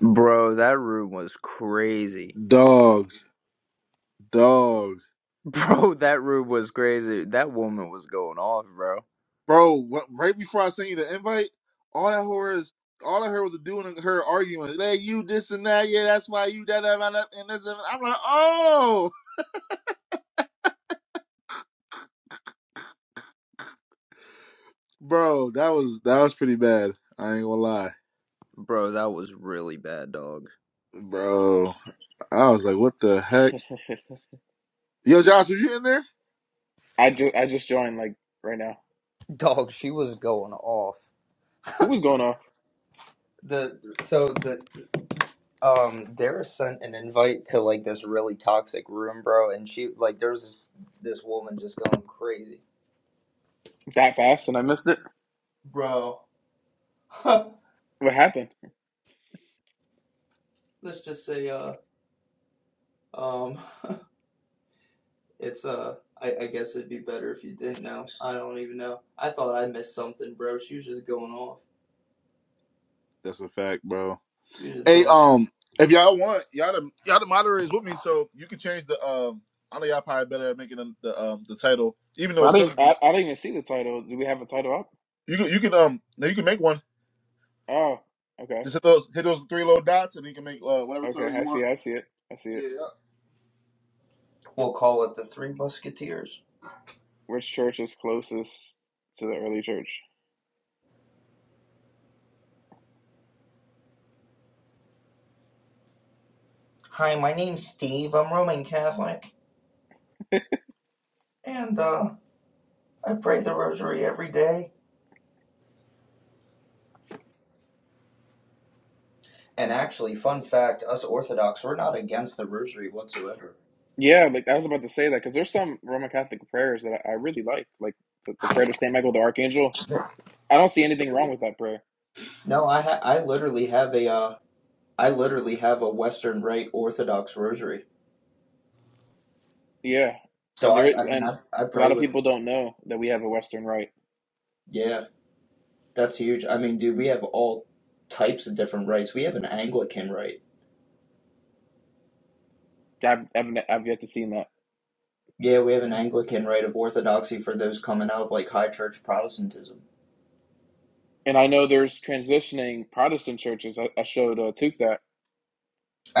Bro, that room was crazy. Dog, dog, Bro, that room was crazy. That woman was going off, bro. bro. What, right before I sent you the invite, all that horror is all I heard was a dude and her arguing. Like you this and that, yeah, that's why you da da da da," and this. And that." I'm like, oh, bro, that was that was pretty bad. I ain't gonna lie, Bro, that was really bad, dog. bro. I was like, what the heck? Yo, Yeah. Josh, was you in there? I just I just joined like right now. Dog, she was going off. Who was going off The so the um Dara sent an invite to like this really toxic room, bro, and she like there's this this woman just going crazy. that fast and I missed it? Bro. Let's What happened? just say uh um it's uh I, I guess it'd be better if you didn't know. I don't even know. I thought I missed something, bro. She was just going off. That's a fact, bro. You're just Hey, going. um, if y'all want, y'all the y'all the moderators with me, so you can change the um. I know y'all probably better at making the, the um the title, even though Well, it's I didn't simple. I, I didn't even see the title. Do we have a title up? You can you can um now you can make one. Oh, okay, Just hit those hit those three little dots and you can make uh, whatever okay. title you I want. see. I see it. I see it. Yeah. yeah. We'll call it the Three Musketeers. Which church is closest to the early church? Hi, my name's Steve. I'm Roman Catholic, and uh, I pray the Rosary every day. And actually, fun fact: us Orthodox, we're not against the Rosary whatsoever. Yeah, like I was about to say that because there's some Roman Catholic prayers that I, I really like, like the, the prayer to Saint Michael the Archangel. I don't see anything wrong with that prayer. No, I ha- I literally have a uh, I literally have a Western Rite Orthodox Rosary. Yeah, So and there I I, mean, and I I a lot pray of with people don't know that we have a Western rite. yeah, that's huge. I mean, dude, we have all types of different rites. We have an Anglican rite. I've, I've, I've yet to see that. Yeah, we have an Anglican rite of Orthodoxy for those coming out of like high church Protestantism. And I know there's transitioning Protestant churches. I, I showed uh, Tuke that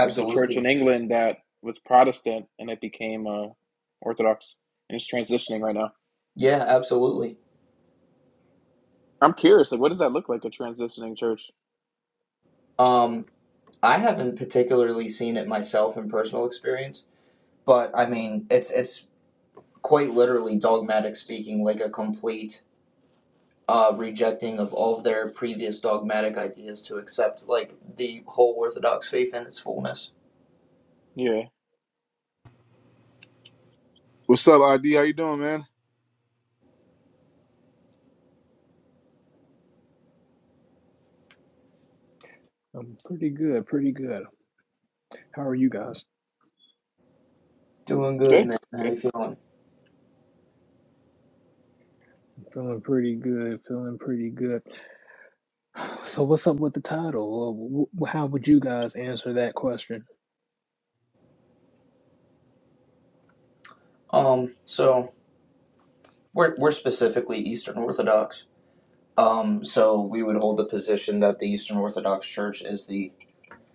there's a church in England that was Protestant and it became uh, Orthodox, and it's transitioning right now. Yeah, absolutely. I'm curious, like, what does that look like? A transitioning church? Um, I haven't particularly seen it myself in personal experience, but I mean, it's it's quite literally dogmatic speaking, like a complete uh, rejecting of all of their previous dogmatic ideas to accept like the whole Orthodox faith in its fullness. Yeah, What's up, ID? How you doing, man? I'm pretty good, pretty good. How are you guys? Doing good, good, man. How you good. feeling? Feeling pretty good, feeling pretty good. So, what's up with the title? Uh, wh- How would you guys answer that question? Um, so we're we're specifically Eastern Orthodox. Um, so we would hold the position that the Eastern Orthodox Church is the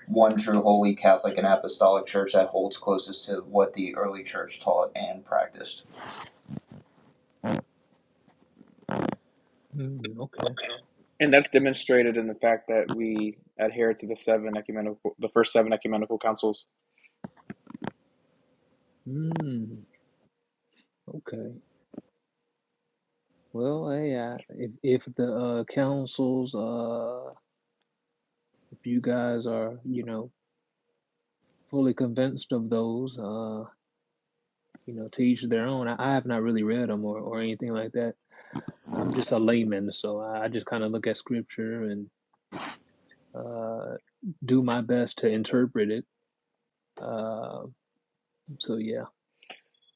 one true holy Catholic and Apostolic Church that holds closest to what the early church taught and practiced. Mm, okay. And that's demonstrated in the fact that we adhere to the seven ecumenical, the first seven ecumenical councils. Mm, okay. Well, hey, I, if if the uh, councils, uh, if you guys are, you know, fully convinced of those, uh, you know, to each their own. I, I have not really read them or or anything like that. I'm just a layman, so I, I just kind of look at scripture and. uh, do my best to interpret it. Uh, so yeah.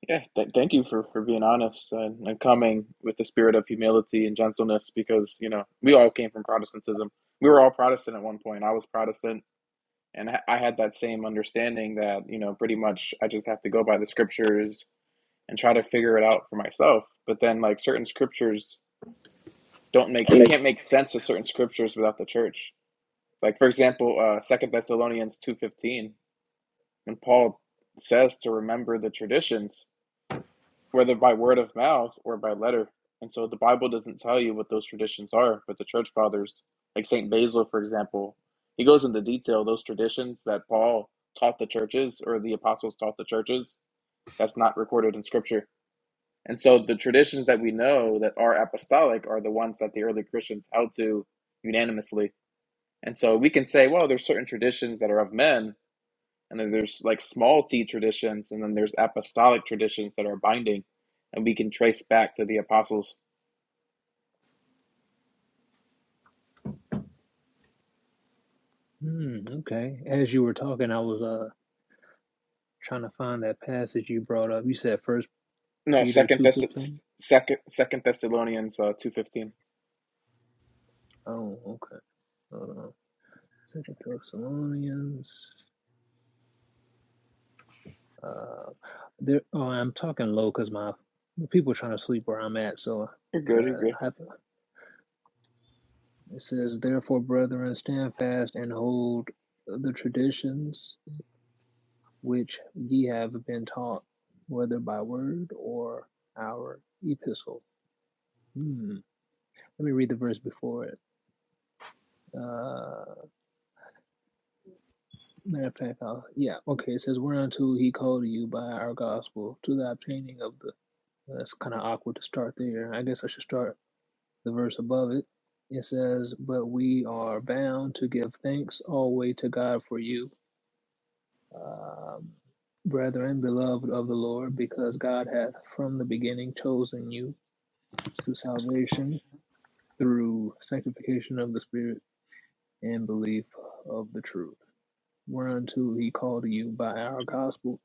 Yeah, th- thank you for for being honest and, and coming with the spirit of humility and gentleness, because you know we all came from Protestantism. We were all Protestant at one point. I was Protestant. and I had that same understanding that you know pretty much I just have to go by the scriptures and try to figure it out for myself. But then like certain scriptures don't make you can't make sense of certain scriptures without the church. Like for example, uh, Second Thessalonians two fifteen, when Paul says to remember the traditions whether by word of mouth or by letter. And so the Bible doesn't tell you what those traditions are, but the church fathers, like St. Basil, for example, he goes into detail those traditions that Paul taught the churches or the apostles taught the churches that's not recorded in scripture. And so the traditions that we know that are apostolic are the ones that the early Christians held to unanimously. And so we can say, well, there's certain traditions that are of men, and then there's like small t traditions and then there's apostolic traditions that are binding and we can trace back to the apostles Hmm, okay. As you were talking, I was uh trying to find that passage you brought up. You said First no Peter second two Thess- fifteen. second second thessalonians uh, 215 Oh, okay. Hold on. Second Thessalonians. Uh, there. Oh, I'm talking low because my people are trying to sleep where I'm at. So, you're uh, good you're good I, have, it says, therefore, brethren, stand fast and hold the traditions which ye have been taught, whether by word or our epistle. Hmm. Let me read the verse before it. Uh, matter of fact, I'll, yeah, okay. It says, "Whereunto he called you by our gospel to the obtaining of the." That's kind of awkward to start there. I guess I should start the verse above it. It says, "But we are bound to give thanks always to God for you." Um, Brethren, beloved of the Lord, because God hath from the beginning chosen you to salvation through sanctification of the Spirit and belief of the truth, whereunto he called you by our gospel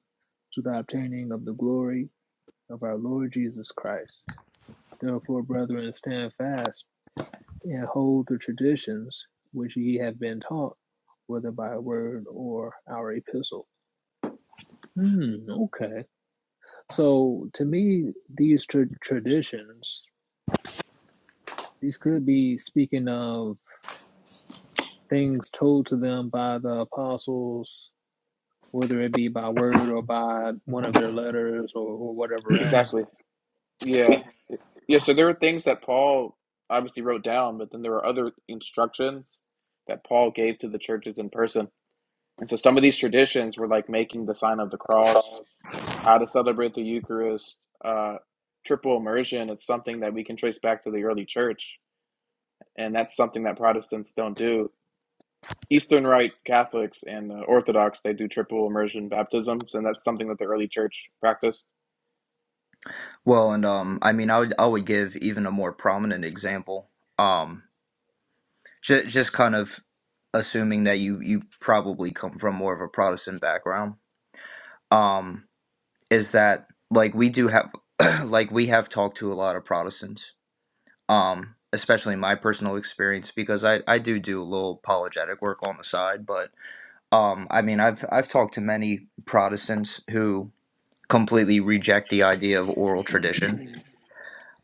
to the obtaining of the glory of our Lord Jesus Christ. Therefore, brethren, stand fast and hold the traditions which ye have been taught, whether by word or our epistle. Hmm, okay. So to me, these tra- traditions, these could be speaking of things told to them by the apostles, whether it be by word or by one of their letters or, or whatever else. exactly yeah yeah so there are things that paul obviously wrote down but then there are other instructions that paul gave to the churches in person and so some of these traditions were like making the sign of the cross how to celebrate the eucharist uh, triple immersion it's something that we can trace back to the early church and that's something that Protestants don't do. Eastern Rite Catholics and the Orthodox they do triple immersion baptisms, and that's something that the early church practiced. Well, and um, I mean, I would I would give even a more prominent example. Um, j- just kind of assuming that you you probably come from more of a Protestant background. Um, is that like we do have like we have talked to a lot of Protestants. Um, especially in my personal experience because I I do do a little apologetic work on the side, but Um, I mean, I've I've talked to many Protestants who completely reject the idea of oral tradition.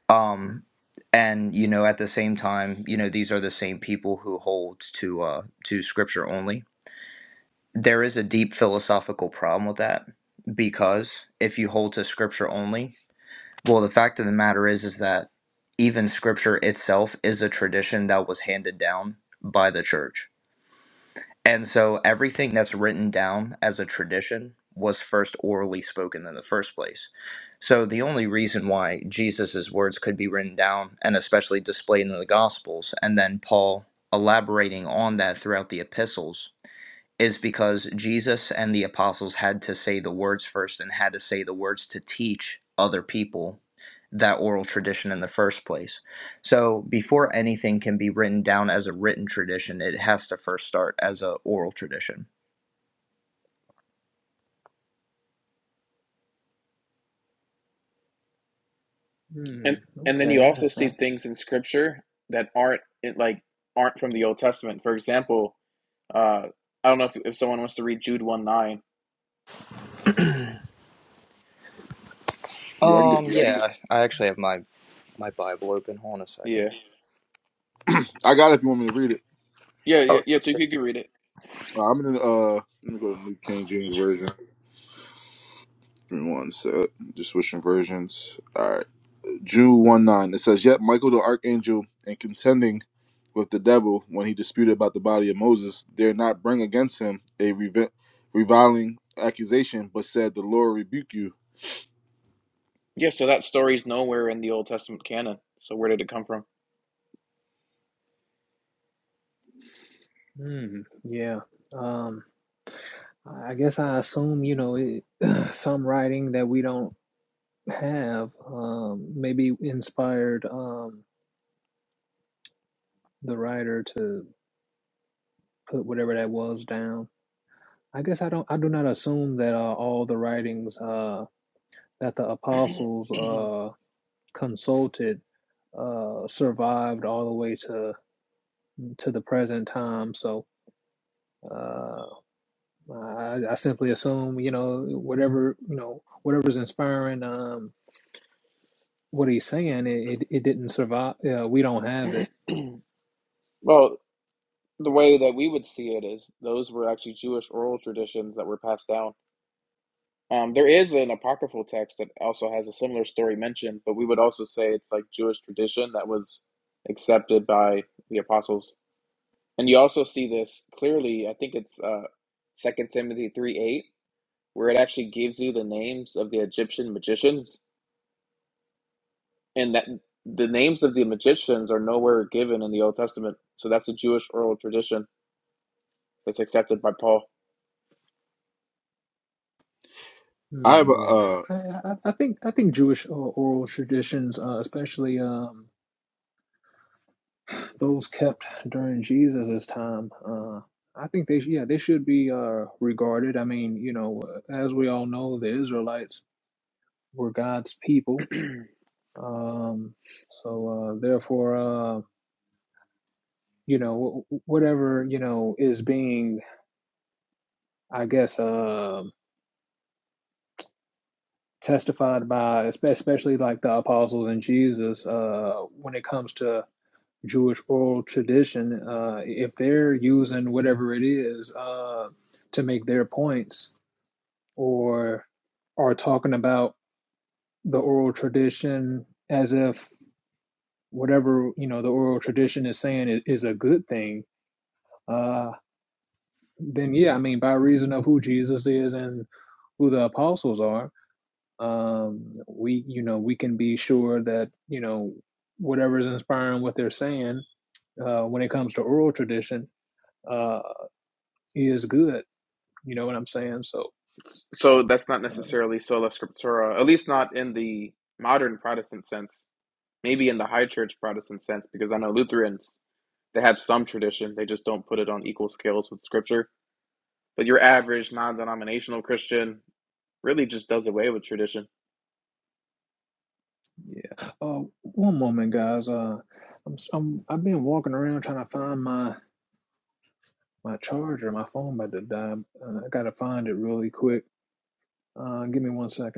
Um, and you know, at the same time, you know, these are the same people who hold to uh, to Scripture only. There is a deep philosophical problem with that because if you hold to Scripture only, well, the fact of the matter is is that even Scripture itself is a tradition that was handed down by the church And so everything that's written down as a tradition was first orally spoken in the first place. So the only reason why Jesus' words could be written down and especially displayed in the Gospels, and then Paul elaborating on that throughout the epistles, is because Jesus and the apostles had to say the words first and had to say the words to teach other people that oral tradition in the first place. So before anything can be written down as a written tradition, it has to first start as a oral tradition. Hmm. And and then Okay. you also I, I, see things in Scripture that aren't it like aren't from the Old Testament. For example, uh, I don't know if if someone wants to read Jude one nine. Yeah, I can get. Um, yeah, I actually have my my Bible open. Hold on a second. Yeah, I got it if you want me to read it. yeah, yeah, Oh. yeah. So you could read it. Uh, I'm in. Uh, let me go to New King James Version. Give me one sec. Just switching versions. All right. Jude one nine. It says, "Yet Michael the archangel, in contending with the devil when he disputed about the body of Moses, dare not bring against him a revi- reviling accusation, but said, The Lord rebuke you." Yeah. So that story is nowhere in the Old Testament canon. So where did it come from? hmm. Yeah. Um. I guess I assume you know it, some writing that we don't have um, maybe inspired um, the writer to put whatever that was down. I guess I don't. I do not assume that uh, all the writings uh, that the apostles. uh, consulted uh, survived all the way to to the present time. So uh, I, I simply assume, you know, whatever you know, whatever's inspiring um, what he's saying, it, it, it didn't survive. Uh, we don't have it. Well, the way that we would see it is those were actually Jewish oral traditions that were passed down Um, there is an apocryphal text that also has a similar story mentioned, but we would also say it's like Jewish tradition that was accepted by the apostles. And you also see this clearly, I think it's uh, Second Timothy 3 8, where it actually gives you the names of the Egyptian magicians. And that the names of the magicians are nowhere given in the Old Testament. So that's a Jewish oral tradition that's accepted by Paul. I Mm, have a. uh, yeah, I, I I think I think Jewish or- oral traditions, uh, especially um, those kept during Jesus's time, uh, I think they sh- yeah they should be uh, regarded. I mean, you know, as we all know, the Israelites. We're God's people. Um, so uh, therefore, uh, you know, whatever you know is being, I guess, uh, testified by, especially like the apostles and Jesus, uh, when it comes to Jewish oral tradition, uh, if they're using whatever it is uh, to make their points or are talking about the oral tradition as if whatever you know the oral tradition is saying is, is a good thing uh, then yeah, I mean, by reason of who Jesus is and who the apostles are, um, we you know we can be sure that you know whatever is inspiring what they're saying uh, when it comes to oral tradition uh, is good. You know what I'm saying? So So that's not uh, necessarily sola scriptura, at least not in the modern Protestant sense maybe in the high church Protestant sense, because I know Lutherans, they have some tradition, they just don't put it on equal scales with scripture. But your average non denominational Christian really just does away with tradition. yeah. Uh, one moment, guys. Uh, I'm, s- I'm I've been walking around trying to find my my charger. My phone about to die. Uh, I gotta find it really quick. Uh, give me one second.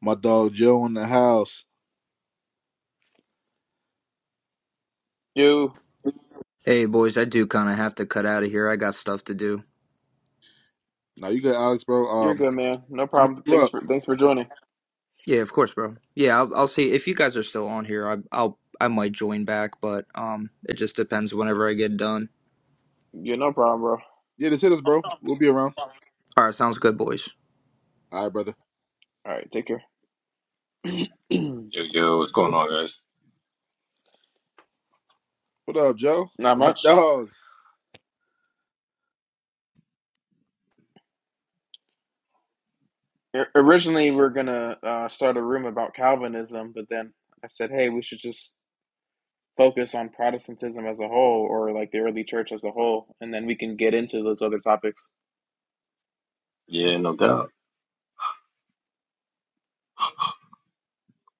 My dog Joe in the house. You Hey boys, I do kind of have to cut out of here. I got stuff to do. Now you good, Alex, bro? you're Um, good man. No I'm gonna problem. hit you Thanks up. for thanks for joining. Yeah, of course, bro. Yeah, I'll, I'll see if you guys are still on here. I, I'll I might join back, but um, it just depends whenever I get done. You're no problem, bro. Yeah, just hit us, bro. We'll be around. All right, sounds good, boys. All right, brother. All right, take care. Yo, yo, what's going on, guys? What up, Joe? Not My much. dog. Originally, we we're gonna uh, start a room about Calvinism, but then I said, hey, we should just focus on Protestantism as a whole, or like the early church as a whole, and then we can get into those other topics. Yeah, no doubt.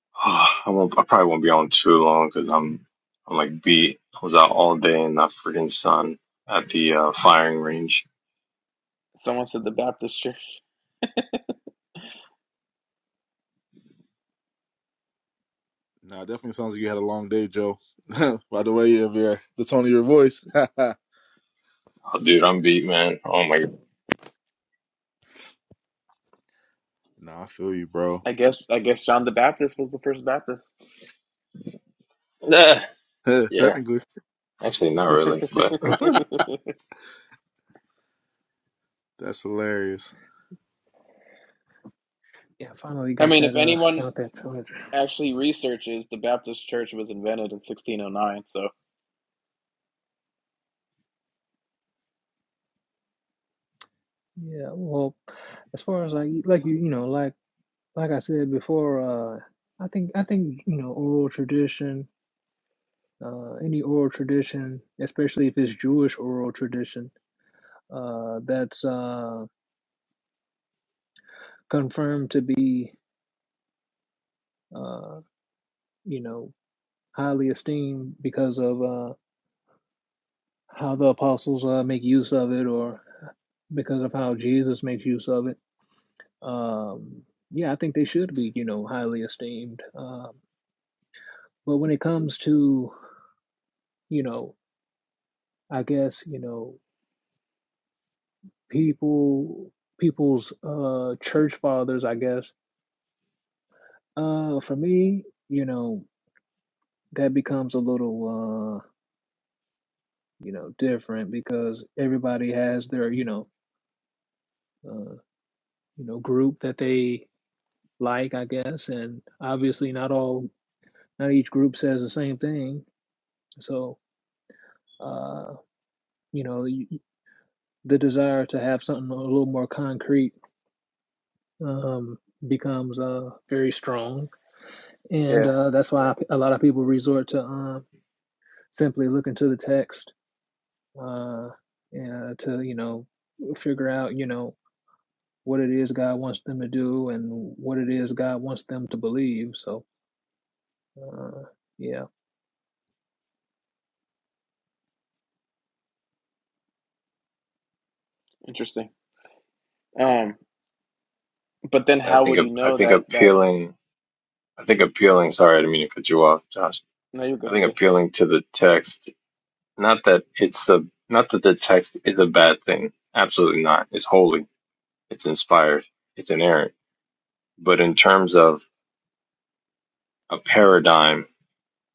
I won't. I probably won't be on too long because I'm. I'm like beat. I was out all day in that freaking sun at the uh, firing range. Someone said the Baptist church. Nah, definitely sounds like you had a long day, Joe. By the way of your the tone of your voice. nah, Oh, dude, I'm beat, man. Oh my. God. I feel you, bro. I guess I guess John the Baptist was the first Baptist. Ah, Yeah, Technically, actually, not really, but that's hilarious. Yeah, I finally I got mean, that if uh anyone found that charger. actually researches, the Baptist church was invented in 1609. So Yeah, well, as far as like like you you know like like I said before, uh, I think I think you know oral tradition, uh, any oral tradition, especially if it's Jewish oral tradition, uh, that's uh confirmed to be uh you know highly esteemed because of uh how the apostles uh make use of it or because of how Jesus makes use of it Um, yeah, I think they should be, you know, highly esteemed. Um, but when it comes to, you know, I guess, you know, people, people's uh, church fathers, I guess, uh, for me, you know, that becomes a little, uh, you know, different because everybody has their, you know, uh, you know, group that they like, I guess, and obviously not all, not each group says the same thing. So, uh, you know, you. the desire to have something a little more concrete um, becomes uh, very strong. And yeah, uh, that's why a lot of people resort to um, simply looking to the text uh, and uh, to, you know, figure out, you know, what it is God wants them to do and what it is God wants them to believe. So, uh, yeah. interesting. Um, but then I how think. would you ap- I know think that that? appealing. I think appealing. Sorry, I didn't mean to cut you off, Josh. No, you're good. I You're think good. appealing to the text. Not that it's a. Not that the text is a bad thing. Absolutely not. It's holy. It's inspired. It's inerrant But in terms of a paradigm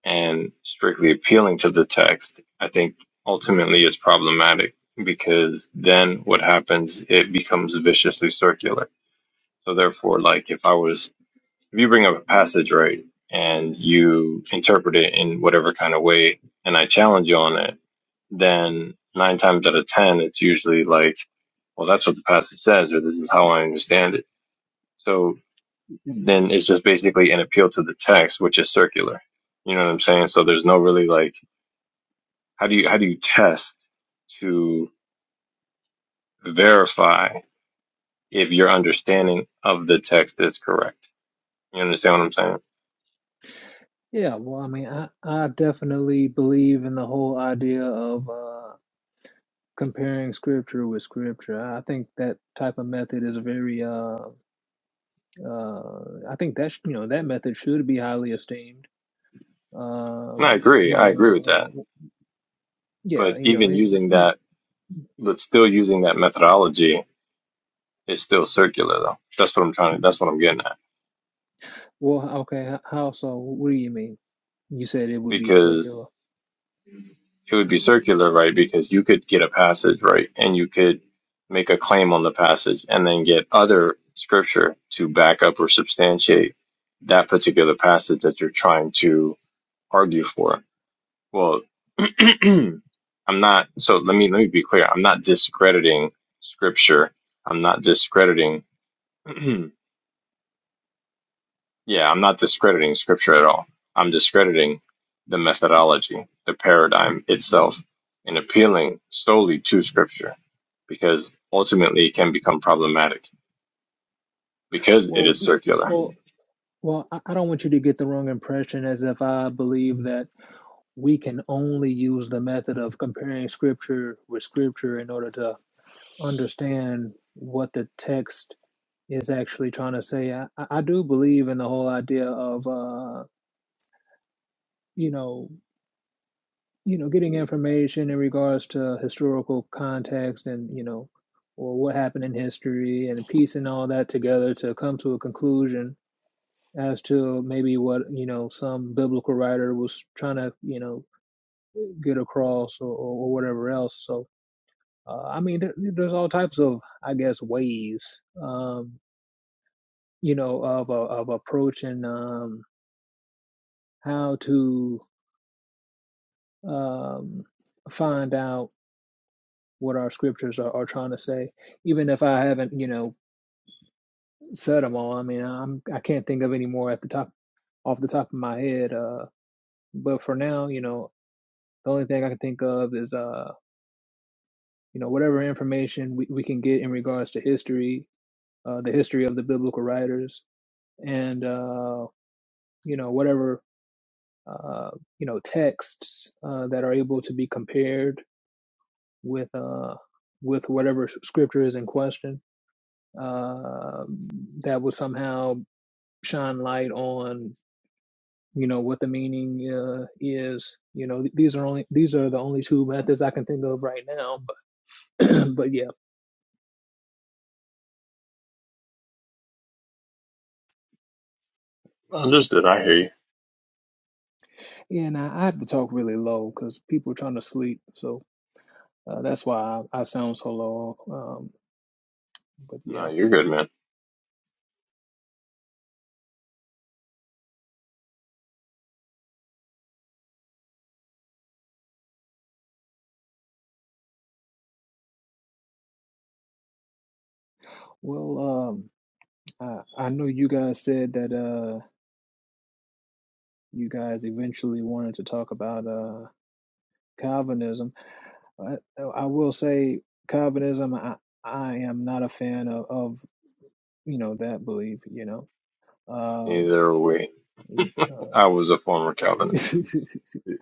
and strictly appealing to the text, I think ultimately is problematic because then what happens, it becomes viciously circular. So therefore, like if I was, if you bring up a passage, right, and you interpret it in whatever kind of way, and I challenge you on it, then nine times out of 10, it's usually like, well, that's what the passage says, or this is how I understand it. So then it's just basically an appeal to the text, which is circular. You know what I'm saying? So there's no really like how do you how do you test to verify if your understanding of the text is correct? You understand what I'm saying? Yeah, well, I mean, I, I definitely believe in the whole idea of uh, comparing scripture with scripture. I think that type of method is very uh, Uh, I think that sh- you know that method should be highly esteemed. And Um, I agree. you I agree with that. know, uh, yeah, But you know, even it, using that, but still using that methodology is still circular though. That's what I'm trying to, that's what I'm getting at. well, okay, h- how so? What do you mean? You said it would be because. circular. it would be circular, right? Because you could get a passage, right? And you could make a claim on the passage and then get other scripture to back up or substantiate that particular passage that you're trying to argue for. Well, I'm not, so let me, let me be clear. I'm not discrediting scripture. I'm not discrediting Yeah, I'm not discrediting scripture at all. I'm discrediting the methodology, the paradigm itself, and appealing solely to scripture because ultimately it can become problematic because it Well, is w- circular. well, well, I, I don't want you to get the wrong impression as if I believe that we can only use the method of comparing scripture with scripture in order to understand what the text is actually trying to say. I, I I do believe in the whole idea of, uh, you know. you know, getting information in regards to historical context and, you know, or what happened in history and piecing all that together to come to a conclusion as to maybe what, you know, some biblical writer was trying to, you know, get across or, or, whatever else. So, uh, I mean, there, there's all types of, I guess, ways, um, you know, of, uh, of approaching um, how to um, find out what our scriptures are, are trying to say, even if I haven't, you know, said them all. I mean, I'm I can't think of any more at the top off the top of my head. Uh, but for now, you know, the only thing I can think of is, uh, you know, whatever information we, we can get in regards to history, uh, the history of the biblical writers, and uh, you know, whatever uh, you know, texts uh, that are able to be compared with uh with whatever scripture is in question uh, that was somehow shine light on you know what the meaning uh, is you know these are only these are the only two methods i can think of right now but but yeah Understood. I hear you. and i, I have to talk really low because people are trying to sleep so uh, that's why I, I sound so low um but No, yeah you're good, man. well um i i know you guys said that uh you guys eventually wanted to talk about uh calvinism i, I will say calvinism i i am not a fan of, of you know that belief you know Um, Neither are we. you- uh, I was a former Calvinist.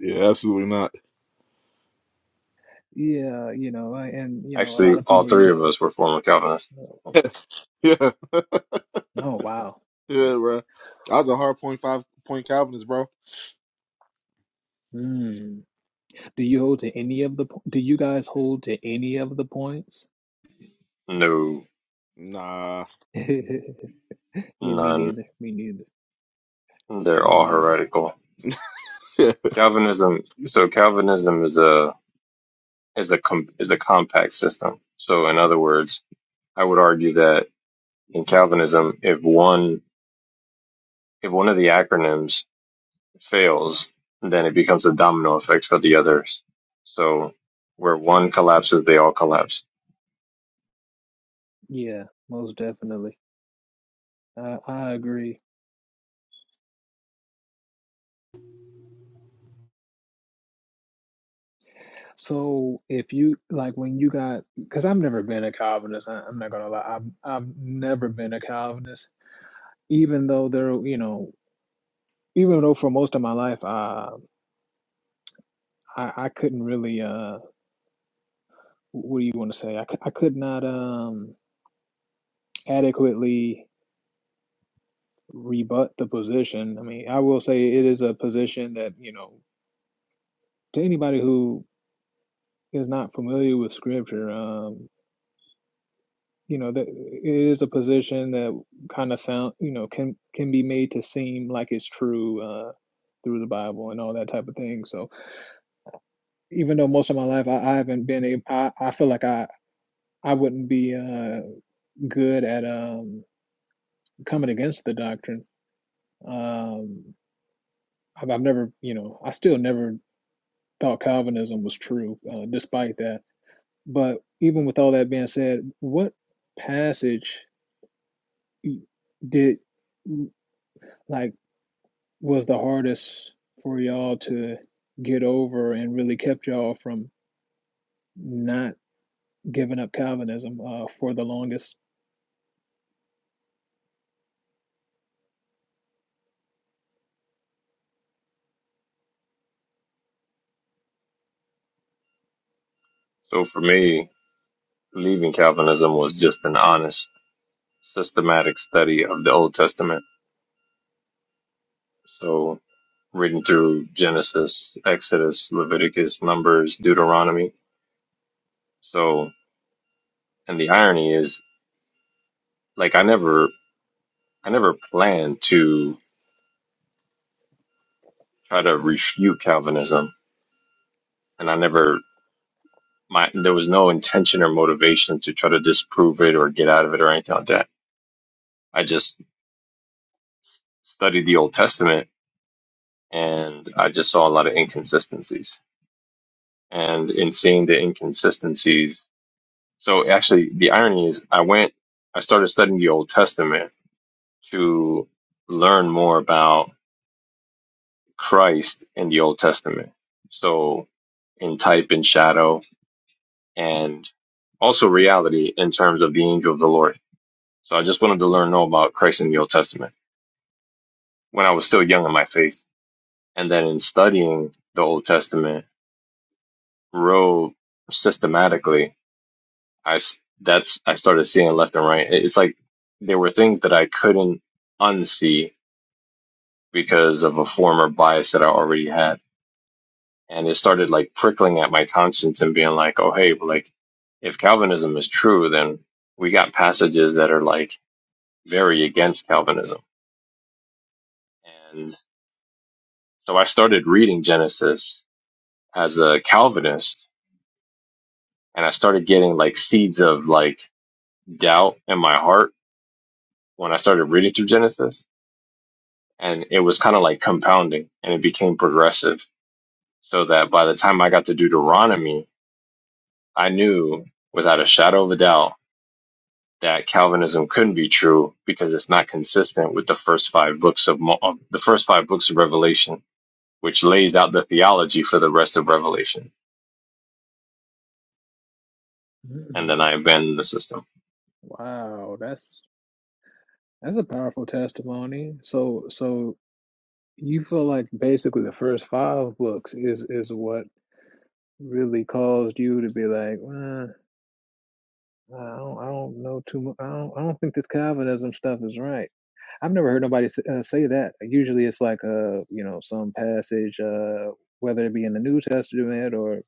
Yeah, absolutely not. yeah, you know, I- and you know, a Actually, lot of all people, you three of know, us were former Calvinists. uh, yeah, oh wow. yeah, bro. I was a hard point five point Calvinist, bro. Hmm. Do you hold to any of the? po- Do you guys hold to any of the points? No, Nah. Yeah, me none. neither. Me neither. They're Me all neither. heretical. hold, Calvinism. So Calvinism is a is a com- is a compact system. So in other words, I would argue that in Calvinism, if one if one of the acronyms fails, then it becomes a domino effect for the others. So where one collapses, they all collapse. Yeah, most definitely. I, I agree. So if you like when you got, because I've never been a Calvinist. I, I'm not gonna lie. I've I've never been a Calvinist, even though there, you know, even though for most of my life I, I couldn't really uh what do you want to say? I, cou- I could not um adequately rebut the position. I mean, I will say it is a position that, you know, to anybody who is not familiar with scripture, um, you know, that it is a position that kind of sound, you know, can can be made to seem like it's true uh through the Bible and all that type of thing. So, even though most of my life I, I haven't been a I, I feel like I I wouldn't be uh good at um coming against the doctrine. Um, I've, I've never, you know, I still never thought Calvinism was true, uh, despite that. But even with all that being said, what passage did like was the hardest for y'all to get over and really kept y'all from not giving up Calvinism uh, for the longest? So for me, leaving Calvinism was just an honest, systematic study of the Old Testament. So reading through Genesis, Exodus, Leviticus, Numbers, Deuteronomy. So and the irony is like I never I never planned to try to refute Calvinism, and I never my there was no intention or motivation to try to disprove it or get out of it or anything like that. I just studied the Old Testament and I just saw a lot of inconsistencies. And in seeing the inconsistencies, so actually the irony is I went I started studying the Old Testament to learn more about Christ in the Old Testament. So in type and shadow and also reality in terms of the angel of the Lord. So I just wanted to learn more about Christ in the Old Testament when I was still young in my faith. And then in studying the Old Testament real systematically, I, s- that's, I started seeing left and right. It- It's like there were things that I couldn't unsee because of a former bias that I already had. And it started like prickling at my conscience and being like, oh, hey, but like if Calvinism is true, then we got passages that are like very against Calvinism. And so I started reading Genesis as a Calvinist and I started getting like seeds of like doubt in my heart when I started reading through Genesis. And it was kind of like compounding and it became progressive so that by the time I got to Deuteronomy, I knew without a shadow of a doubt that Calvinism couldn't be true because it's not consistent with the first five books of, Mo- of the first five books of Revelation, which lays out the theology for the rest of Revelation. and then Mm, I bend the system. wow, that's that's a powerful testimony. So so you feel like basically the first five books is is what really caused you to be like, well, I don't, I don't know too much. I don't, I don't think this Calvinism stuff is right. I've never heard nobody s- uh, say that. Usually, it's like a you know some passage, uh, whether it be in the New Testament or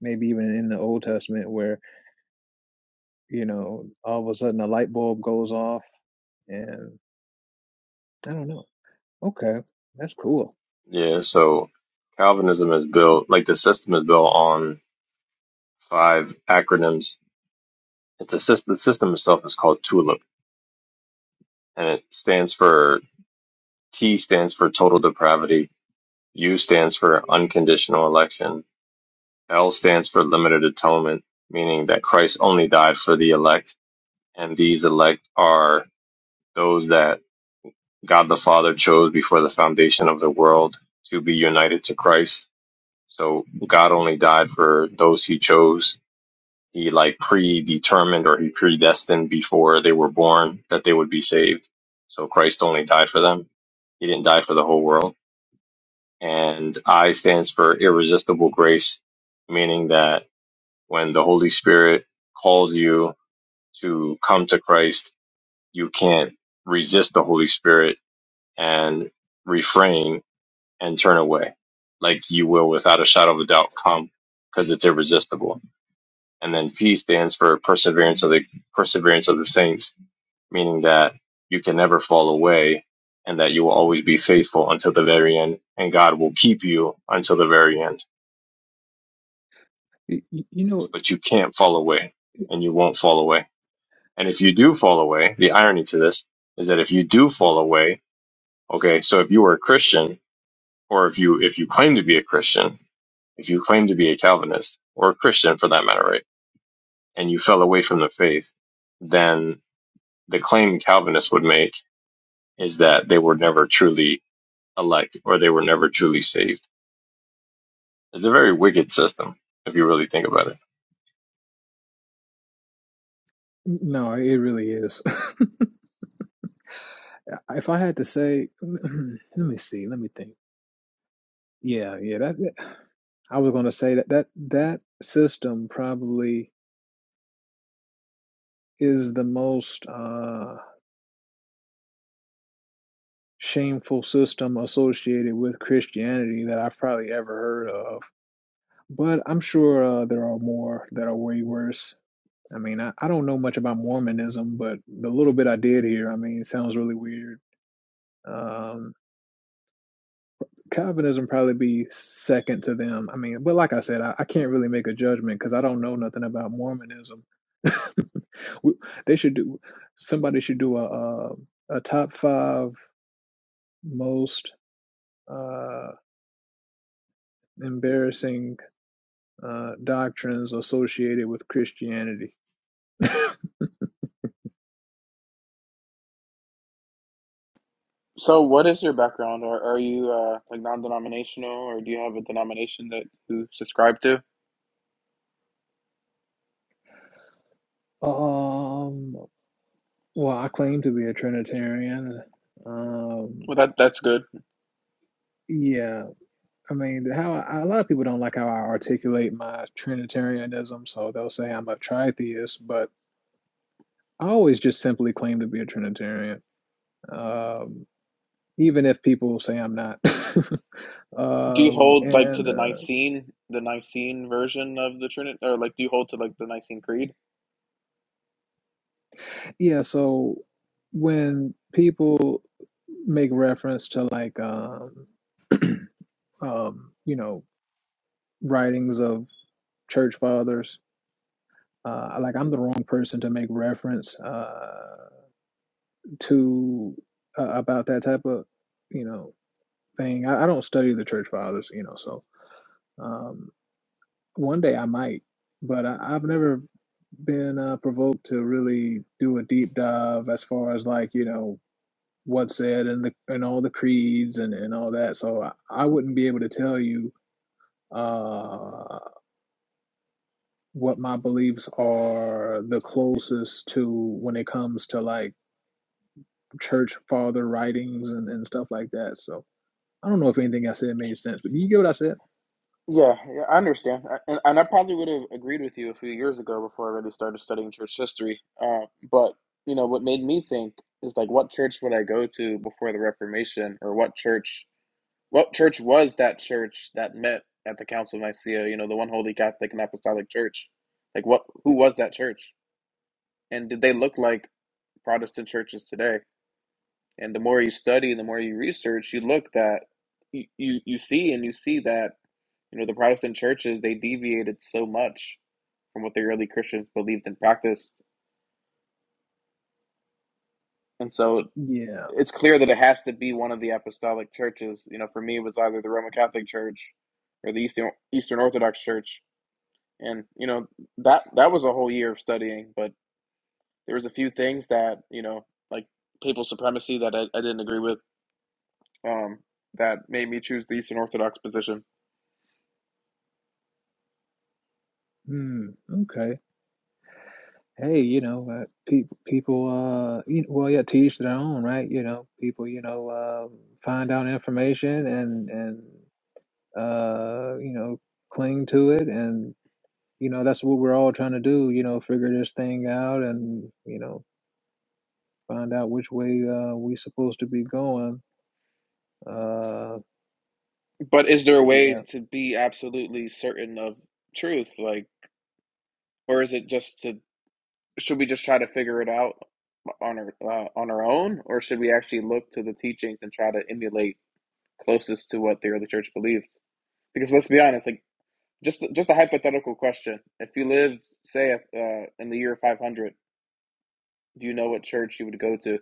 maybe even in the Old Testament, where you know all of a sudden a light bulb goes off, and I don't know. Okay, that's cool. Yeah, so Calvinism is built like the system is built on five acronyms. It's a system. The system itself is called TULIP, and it stands for T stands for total depravity. U stands for unconditional election. L stands for limited atonement, meaning that Christ only died for the elect, and these elect are those that God the Father chose before the foundation of the world to be united to Christ So God only died for those he chose. He like predetermined or he predestined before they were born that they would be saved. So Christ only died for them. He didn't die for the whole world. And I stands for irresistible grace, meaning that when the Holy Spirit calls you to come to Christ, you can't resist the Holy Spirit and refrain and turn away. Like you will without a shadow of a doubt come because it's irresistible and then P stands for perseverance of the perseverance of the saints, meaning that you can never fall away and that you will always be faithful until the very end, and God will keep you until the very end. Y- y- you know, But you can't fall away, and you won't fall away. And if you do fall away, the irony to this is that if you do fall away, okay, so if you were a Christian, or if you if you claim to be a Christian, if you claim to be a Calvinist or a Christian for that matter, right, and you fell away from the faith, then the claim Calvinists would make is that they were never truly elect or they were never truly saved. It's a very wicked system if you really think about it. no, it really is. If I had to say, let me see, let me think. Yeah, yeah, that, that I was going to say that that that system probably is the most uh, shameful system associated with Christianity that I've probably ever heard of. But I'm sure uh, there are more that are way worse. I mean, I, I don't know much about Mormonism, but the little bit I did hear, I mean, it sounds really weird. Um, Calvinism probably be second to them. I mean, but like I said, I, I can't really make a judgment because I don't know nothing about Mormonism. we, they should do somebody should do a a, a top five most uh, embarrassing uh, doctrines associated with Christianity. So, what is your background? Are are you uh, like non-denominational, or do you have a denomination that you subscribe to? Um, well, I claim to be a Trinitarian. Well, Um, that that's good. yeah, I mean, how I, a lot of people don't like how I articulate my Trinitarianism, so they'll say I'm a tritheist, but I always just simply claim to be a Trinitarian. Um, even if people say I'm not. Do you Um, hold like to and the uh, Nicene, the Nicene version of the Trinity, or like do you hold to like the Nicene Creed? yeah, so when people make reference to like um, um, you know, writings of church fathers. Uh, like I'm the wrong person to make reference uh, to uh, about that type of you know thing. I, I don't study the church fathers, you know, so um, one day I might, but I, I've never been uh, provoked to really do a deep dive as far as like you know what's said in the in all the creeds and and all that. So I, I wouldn't be able to tell you. Uh, what my beliefs are the closest to when it comes to like church father writings and, and stuff like that. So I don't know if anything I said made sense, but do you get what I said? Yeah, yeah, I understand, I- and and I probably would have agreed with you a few years ago before I really started studying church history. Uh, but you know, what made me think is like, what church would I go to before the Reformation, or what church, what church was that church that met at the Council of Nicaea? You know, the one Holy Catholic and Apostolic Church. Like, what, who was that church, and did they look like Protestant churches today? And the more you study, and the more you research, you look that you, you, you see and you see that you know the Protestant churches they deviated so much from what the early Christians believed and practiced, and so Yeah. it's clear that it has to be one of the apostolic churches. You know, for me, it was either the Roman Catholic Church or the Eastern Eastern Orthodox Church, and you know that that was a whole year of studying, but there was a few things that you know like papal supremacy that I, I didn't agree with um, that made me choose the Eastern Orthodox position Hmm. Okay. hey, you know, uh, pe people, uh, you well, yeah, to each their own, right? You know, people, you know, um find out information and and uh, you know, cling to it, and you know, that's what we're all trying to do. You know, figure this thing out, and you know, find out which way uh, we supposed to be going. Uh, But is there a yeah, way to be absolutely certain of truth? Like, or is it just to, should we just try to figure it out on our uh, on our own, or should we actually look to the teachings and try to emulate closest to what the early church believed? Because let's be honest, like just just a hypothetical question: If you lived, say, uh, in the year 500, do you know what church you would go to?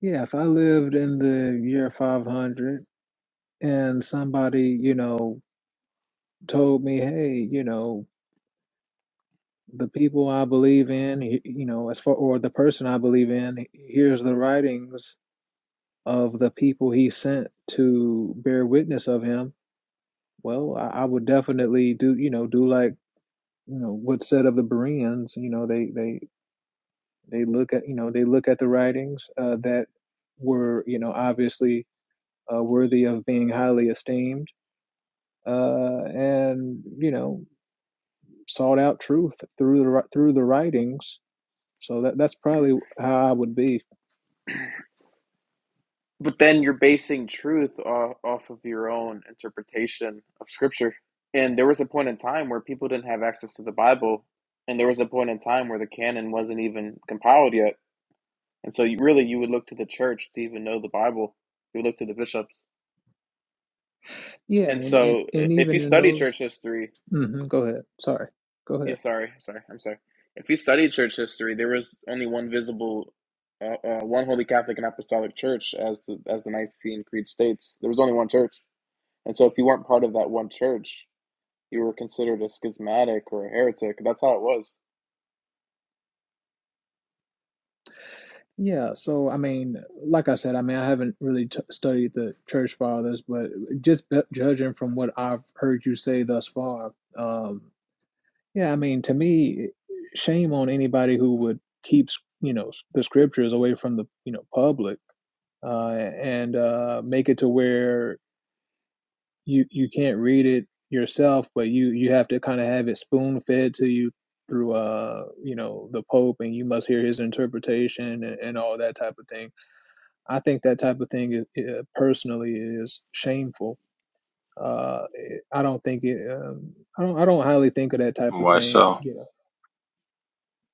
yeah. If I lived in the year 500 and somebody, you know, told me, hey, you know. the people I believe in, you know, as far or the person I believe in, here's the writings of the people he sent to bear witness of him. Well, I, I would definitely do, you know, do like you know what's said of the Bereans. You know, they they they look at you know they look at the writings uh, that were you know obviously uh, worthy of being highly esteemed uh, and you know sought out truth through the through the writings. So that that's probably how I would be. But then you're basing truth off, off of your own interpretation of scripture. And there was a point in time where people didn't have access to the Bible, and there was a point in time where the canon wasn't even compiled yet. And so, you, really, you would look to the church to even know the Bible. You would look to the bishops. Yeah, And and and, so, and if even you in study church those, history, hmm go ahead. Sorry, go yeah, ahead. sorry, sorry, I'm sorry. If you study church history, there was only one visible, uh, uh, one Holy Catholic and Apostolic Church, as the as the Nicene Creed states. There was only one church And so if you weren't part of that one church, you were considered a schismatic or a heretic. That's how it was. Yeah, so I mean, like I said, I mean, I haven't really t studied the church fathers, but just b judging from what I've heard you say thus far, um, yeah, I mean, to me, shame on anybody who would keep, you know, the scriptures away from the, you know, public, uh, and uh, make it to where you you can't read it yourself, but you you have to kind of have it spoon fed to you through uh you know the Pope, and you must hear his interpretation and, and all that type of thing. I think that type of thing is, uh, personally is shameful. Uh, it- I don't think it. Um, I don't. I don't highly think of that type of Why thing. so? You know.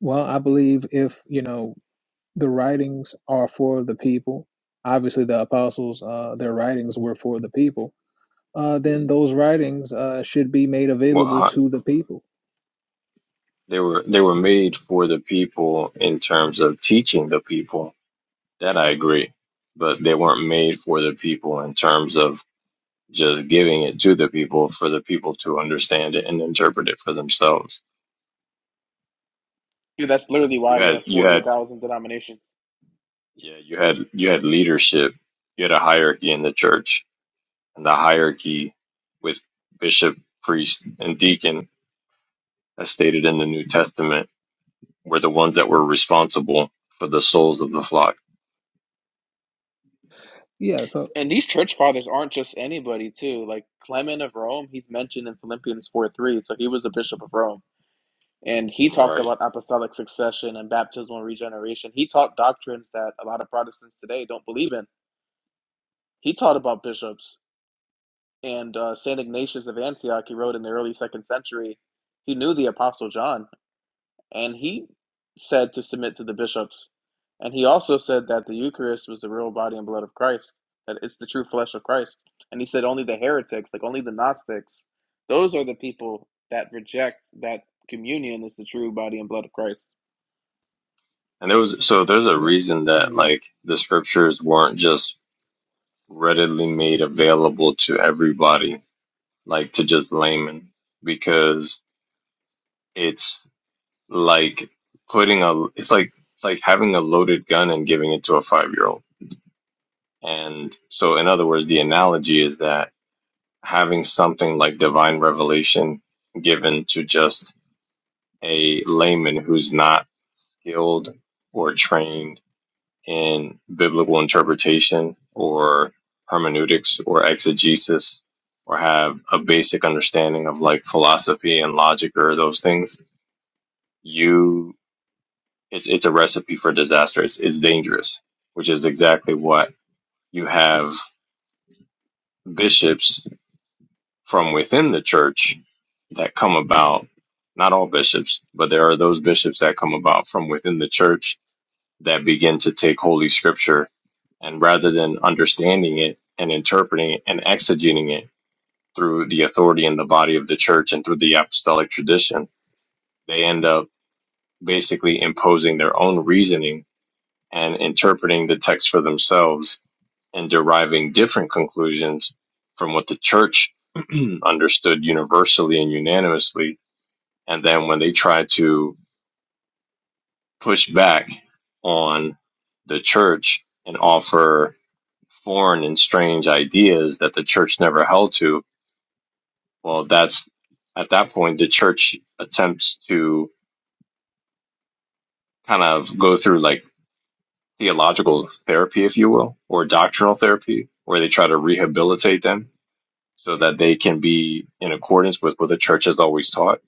Well, I believe if you know the writings are for the people. Obviously, the apostles, uh, their writings were for the people uh, then those writings uh, should be made Well, available huh, to the people. they were they were made for the people in terms of teaching the people. That I agree, but they weren't made for the people in terms of just giving it to the people for the people to understand it and interpret it for themselves. Dude, that's literally You why we had have you had 40,000 denominations. yeah you had you had leadership. You had a hierarchy in the church and the hierarchy with bishop, priest, and deacon, as stated in the New Testament, were the ones that were responsible for the souls of the flock. Yeah, so And these church fathers aren't just anybody, too. Like Clement of Rome, he's mentioned in Philippians 4 3, so he was a bishop of Rome. And he talked Right. about apostolic succession and baptismal regeneration. He taught doctrines that a lot of Protestants today don't believe in. He taught about bishops. And uh, St. Ignatius of Antioch, he wrote in the early second century, he knew the Apostle John And he said to submit to the bishops. And he also said that the Eucharist was the real body and blood of Christ, that it's the true flesh of Christ. And he said only the heretics, like only the Gnostics, those are the people that reject that communion is the true body and blood of Christ. And there was so there's a yeah, reason that uh, like the scriptures weren't just readily made available to everybody, like to just laymen, because it's like putting a it's like it's like having a loaded gun and giving it to a five year old. And so in other words, the analogy is that having something like divine revelation given to just a layman who's not skilled or trained in biblical interpretation or hermeneutics or exegesis or have a basic understanding of like philosophy and logic or those things, you it's it's a recipe for disaster. It's it's dangerous, which is exactly what you have bishops from within the church that come about, not all bishops, but there are those bishops that come about from within the church that begin to take Holy Scripture and rather than understanding it and interpreting it and exegeting it through the authority in the body of the church and through the apostolic tradition, they end up basically imposing their own reasoning and interpreting the text for themselves and deriving different conclusions from what the church understood universally and unanimously and then when they try to push back on the church and offer foreign and strange ideas that the church never held to, well, that's at that point the church attempts to kind of go through like theological therapy, if you will, or doctrinal therapy, where they try to rehabilitate them so that they can be in accordance with what the church has always taught.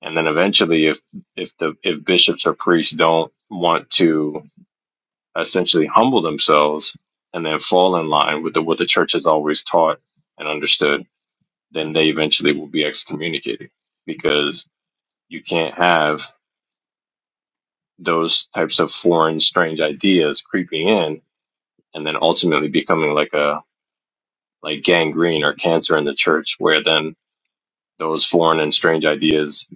And then eventually, if if the if bishops or priests don't want to essentially humble themselves and then fall in line with the, what the church has always taught and understood, then they eventually will be excommunicated because you can't have those types of foreign, strange ideas creeping in and then ultimately becoming like a like gangrene or cancer in the church, where then those foreign and strange ideas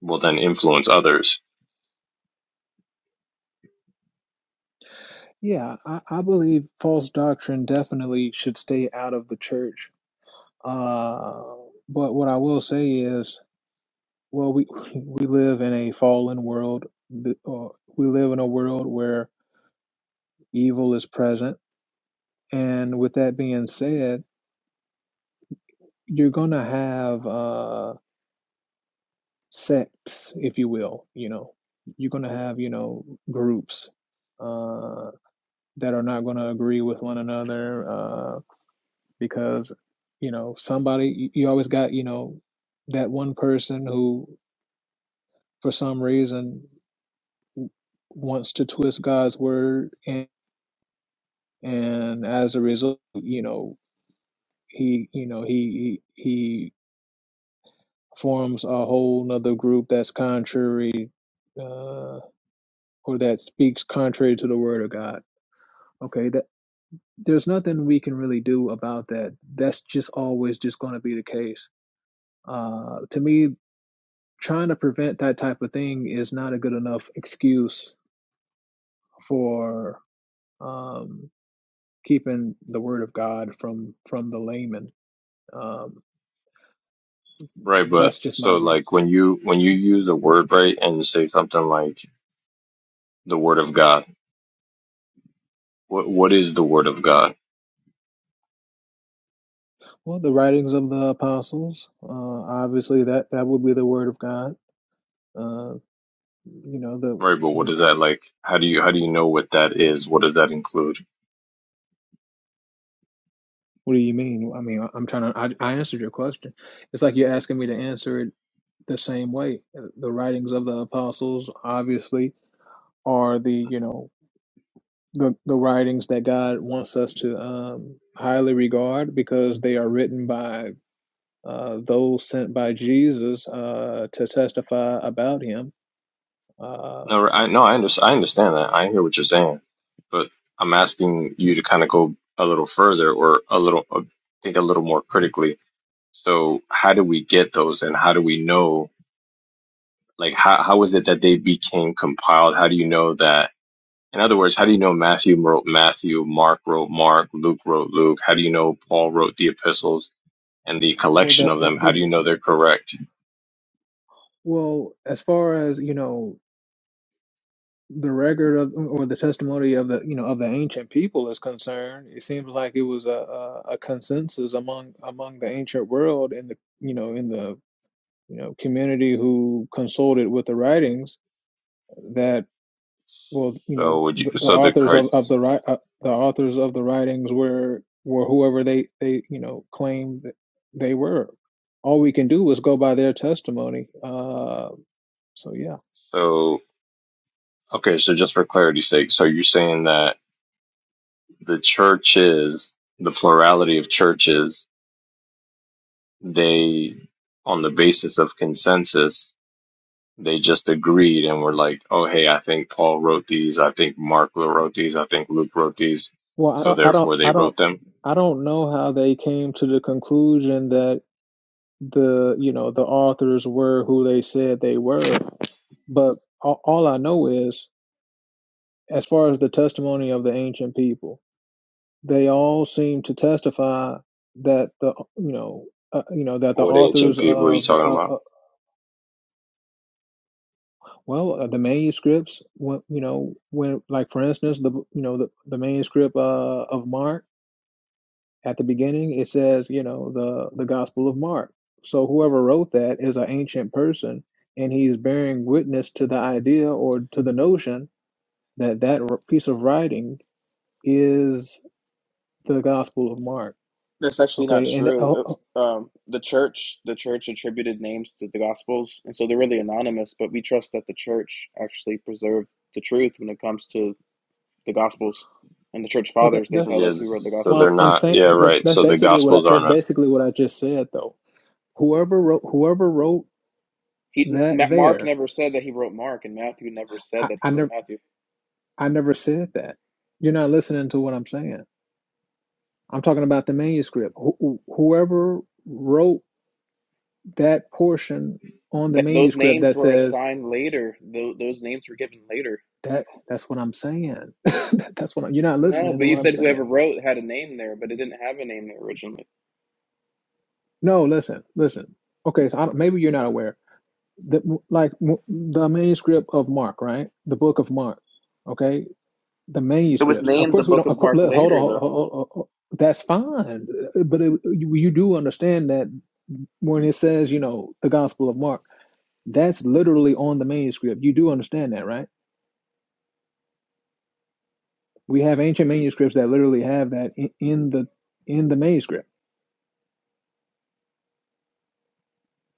will then influence others, yeah, I, I believe false doctrine definitely should stay out of the church. Uh, but what I will say is, well, we we live in a fallen world. The- Uh, we live in a world where evil is present, and with that being said, you're gonna have. uh, sects, if you will. You know, you're going to have, you know, groups uh, that are not going to agree with one another uh, because, you know, somebody, you you always got, you know, that one person who, for some reason, wants to twist God's word. And, and as a result, you know, he, you know, he, he, he forms a whole nother group that's contrary uh, or that speaks contrary to the word of God Okay, that there's nothing we can really do about that. That's just always just going to be the case. Uh, to me, trying to prevent that type of thing is not a good enough excuse for um, keeping the word of God from from the layman. Um, right? But that's just so my view. like when you when you use a word right and say something like the word of God, what what is the word of God? Well, the writings of the apostles, uh, obviously that that would be the word of God. Uh, you know the Right, but what the. is that like? How do you how do you know what that is? What does that include? What do you mean? I mean, I- am trying to. I, I answered your question. It's like you're asking me to answer it the same way. The writings of the apostles obviously are the you know the the writings that God wants us to um, highly regard because they are written by uh, those sent by Jesus uh, to testify about Him. Uh, No, I no, I understand. I understand that. I hear what you're saying, but I'm asking you to kind of go a little further or a little uh, think a little more critically. So, how do we get those, and how do we know? Like, how how is it that they became compiled? How do you know that? In other words, how do you know Matthew wrote Matthew, Mark wrote Mark, Luke wrote Luke? How do you know Paul wrote the epistles and the well, collection that of that them? How is do you know they're correct? well as far as you know the record of or the testimony of the you know of the ancient people is concerned it seems like it was a, a, a consensus among among the ancient world in the you know in the you know community who consulted with the writings that well you know So would the, you, the so the authors cri- of, of the ri- uh, the authors of the writings were were whoever they they you know claimed that they were all we can do is go by their testimony uh so yeah so okay, so just for clarity's sake, so you're saying that the churches, the plurality of churches, they on the basis of consensus, they just agreed and were like, oh hey, I think Paul wrote these, I think Mark wrote these, I think Luke wrote these, well i so don't i don't therefore they i don't wrote them. i don't know how they came to the conclusion that the you know the authors were who they said they were but all, all i know is as far as the testimony of the ancient people they all seem to testify that the you know uh, you know that the What ancient authors people are you of talking uh, about? uh, well uh, the manuscripts when you know when like for instance the you know the, the manuscript uh, of Mark at the beginning it says you know the the Gospel of Mark so whoever wrote that is an ancient person and he's bearing witness to the idea or to the notion that that r- piece of writing is the Gospel of Mark That's actually not okay and uh, true. Uh, well Um, the church, the church attributed names to the Gospels, and so they're really anonymous. But we trust that the church actually preserved the truth when it comes to the Gospels and the church that, fathers. They that tell Yeah, us who wrote this- the so Gospels. they're Well, I'm not. saying Yeah, well, right. that's So the basically what I, gospels that's aren't. basically what I just said though. Whoever wrote whoever wrote He that Mark there, never said that he wrote Mark, and Matthew never said I, that he I wrote never Matthew. I never said that. You're not listening to what I'm saying. I'm talking about the manuscript. Who, who- whoever wrote that portion on the That those manuscript names that were says assigned later. Tho- those names were given later. that that's what I'm saying. that's what I'm, you're not No, listening to but you what I'm said saying. whoever wrote had a name there, but it didn't have a name there originally. No, listen, listen. Okay, so I don't, maybe you're not aware that like the manuscript of Mark, right? The book of Mark. Okay, the It was manuscripts. Of named the course, we Book don't. Of of course, Mark look, hold on. later, hold- though. hold- hold- hold. That's fine, but it, you, you do understand that when it says, you know, the Gospel of Mark, that's literally on the manuscript. You do understand that, right? We have ancient manuscripts that literally have that in, in the in the manuscript.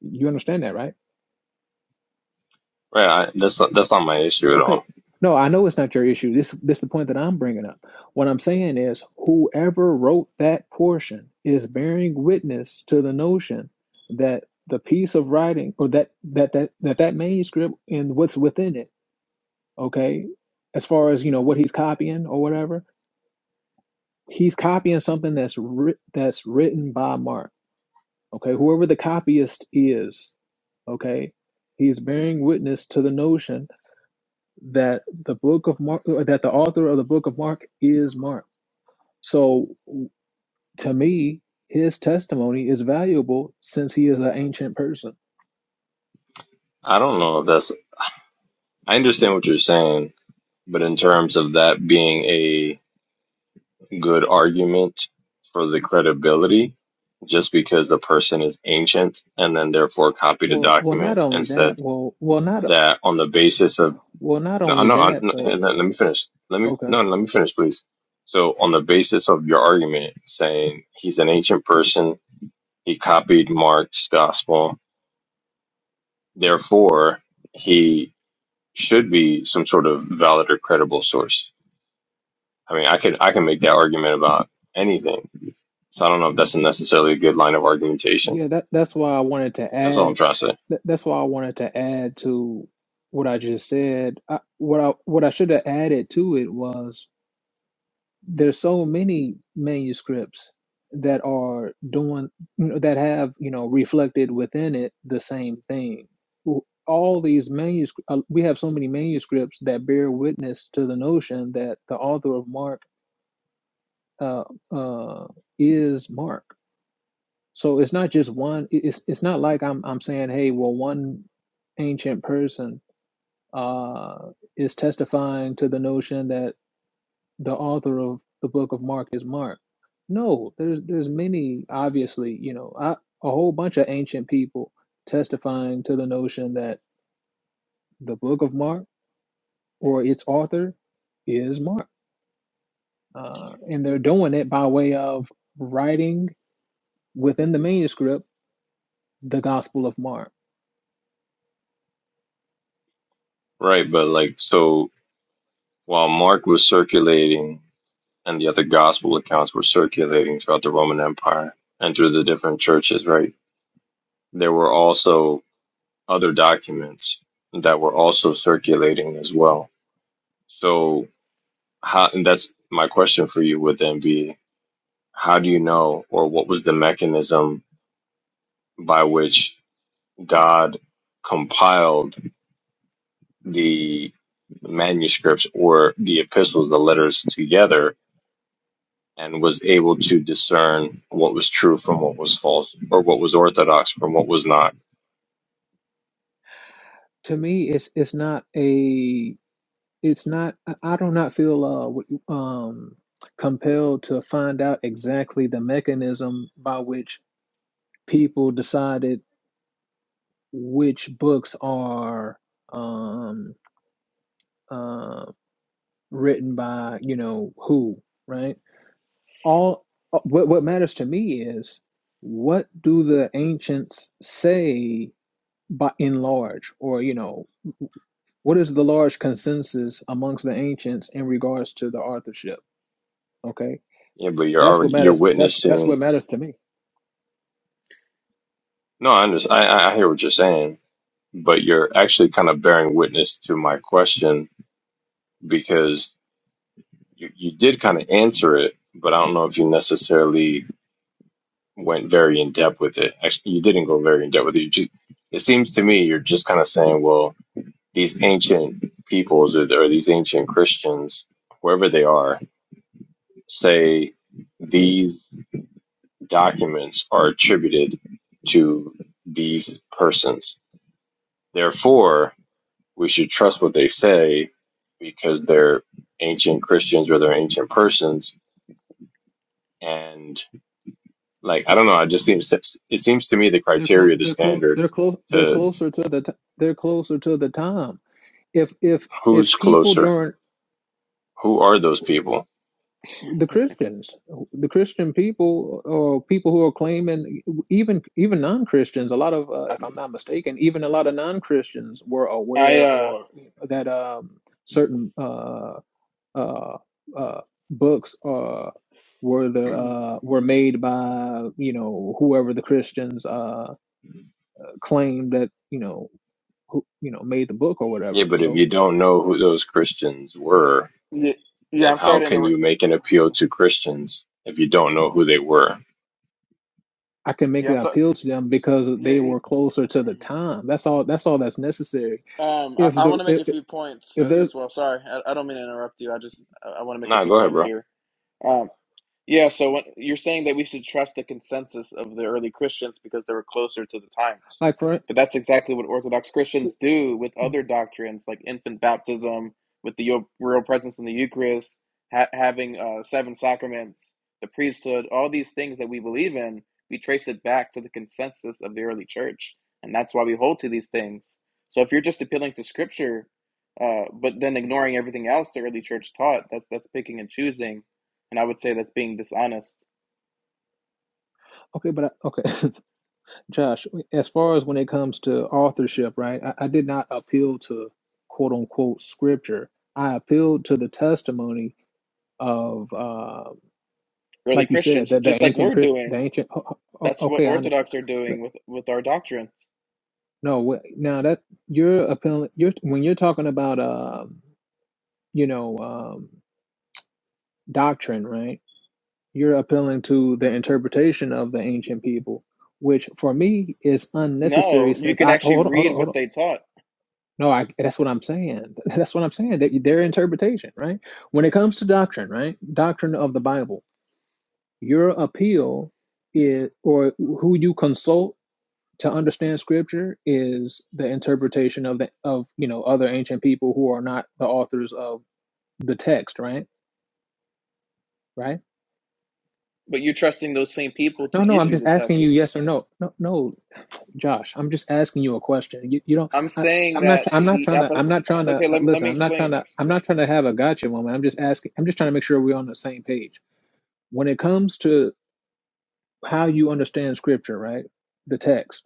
You understand that, right? Right, I, that's not, that's not my issue at Okay. all. No, I know it's not your issue. This this the point that I'm bringing up. What I'm saying is whoever wrote that portion is bearing witness to the notion that the piece of writing or that that that that, that manuscript and what's within it, okay? As far as, you know, what he's copying or whatever, he's copying something that's writ that's written by Mark. Okay? Whoever the copyist is, okay? He's bearing witness to the notion that the book of Mark, that the author of the book of Mark is Mark. So to me, his testimony is valuable since he is an ancient person. I don't know if that's. I understand what you're saying, but in terms of that being a good argument for the credibility, just because the person is ancient and then therefore copied a Well, well, document not only and that, said well, well, not, that on the basis of well, not no, only no, I- that, no but let let me finish. Let me okay, no, let me finish, please. So on the basis of your argument, saying he's an ancient person, he copied Mark's gospel, therefore. He should be some sort of valid or credible source. I mean, I could I can make that argument about anything. So I don't know if that's necessarily a good line of argumentation. yeah, that that's why I wanted to That's all I'm add. trying to say. That, that's why I wanted to add to what I just said. I, what I what I should have added to it was there's so many manuscripts that are doing that have you know reflected within it the same thing all these manuscripts uh, we have so many manuscripts that bear witness to the notion that the author of mark uh, uh, is mark so it's not just one it's it's not like i'm i'm saying hey well one ancient person uh is testifying to the notion that the author of the book of Mark is Mark. No, there's there's many obviously, you know, I, a whole bunch of ancient people testifying to the notion that the book of Mark or its author is Mark, uh, and they're doing it by way of writing within the manuscript the Gospel of Mark. Right, but like so while Mark was circulating and the other gospel accounts were circulating throughout the Roman Empire and through the different churches, right? There were also other documents that were also circulating as well. So how and that's my question for you would then be How do you know, or what was the mechanism by which God compiled the manuscripts or the epistles, the letters together, and was able to discern what was true from what was false, or what was orthodox from what was not? To me, it's it's not a it's not I I do not feel uh w- um compelled to find out exactly the mechanism by which people decided which books are um, uh, written by you know who right all uh, what what matters to me is what do the ancients say by in large or you know what is the large consensus amongst the ancients in regards to the authorship okay Yeah, but you're that's what already you're matters that's that's what witnessing. matters to me No, I understand. I, I hear what you're saying, but you're actually kind of bearing witness to my question because you, you did kind of answer it, but I don't know if you necessarily went very in depth with it. Actually, you didn't go very in depth with it. You just, it seems to me you're just kind of saying, well, these ancient peoples or, or these ancient Christians, whoever they are, say these documents are attributed to these persons. Therefore, we should trust what they say because they're ancient Christians or they're ancient persons. And like I don't know, I just seems it seems to me the they're clo- criteria, the they're close standard they're close they're to closer to the t- they're closer to the time if if if Who's people closer? during Who are those people? the Christians, the Christian people, or people who are claiming, even even non Christians, a lot of, uh, if I'm not mistaken, even a lot of non Christians were I aware uh, or that um, certain uh, uh, uh, books uh, were the uh, were made by you know whoever the Christians uh, claimed that you know who you know made the book or Yeah, whatever. but if So you don't know who those Christians were, yeah, yeah then I'm sorry how to can interrupt. you make an appeal to Christians if you don't know who they were? I can make Yeah, an I'm sorry. appeal to them because Yeah, they were closer to the time. That's all. That's all that's necessary. um, I, If I the want to make if, a few points if uh, there's as well. Sorry, I, I don't mean to interrupt you. I just I, want to make a Nah, few go ahead, points bro. here. Um. Yeah, so when, you're saying that we should trust the consensus of the early Christians because they were closer to the times. like for But that's exactly what Orthodox Christians do with other doctrines like infant baptism, with the yo- real presence in the Eucharist, ha- having uh, seven sacraments, the priesthood, all these things that we believe in, we trace it back to the consensus of the early church. And that's why we hold to these things. So if you're just appealing to scripture, uh, but then ignoring everything else the early church taught, that's that's picking and choosing and I would say that's being dishonest. okay, but I, okay, Josh. As far as when it comes to authorship, right? I, I did not appeal to quote unquote scripture. I appealed to the testimony of, uh, Early like you said, Christians, that the just like ancient we're Christ, the doing, ancient. oh, oh, oh, that's what okay, I Orthodox are understand. doing with, with our doctrine. No, wh- now that you're appealing, you're when you're talking about um, you know, um, doctrine, right? You're appealing to the interpretation of the ancient people, which for me is unnecessary No, you since can I actually hold on, hold on, read hold what on. they taught, No, I, that's what I'm saying. That's what I'm saying. That their interpretation, right? When it comes to doctrine, right? Doctrine of the Bible, your appeal is or who you consult to understand scripture is the interpretation of the of you know other ancient people who are not the authors of the text right right but you're trusting those same people to no no give i'm you just the asking you text. yes or no no no josh i'm just asking you a question you, you don't I'm I, saying i'm not that i'm not the. trying to apo- i'm not trying to Okay, uh, let, me- let listen me i'm not trying explain. to i'm not trying to have a gotcha moment i'm just asking i'm just trying to make sure we're on the same page when it comes to how you understand scripture right the text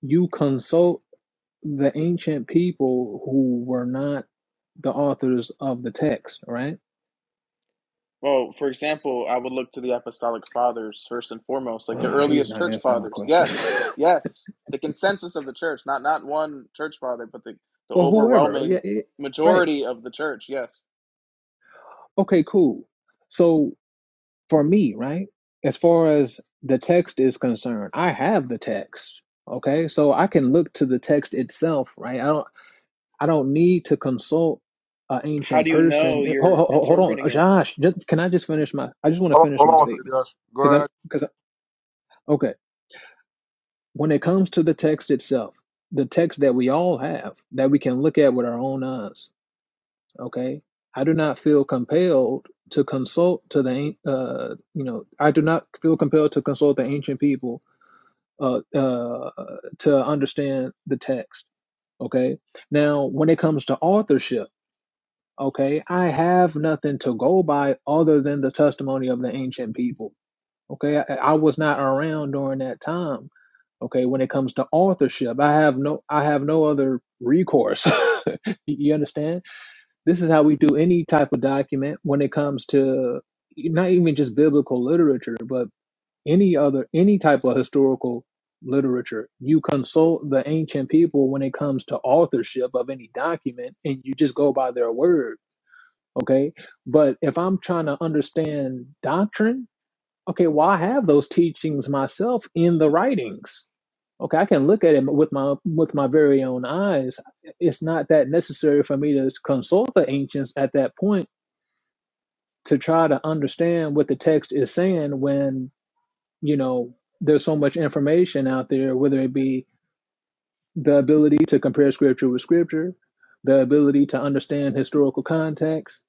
you consult the ancient people who were not the authors of the text, right? Well, for example, I would look to the Apostolic Fathers first and foremost, like the Ugh, he's earliest not church answering my fathers. question. Yes, yes. The consensus of the church, not not one church father, but the, the or whoever. Yeah, overwhelming it, right. majority of the church. Yes Okay, cool. So for me, right, as far as the text is concerned, I have the text. Okay, so I can look to the text itself, right? I don't, I don't need to consult an How ancient do you person. know It- Hold, you're hold, hold on, interpreting it? Josh. Just, can I just finish my? I just want to hold finish my on, one Okay. second, statement Josh. Go because I'm ahead. because when it comes to the text itself, the text that we all have that we can look at with our own eyes, okay? I do not feel compelled to consult to the uh, you know I do not feel compelled to consult the ancient people uh, uh, to understand the text. Okay, now when it comes to authorship, okay, I have nothing to go by other than the testimony of the ancient people. Okay, I, I was not around during that time okay when it comes to authorship i have no i have no other recourse you understand this is how we do any type of document when it comes to not even just biblical literature but any other any type of historical literature you consult the ancient people when it comes to authorship of any document and you just go by their word okay but if i'm trying to understand doctrine Okay, well, I have those teachings myself in the writings. Okay, I can look at it with my with my very own eyes. It's not that necessary for me to consult the ancients at that point to try to understand what the text is saying when, you know, there's so much information out there, whether it be the ability to compare scripture with scripture, the ability to understand historical context.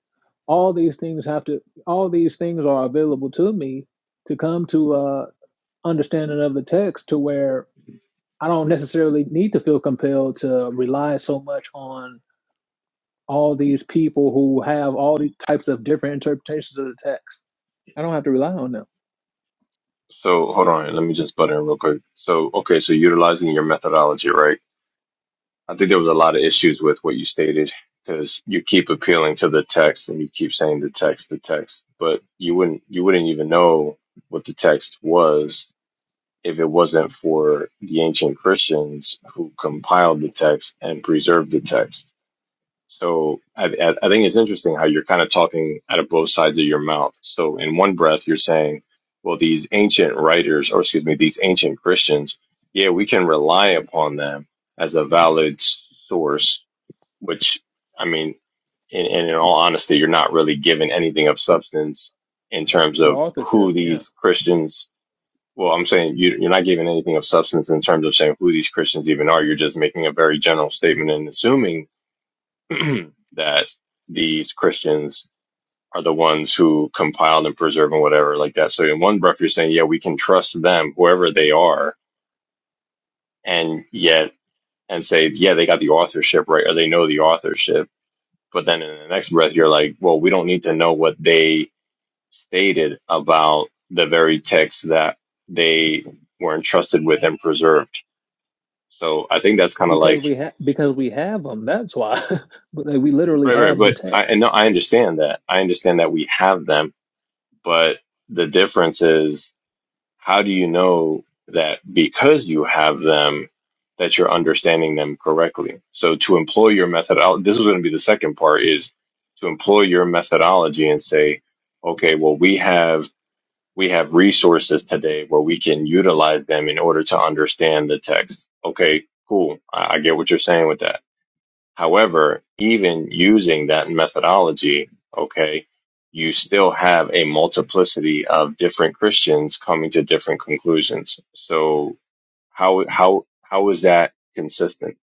All these things have to all these things are available to me to come to uh understanding of the text to where I don't necessarily need to feel compelled to rely so much on all these people who have all these types of different interpretations of the text. I don't have to rely on them So hold on, let me just butt in real quick. So okay, so utilizing your methodology, right? I think there was a lot of issues with what you stated because you keep appealing to the text and you keep saying the text, the text, but you wouldn't you wouldn't even know what the text was if it wasn't for the ancient Christians who compiled the text and preserved the text. So I, I think it's interesting how you're kind of talking out of both sides of your mouth. So in one breath, you're saying, well, these ancient writers, or excuse me, these ancient Christians, yeah, we can rely upon them as a valid source, which I mean, in, in all honesty, you're not really given anything of substance in terms of for who authorship. Yeah, these Christians well, I'm saying you, you're not giving anything of substance in terms of saying who these Christians even are. You're just making a very general statement and assuming that these Christians are the ones who compiled and preserve and whatever like that. So in one breath, you're saying, yeah, we can trust them, whoever they are, and yet, and say, yeah, they got the authorship right, or they know the authorship. But then in the next breath, you're like, well, we don't need to know what they stated about the very text that they were entrusted with and preserved. So I think that's kind of because like we have because we have them. That's why But, like, we literally right, right. have the But I and text. no, I understand that. I understand that we have them, but the difference is how do you know that because you have them that you're understanding them correctly? So to employ your methodology, this is going to be the second part is to employ your methodology and say, okay, well we have we have resources today where we can utilize them in order to understand the text. Okay, cool. I, I get what you're saying with that However, even using that methodology, okay, you still have a multiplicity of different Christians coming to different conclusions. So how how how is that consistent?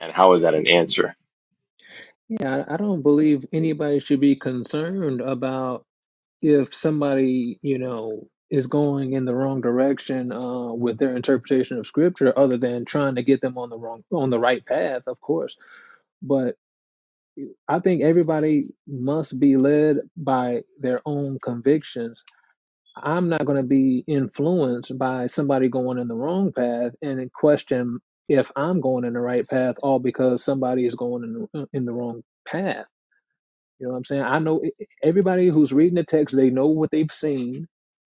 And how is that an answer? Yeah, I I don't believe anybody should be concerned about if somebody, you know, is going in the wrong direction uh, with their interpretation of scripture, other than trying to get them on the wrong on the right path, of course. But I think everybody must be led by their own convictions. I'm not going to be influenced by somebody going in the wrong path and then question if I'm going in the right path, all because somebody is going in the, in the wrong path you know what I'm saying? I know it- everybody who's reading the text, they know what they've seen.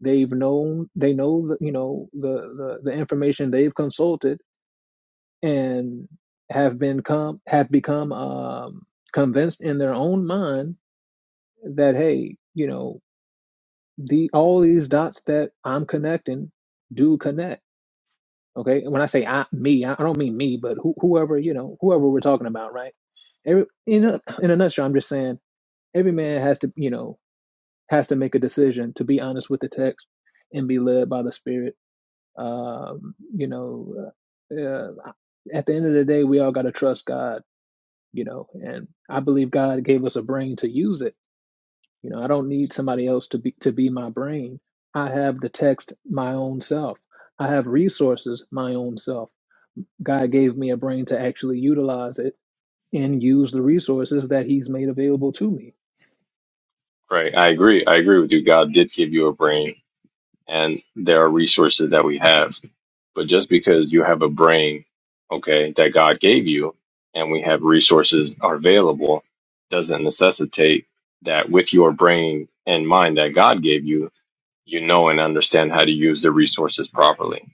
They've known, they know, the, you know, the, the, the information they've consulted and have been come, have become um, convinced in their own mind that, hey, you know, the, all these dots that I'm connecting do connect. Okay. And When I say I, me, I I don't mean me, but who, whoever, you know, whoever we're talking about, right? Every, in a, in a nutshell, I'm just saying every man has to, you know, has to make a decision to be honest with the text and be led by the spirit um you know uh, uh, at the end of the day we all got to trust god you know and i believe god gave us a brain to use it you know i don't need somebody else to be to be my brain i have the text my own self i have resources my own self god gave me a brain to actually utilize it and use the resources that he's made available to me Right. I agree. I agree with you. God did give you a brain and there are resources that we have But just because you have a brain, okay, that God gave you, and we have resources are available, doesn't necessitate that with your brain and mind that God gave you, you know and understand how to use the resources properly.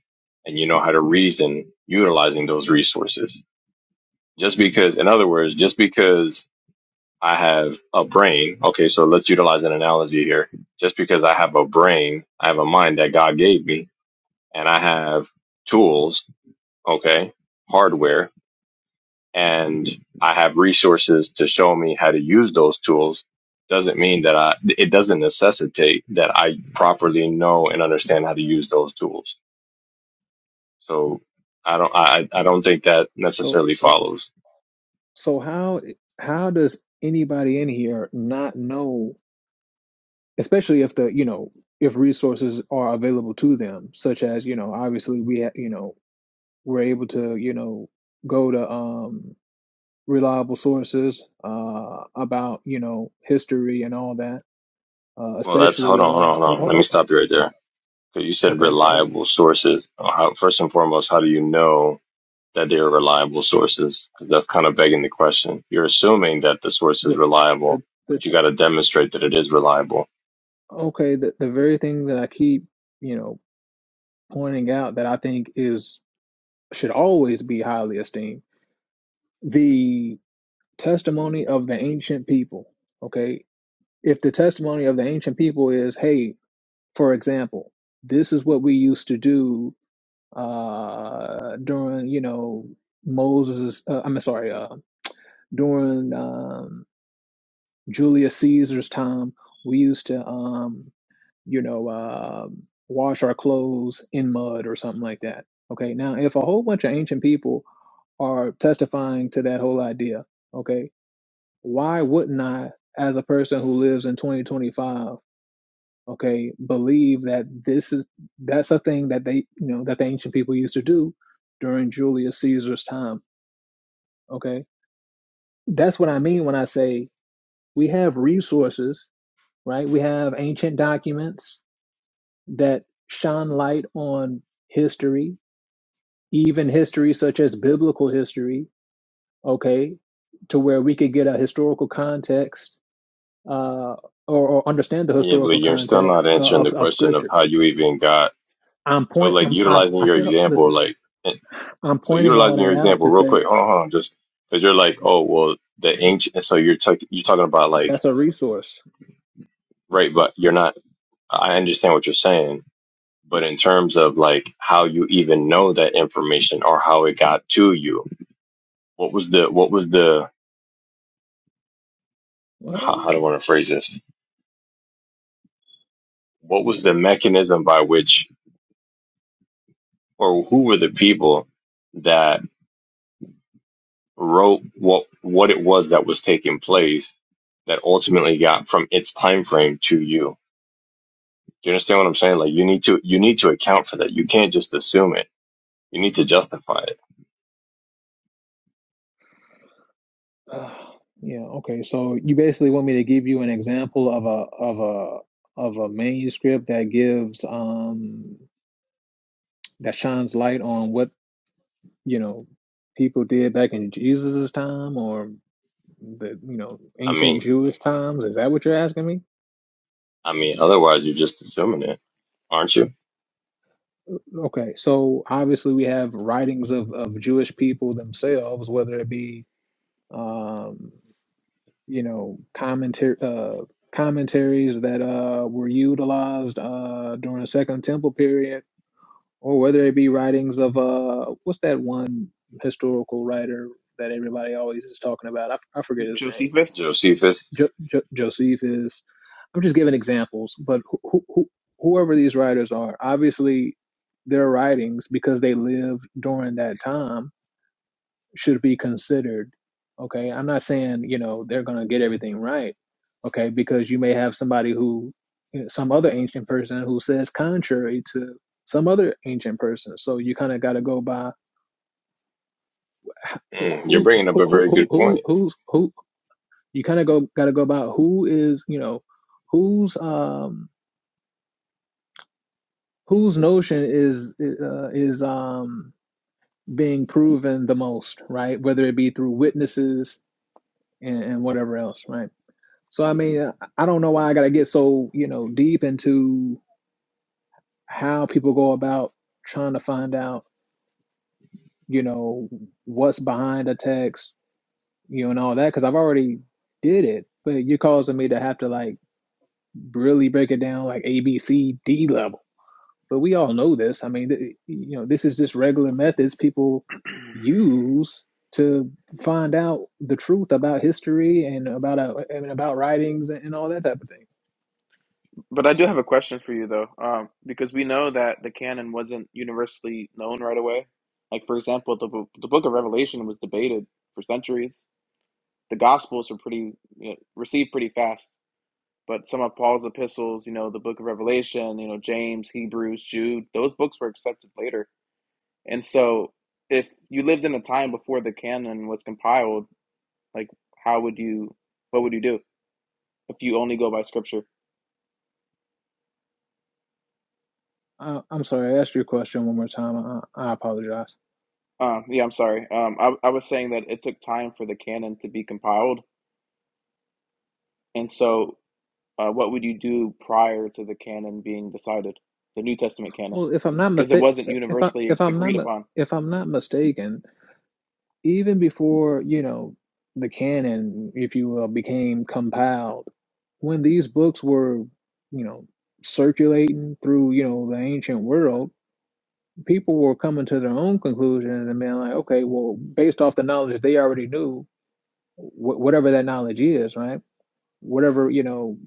And you know how to reason utilizing those resources. Just because, in other words, just because I have a brain, okay, so let's utilize an analogy here. Just because I have a brain, I have a mind that God gave me, and I have tools okay, hardware, and I have resources to show me how to use those tools, doesn't mean that I, it doesn't necessitate that I properly know and understand how to use those tools. So I don't, I, I don't think that So necessarily so follows. so how how does anybody in here not know, especially if the, you know, if resources are available to them, such as, you know, obviously we ha you know, we're able to, you know, go to um reliable sources uh about, you know, history and all that. Uh Well, that's, hold especially uh on, hold on, oh, hold on. oh, Let me oh, stop oh, you right there. Cause you said okay, go ahead. reliable sources. How, first and foremost, how do you know that they are reliable sources? Cause that's kind of begging the question. You're assuming that the source is The reliable, the the but you t- got to demonstrate that it is reliable okay, the the very thing that I keep, you know, pointing out that I think is should always be highly esteemed. The testimony of the ancient people, okay? If the testimony of the ancient people is, hey, for example, this is what we used to do uh, during, you know, Moses, uh, I'm sorry, uh, during um, Julius Caesar's time, we used to, um, you know, uh, wash our clothes in mud or something like that. Okay, now if a whole bunch of ancient people are testifying to that whole idea. Okay. Why wouldn't I, as a person who lives in 2025, okay, believe that this is, that's a thing that they, you know, that the ancient people used to do during Julius Caesar's time. Okay. That's what I mean when I say we have resources, right? We have ancient documents that shine light on history, even history such as biblical history. Okay. To where we could get a historical context uh, or, or understand the Yeah, but historical you're still not context uh, answering of, the of question of scripture. how you even got. I'm So, point. like, I'm, I, utilizing I your said, example, listen, like, eh, I'm so pointing all utilizing your that out example to real say quick, hold on, hold on, just because you're like, oh, well, the ancient. So you're talking, you're talking about like, that's a resource. right, but you're not. I understand what you're saying, but in terms of like how you even know that information or how it got to you, what was the, what was the, What? how, how do I want to phrase this? What was the mechanism by which, or who were the people? that? wrote what what it was that was taking place that ultimately got from its time frame to you. Do you understand what I'm saying? Like you need to you need to account for that. You can't just assume it. You need to justify it. Ah, yeah. Okay. So you basically want me to give you an example of a of a of a manuscript that gives um that shines light on what you know people did back in Jesus's time or the you know I ancient mean, Jewish times. Is that what you're asking me? I mean, otherwise you're just assuming it, aren't you, Okay, so obviously we have writings of, of Jewish people themselves, whether it be um, you know commentary uh, commentaries that uh, were utilized uh, during the Second Temple period, or whether it be writings of uh, what's that one historical writer that everybody always is talking about? I, I forget his name Josephus? Josephus? jo- jo- Josephus. I'm just giving examples, but who, who, who- whoever these writers are, obviously their writings, because they lived during that time, should be considered. Okay, I'm not saying you know they're gonna get everything right. Okay, because you may have somebody who, you know, some other ancient person who says contrary to some other ancient person. So you kind of got to go by Mm, you're who bringing up who a who very who good who point. who's who, you kind of go got to go about who is you know whose um whose notion is uh, is um being proven the most right whether it be through witnesses and, and whatever else right so i mean i I don't know why i got to get so you know deep into how people go about trying to find out you know what's behind a text you know and all that because i've already did it but you're causing me to have to like really break it down like a b c d level but we all know this. I mean, th- you know, this is just regular methods people use to find out the truth about history and about uh, I mean, about writings and, and all that type of thing. But I do have a question for you though, um, because we know that the canon wasn't universally known right away. Like for example, the bo- the book of Revelation was debated for centuries. The Gospels were pretty you know, received pretty fast, but some of Paul's epistles, you know, the book of Revelation, you know, James, Hebrews, Jude, those books were accepted later. And so, if you lived in a time before the canon was compiled, like how would you what would you do? if you only go by scripture. Uh, I'm sorry, I asked your question one more time. I, I apologize. Um, yeah, I'm sorry. Um, I, I was saying that it took time for the canon to be compiled, and so uh, what would you do prior to the canon being decided, the New Testament canon, Well, if I'm not because it mistake, wasn't if I universally if I'm not agreed mi- upon. if I'm not mistaken, even before you know the canon, if you will, became compiled, when these books were, you know, circulating through you know the ancient world people were coming to their own conclusions and being like, okay, well, based off the knowledge they already knew, wh- whatever that knowledge is, right? Whatever you know,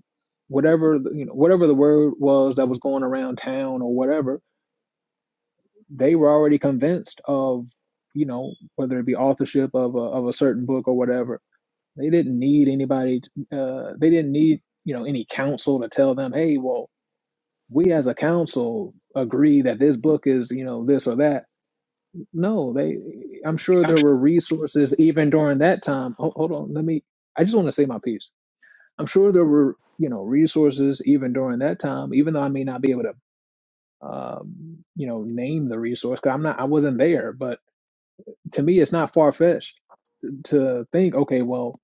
whatever you know, whatever the word was that was going around town or whatever, they were already convinced of, you know, whether it be authorship of a, of a certain book or whatever. They didn't need anybody. Uh, they didn't need you know any counsel to tell them, hey, well, we as a council agree that this book is you know this or that No, they. I'm sure I'm there sure were resources even during that time. Ho- hold on, let me. I just want to say my piece. I'm sure there were, you know, resources even during that time. Even though I may not be able to, um, you know, name the resource because I'm not. I wasn't there. But to me, it's not far fetched to think. Okay, well,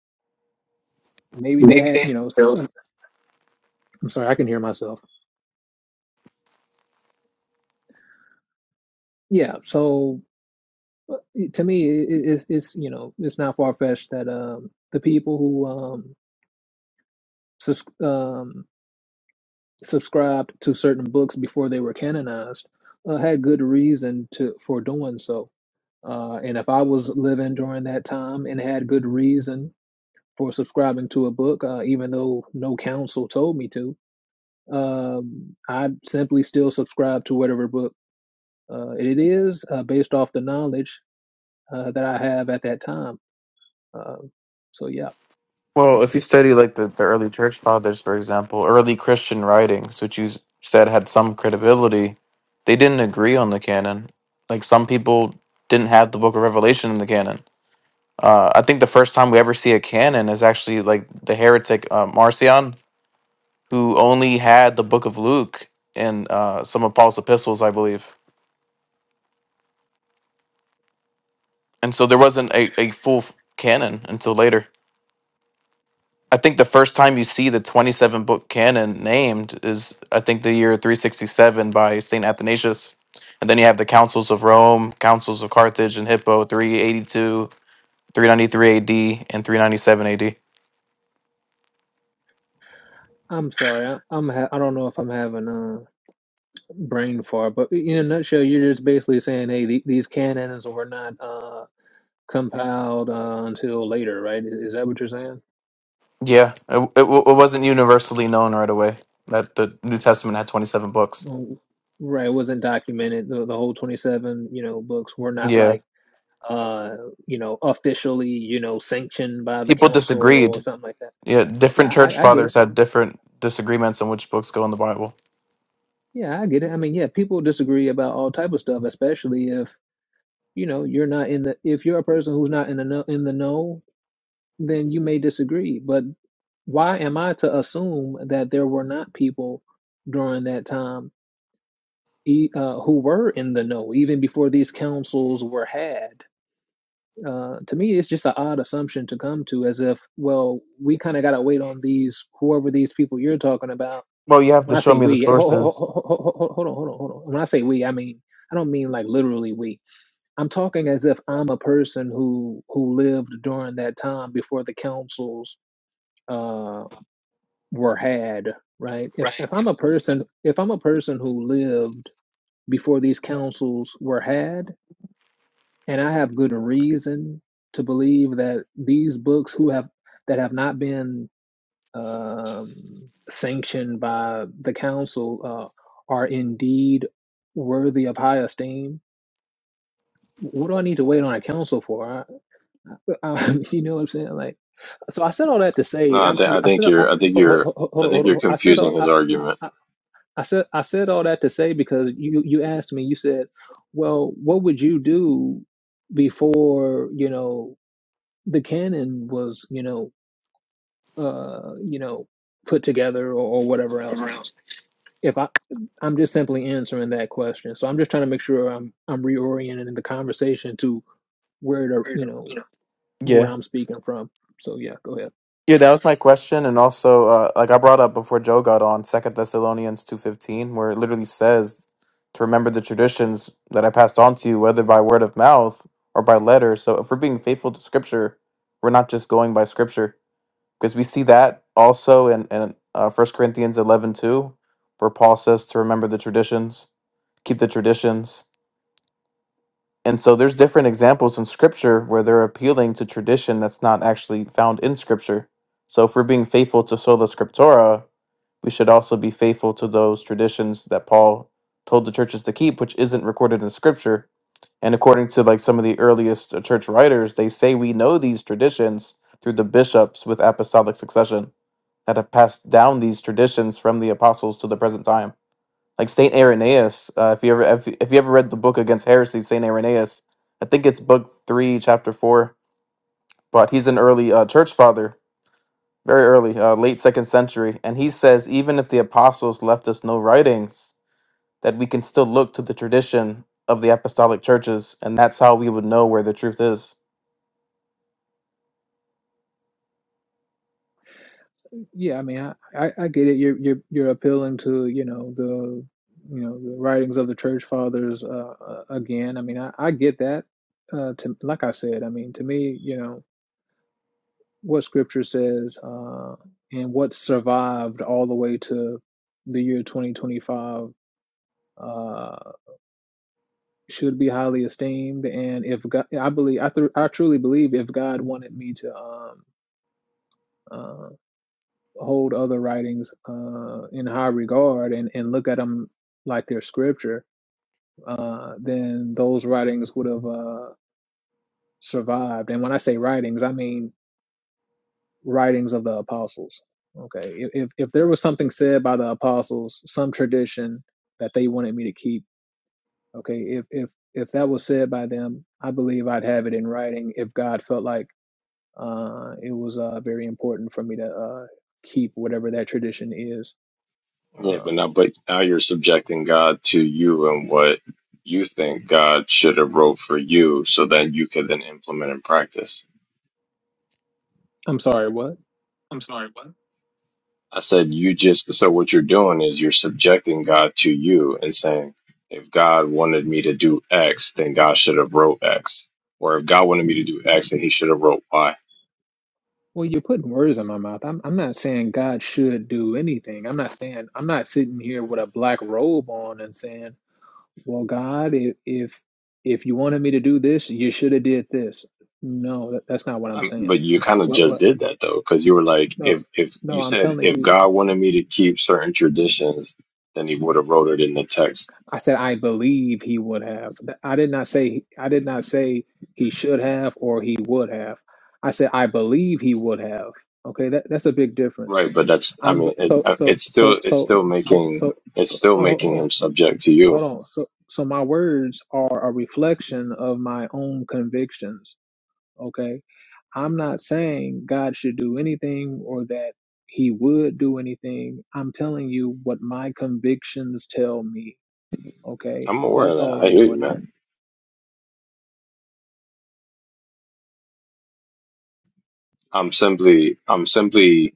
maybe they maybe had. they You know, s- built. uh, I'm sorry, I can hear myself. Yeah. So uh, to me, it, it, it's it's, you know, it's not far fetched that um the people who um, sus- um subscribed to certain books before they were canonized uh, had good reason to for doing so. Uh, and if I was living during that time and had good reason for subscribing to a book, uh, even though no counsel told me to, um, I simply still subscribe to whatever book uh, it is uh, based off the knowledge uh, that I have at that time. Uh, so yeah, Well, if you study like the, the early church fathers, for example, early Christian writings, which you s- said had some credibility, they didn't agree on the canon. Like some people didn't have the book of Revelation in the canon. Uh, I think the first time we ever see a canon is actually like the heretic uh, Marcion, who only had the Book of Luke and uh, some of Paul's epistles, I believe. And so there wasn't a, a full f- canon until later. I think the first time you see the 27 book canon named is, I think, the year 367 by St. Athanasius. And then you have the Councils of Rome, Councils of Carthage and Hippo, 382, 393 AD, and 397 AD. I'm sorry. I, I'm ha- I don't know if I'm having uh, brain fart. But in a nutshell, you're just basically saying, hey, the, these canons were not uh, compiled uh, until later, right? Is, is that what you're saying? Yeah, it, it, w- it wasn't universally known right away that the New Testament had 27 books. Oh, Right, it wasn't documented. The, the whole 27, you know, books were not Yeah, like, uh, you know, officially, you know, sanctioned by the people council or disagreed. something like that. Yeah, different Yeah, church I, I get fathers it. had different disagreements on which books go in the Bible. Yeah, I get it. I mean, yeah, people disagree about all type of stuff, especially if you know you're not in the if you're a person who's not in the know, in the know then you may disagree. But Why am I to assume that there were not people during that time e- uh, who were in the know, even before these councils were had? Uh, to me, it's just an odd assumption to come to, as if, well, we kind of got to wait on these, whoever these people you're talking about. Well, you have When to I show say me the we, ho- sources. ho- ho- ho- ho- ho- hold on, hold on, hold on. When I say we, I mean I don't mean like literally we. I'm talking as if I'm a person who who lived during that time before the councils Uh, were had, right? If Right. if I'm a person if I'm a person who lived before these councils were had, and I have good reason to believe that these books who have that have not been um, sanctioned by the council uh, are indeed worthy of high esteem. What do I need to wait on a council for? I, I, you know what I'm saying? Like, so I said all that to say, No, i I, th- I I said, think I, you're I think hold, you're hold, hold, hold, I think hold, you're hold, I said, all- confusing his I, argument. I said I said all that to say because you you asked me. You said, "Well, what would you do before you know the canon was you know uh you know put together or, or whatever else?" If I I'm just simply answering that question, so I'm just trying to make sure I'm I'm reorienting the conversation to where the you know where Yeah. I'm speaking from. So yeah, go ahead. Yeah, that was my question, and also, uh, like I brought up before Joe got on, Second Thessalonians two fifteen, where it literally says to remember the traditions that I passed on to you, whether by word of mouth or by letter. So, if we're being faithful to Scripture, we're not just going by Scripture because we see that also in in uh, 1 Corinthians 11 2, where Paul says to remember the traditions, keep the traditions. And so there's different examples in scripture where they're appealing to tradition that's not actually found in scripture. So if we're being faithful to sola scriptura, we should also be faithful to those traditions that Paul told the churches to keep, which isn't recorded in scripture. And according to like some of the earliest uh, church writers, they say we know these traditions through the bishops with apostolic succession that have passed down these traditions from the apostles to the present time. Like Saint Irenaeus, uh, if you ever if, if you ever read the book against heresy, Saint Irenaeus, I think it's book three, chapter four. But he's an early uh, church father, very early, uh, late second century, and he says even if the apostles left us no writings, that we can still look to the tradition of the apostolic churches, and that's how we would know where the truth is. Yeah, I mean, I, I, I get it. You're you're you're appealing to, you know, the you know the writings of the church fathers uh, uh, again. I mean, I, I get that. Uh, to like I said, I mean, to me, you know, what Scripture says uh, and what survived all the way to the year 2025 uh, should be highly esteemed. And if God, I believe, I, th- I truly believe, if God wanted me to. Um, um, hold other writings uh, in high regard and, and look at them like they're scripture, uh, then those writings would have uh, survived. And when I say writings, I mean writings of the apostles. Okay, if if there was something said by the apostles, some tradition that they wanted me to keep. Okay, if if if that was said by them, I believe I'd have it in writing. If God felt like uh, it was uh, very important for me to uh, keep whatever that tradition is. Yeah, but Um, now, but now you're subjecting God to you and what you think God should have wrote for you, so that you can then implement and practice. I'm sorry, what? I said you just so what you're doing is you're subjecting God to you and saying, if God wanted me to do X, then God should have wrote X, or if God wanted me to do X, then He should have wrote Y. Well, you're putting words in my mouth. I'm I'm not saying God should do anything. I'm not saying I'm not sitting here with a black robe on and saying, "Well, God, if if if you wanted me to do this, you should have did this." No, that, that's not what I'm Um, saying. but you kind of What just what? did that though, because you were like, No, if if no. you I'm said telling if you. God wanted me to keep certain traditions, then He would have wrote it in the text I said I believe He would have. Th- I did not say I did not say He should have or He would have. I said I believe He would have. Okay, that that's a big difference. Right, but that's I I'm g- mean it, so uh, so it's still so it's so still so making so it's so still no, ho- hold making on him subject to hold you. on so so my words are a reflection of my own convictions okay I'm not saying God should do anything or that he would do anything I'm telling you what my convictions tell me okay I'm aware of that's all that. I I'm hear you, doing here man. I'm simply I'm simply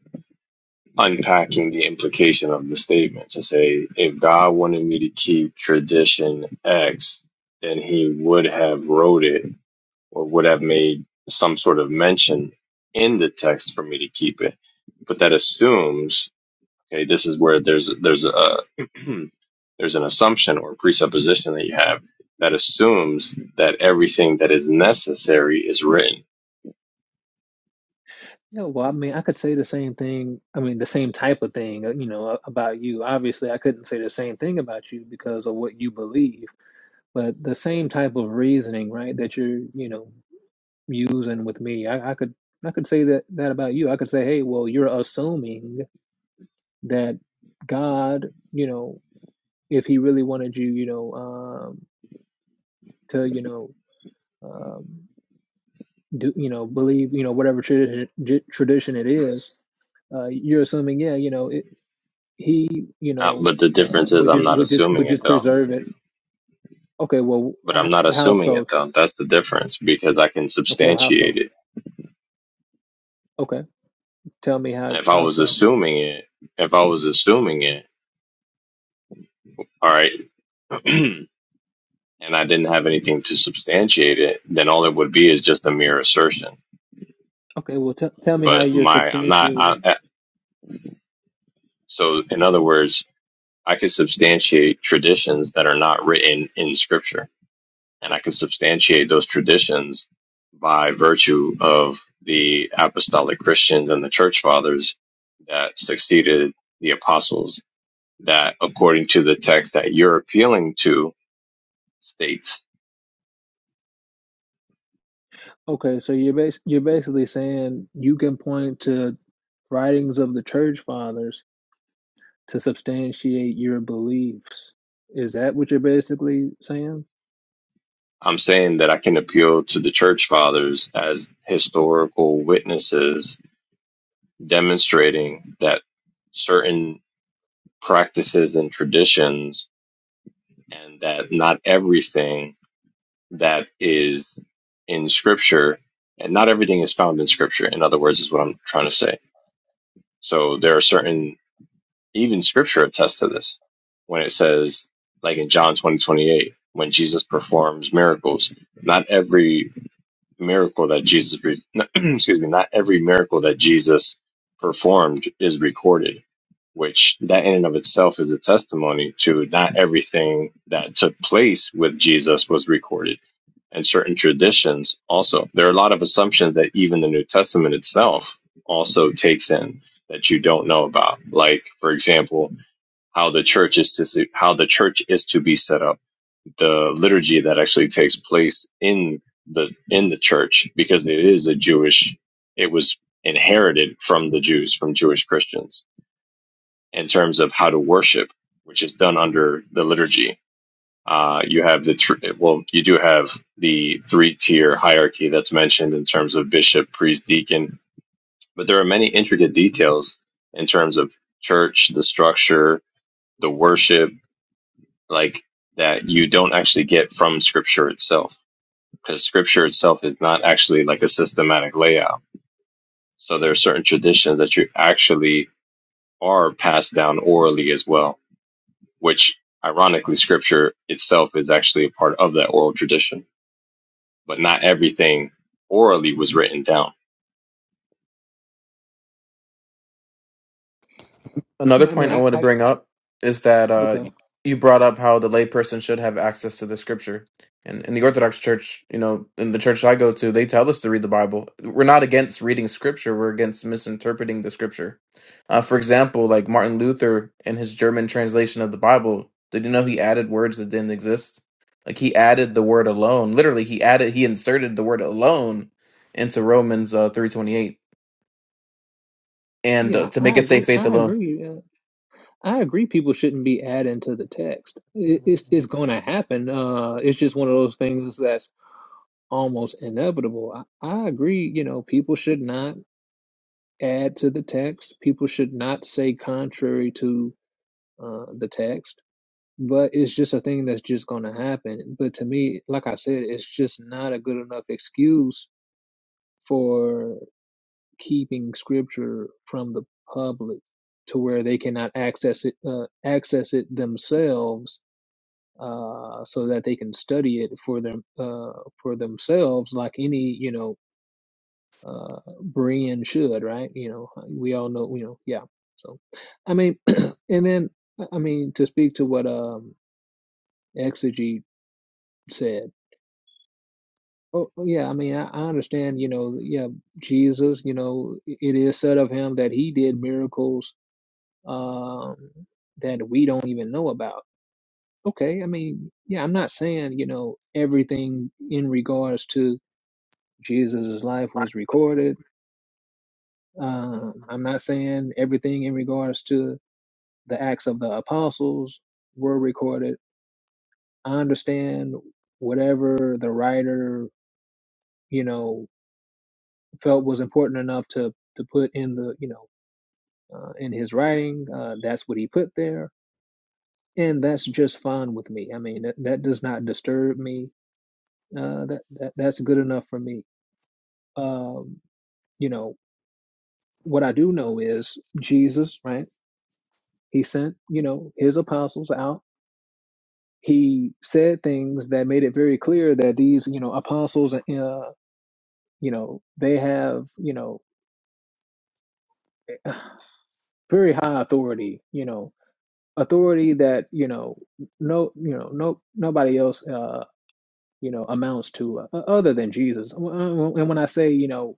unpacking the implication of the statement to say if God wanted me to keep tradition X, then he would have wrote it or would have made some sort of mention in the text for me to keep it. But that assumes okay, this is where there's there's a there's an assumption or presupposition that you have that assumes that everything that is necessary is written. yeah well I mean I could say the same thing I mean the same type of thing uh, you know a- about you obviously I couldn't say the same thing about you because of what you believe But the same type of reasoning, right, that you're, you know, using with me, I, I could I could say that that about you. I could say, hey, well, you're assuming that God, you know, if He really wanted you, you know, um, to, you know, um, do, you know, believe, you know, whatever tradition tradition it is, uh, you're assuming, yeah, you know, it, He, you Uh, know, but the uh, difference is would I'm just not would just assuming would it just though. preserve it. Okay, well, But I'm h- not how assuming so? it though. That's the difference because I can Okay, how so? substantiate it. Okay, tell me how If I how was so? assuming it, if I was assuming it, all right. and I didn't have anything to substantiate it, then all it would be is just a mere assertion. Okay, well, t tell me how But you're my, I'm not, substantiating. I, so in other words, I could substantiate traditions that are not written in scripture, and I could substantiate those traditions by virtue of the apostolic Christians and the church fathers that succeeded the apostles that according to the text that you're appealing to states Okay, so you're bas you're basically saying you can point to writings of the church fathers to substantiate your beliefs. Is that what you're basically saying? I'm saying that I can appeal to the church fathers as historical witnesses demonstrating that certain practices and traditions, and that not everything that is in scripture, and not everything is found in scripture, in other words, is what I'm trying to say. So there are certain, even scripture attests to this when it says, like in John 20 28, when Jesus performs miracles, not every miracle that Jesus, re- excuse me, not every miracle that Jesus performed is recorded, which that in and of itself is a testimony to not everything that took place with Jesus was recorded, and certain traditions also. There are a lot of assumptions that even the New Testament itself also takes in that you don't know about. Like, for example, how the church is to how the church is to be set up the liturgy that actually takes place in the in the church because it is a Jewish it was inherited from the Jews from Jewish Christians in terms of how to worship which is done under the liturgy uh, you have the tr- well you do have the three tier hierarchy that's mentioned in terms of bishop priest deacon but there are many intricate details in terms of church the structure the worship like that you don't actually get from scripture itself because scripture itself is not actually like a systematic layout. So there are certain traditions that you actually are passed down orally as well, which ironically, scripture itself is actually a part of that oral tradition, but not everything orally was written down. Another Yeah, I mean, point I I, want to I bring up is that uh, okay, y- you brought up how the layperson should have access to the scripture. And in the Orthodox Church, you know, in the church I go to, they tell us to read the Bible. We're not against reading scripture, we're against misinterpreting the scripture. Uh, for example, like Martin Luther in his German translation of the Bible, did you know he added words that didn't exist? Like he added the word alone. Literally, he added, he inserted the word alone into Romans uh, 328 and uh, yeah, to make I it say agree. faith I alone. agree. Yeah. I agree. People shouldn't be adding to the text. It, it's it's going to happen. Uh, it's just one of those things that's almost inevitable. I, I agree. You know, people should not. add to the text. People should not say contrary to uh, the text, but it's just a thing that's just going to happen. But to me, like I said, it's just not a good enough excuse for keeping scripture from the public to where they cannot access it uh, access it themselves uh so that they can study it for them uh for themselves like any you know uh, Brian should, right? You know, uh, we all know, you know, yeah. So, I mean, and then, uh, I mean, to speak to what um Exegete said, oh, oh, yeah, I mean, I, I understand, you know, yeah, Jesus, you know, it is said of him that he did miracles um that we don't even know about. Okay, I mean, yeah, I'm not saying, you know, everything in regards to Jesus's life was recorded. Um, I'm not saying everything in regards to the Acts of the Apostles were recorded. I understand whatever the writer, you know, felt was important enough to to put in the, you know, uh, in his writing. Uh, that's what he put there, and that's just fine with me. I mean, that, that does not disturb me. Uh, that, that that's good enough for me. Um, you know, what I do know is Jesus, right? He sent, you know, his apostles out he said things that made it very clear that these you know apostles uh, you know they have you know very high authority you know authority that you know no you know no nobody else uh you know amounts to uh, other than jesus and when i say you know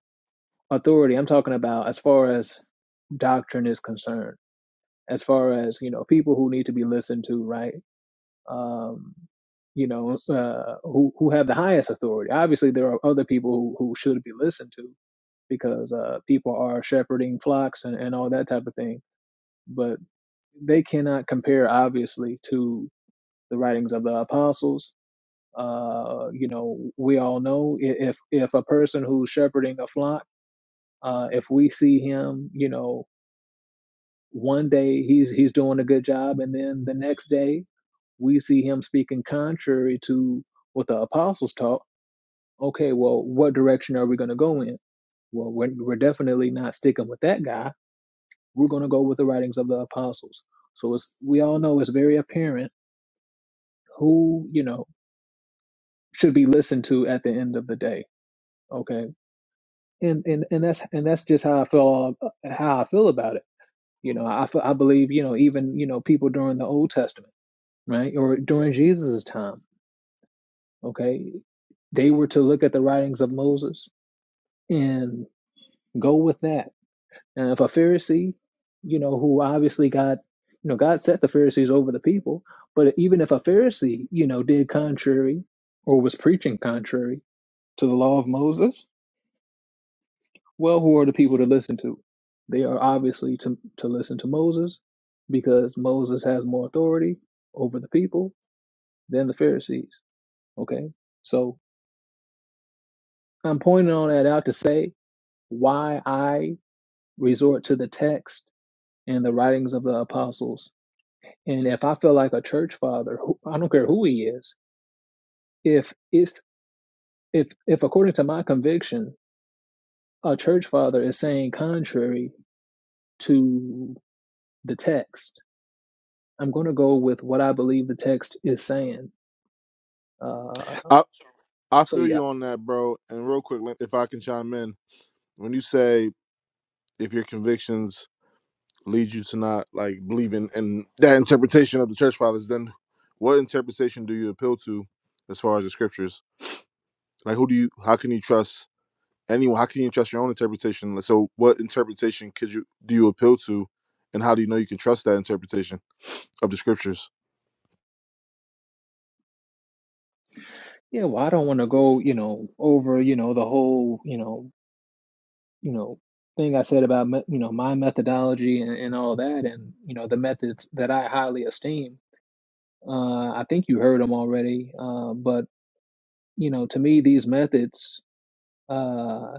authority i'm talking about as far as doctrine is concerned as far as you know people who need to be listened to right um, you know, uh, who who have the highest authority. Obviously, there are other people who, who should be listened to because uh, people are shepherding flocks and, and all that type of thing. But they cannot compare, obviously, to the writings of the apostles. Uh, you know, we all know i- if if a person who's shepherding a flock, uh, if we see him, you know, one day he's he's doing a good job, and then the next day we see him speaking contrary to what the apostles taught. Okay, well, what direction are we going to go in? Well, we're, we're definitely not sticking with that guy. We're going to go with the writings of the apostles. So it's we all know it's very apparent who you know should be listened to at the end of the day. Okay, and and and that's and that's just how I feel how I feel about it. You know, I I believe you know even you know people during the Old Testament, right, or during Jesus' time. Okay, they were to look at the writings of Moses and go with that. And if a Pharisee, you know, who obviously got, you know, God set the Pharisees over the people, but even if a Pharisee, you know, did contrary or was preaching contrary to the law of Moses, well, who are the people to listen to? They are obviously to, to listen to Moses because Moses has more authority over the people than the Pharisees. Okay. So I'm pointing all that out to say why I resort to the text and the writings of the apostles. And if I feel like a church father, who, I don't care who he is, if it's if if according to my conviction, a church father is saying contrary to the text, I'm going to go with what I believe the text is saying. Uh, I, I so feel yeah, you on that, bro. And real quick, let- if I can chime in, when you say if your convictions lead you to not like believing in that interpretation of the church fathers, then what interpretation do you appeal to as far as the scriptures? Like, who do you? How can you trust anyone? How can you trust your own interpretation? Like, So, what interpretation could you do you appeal to, and how do you know you can trust that interpretation of the scriptures? yeah. Well, I don't want to go, you know, over, you know, the whole, you know, you know thing I said about you know my methodology and, and all that, and you know the methods that I highly esteem Uh, I think you heard them already, uh, but you know, to me, these methods uh,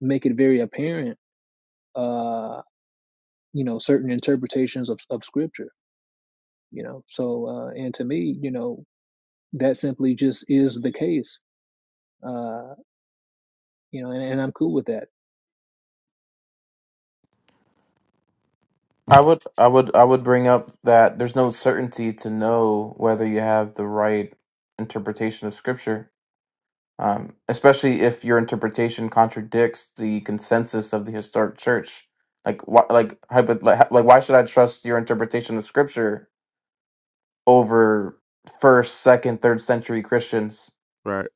make it very apparent. Uh, you know, certain interpretations of of scripture. You know, so uh, and to me, you know, that simply just is the case. Uh, you know, and, and I'm cool with that. I would, I would, I would bring up that there's no certainty to know whether you have the right interpretation of Scripture, um, especially if your interpretation contradicts the consensus of the historic Church. Like, why, like, hypo- like, like, why should I trust your interpretation of Scripture over first, second, third century Christians, Right.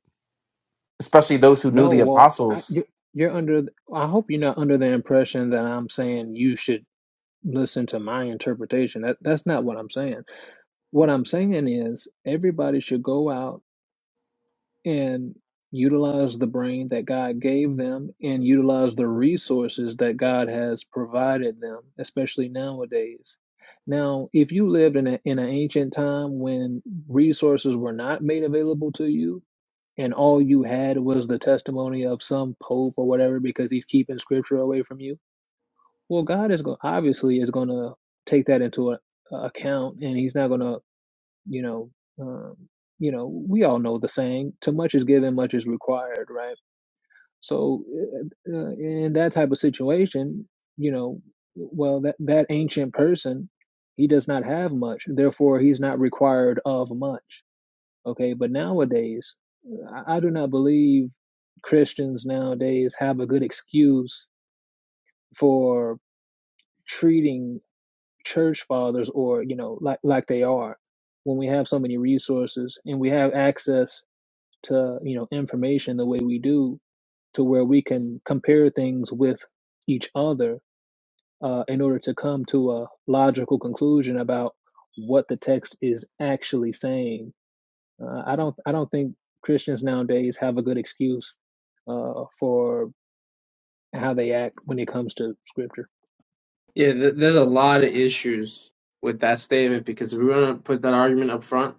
especially those who knew No, the well, I, apostles? you- you're under. th- I hope you're not under the impression that I'm saying you should listen to my interpretation. That that's not what I'm saying. What I'm saying is everybody should go out and utilize the brain that God gave them and utilize the resources that God has provided them, especially nowadays. Now, if you lived in, a, in an ancient time when resources were not made available to you, and all you had was the testimony of some pope or whatever because he's keeping scripture away from you, well, God is go- obviously is going to take that into a, account, and He's not going to you know um, you know we all know the saying too much is given much is required right so uh, uh, in that type of situation you know well that that ancient person he does not have much therefore he's not required of much okay but nowadays i, I do not believe christians nowadays have a good excuse for treating church fathers or you know like like they are when we have so many resources and we have access to you know information the way we do to where we can compare things with each other uh, in order to come to a logical conclusion about what the text is actually saying uh, i don't i don't think christians nowadays have a good excuse uh, for how they act when it comes to scripture Yeah, th- there's a lot of issues with that statement because if we want to put that argument up front,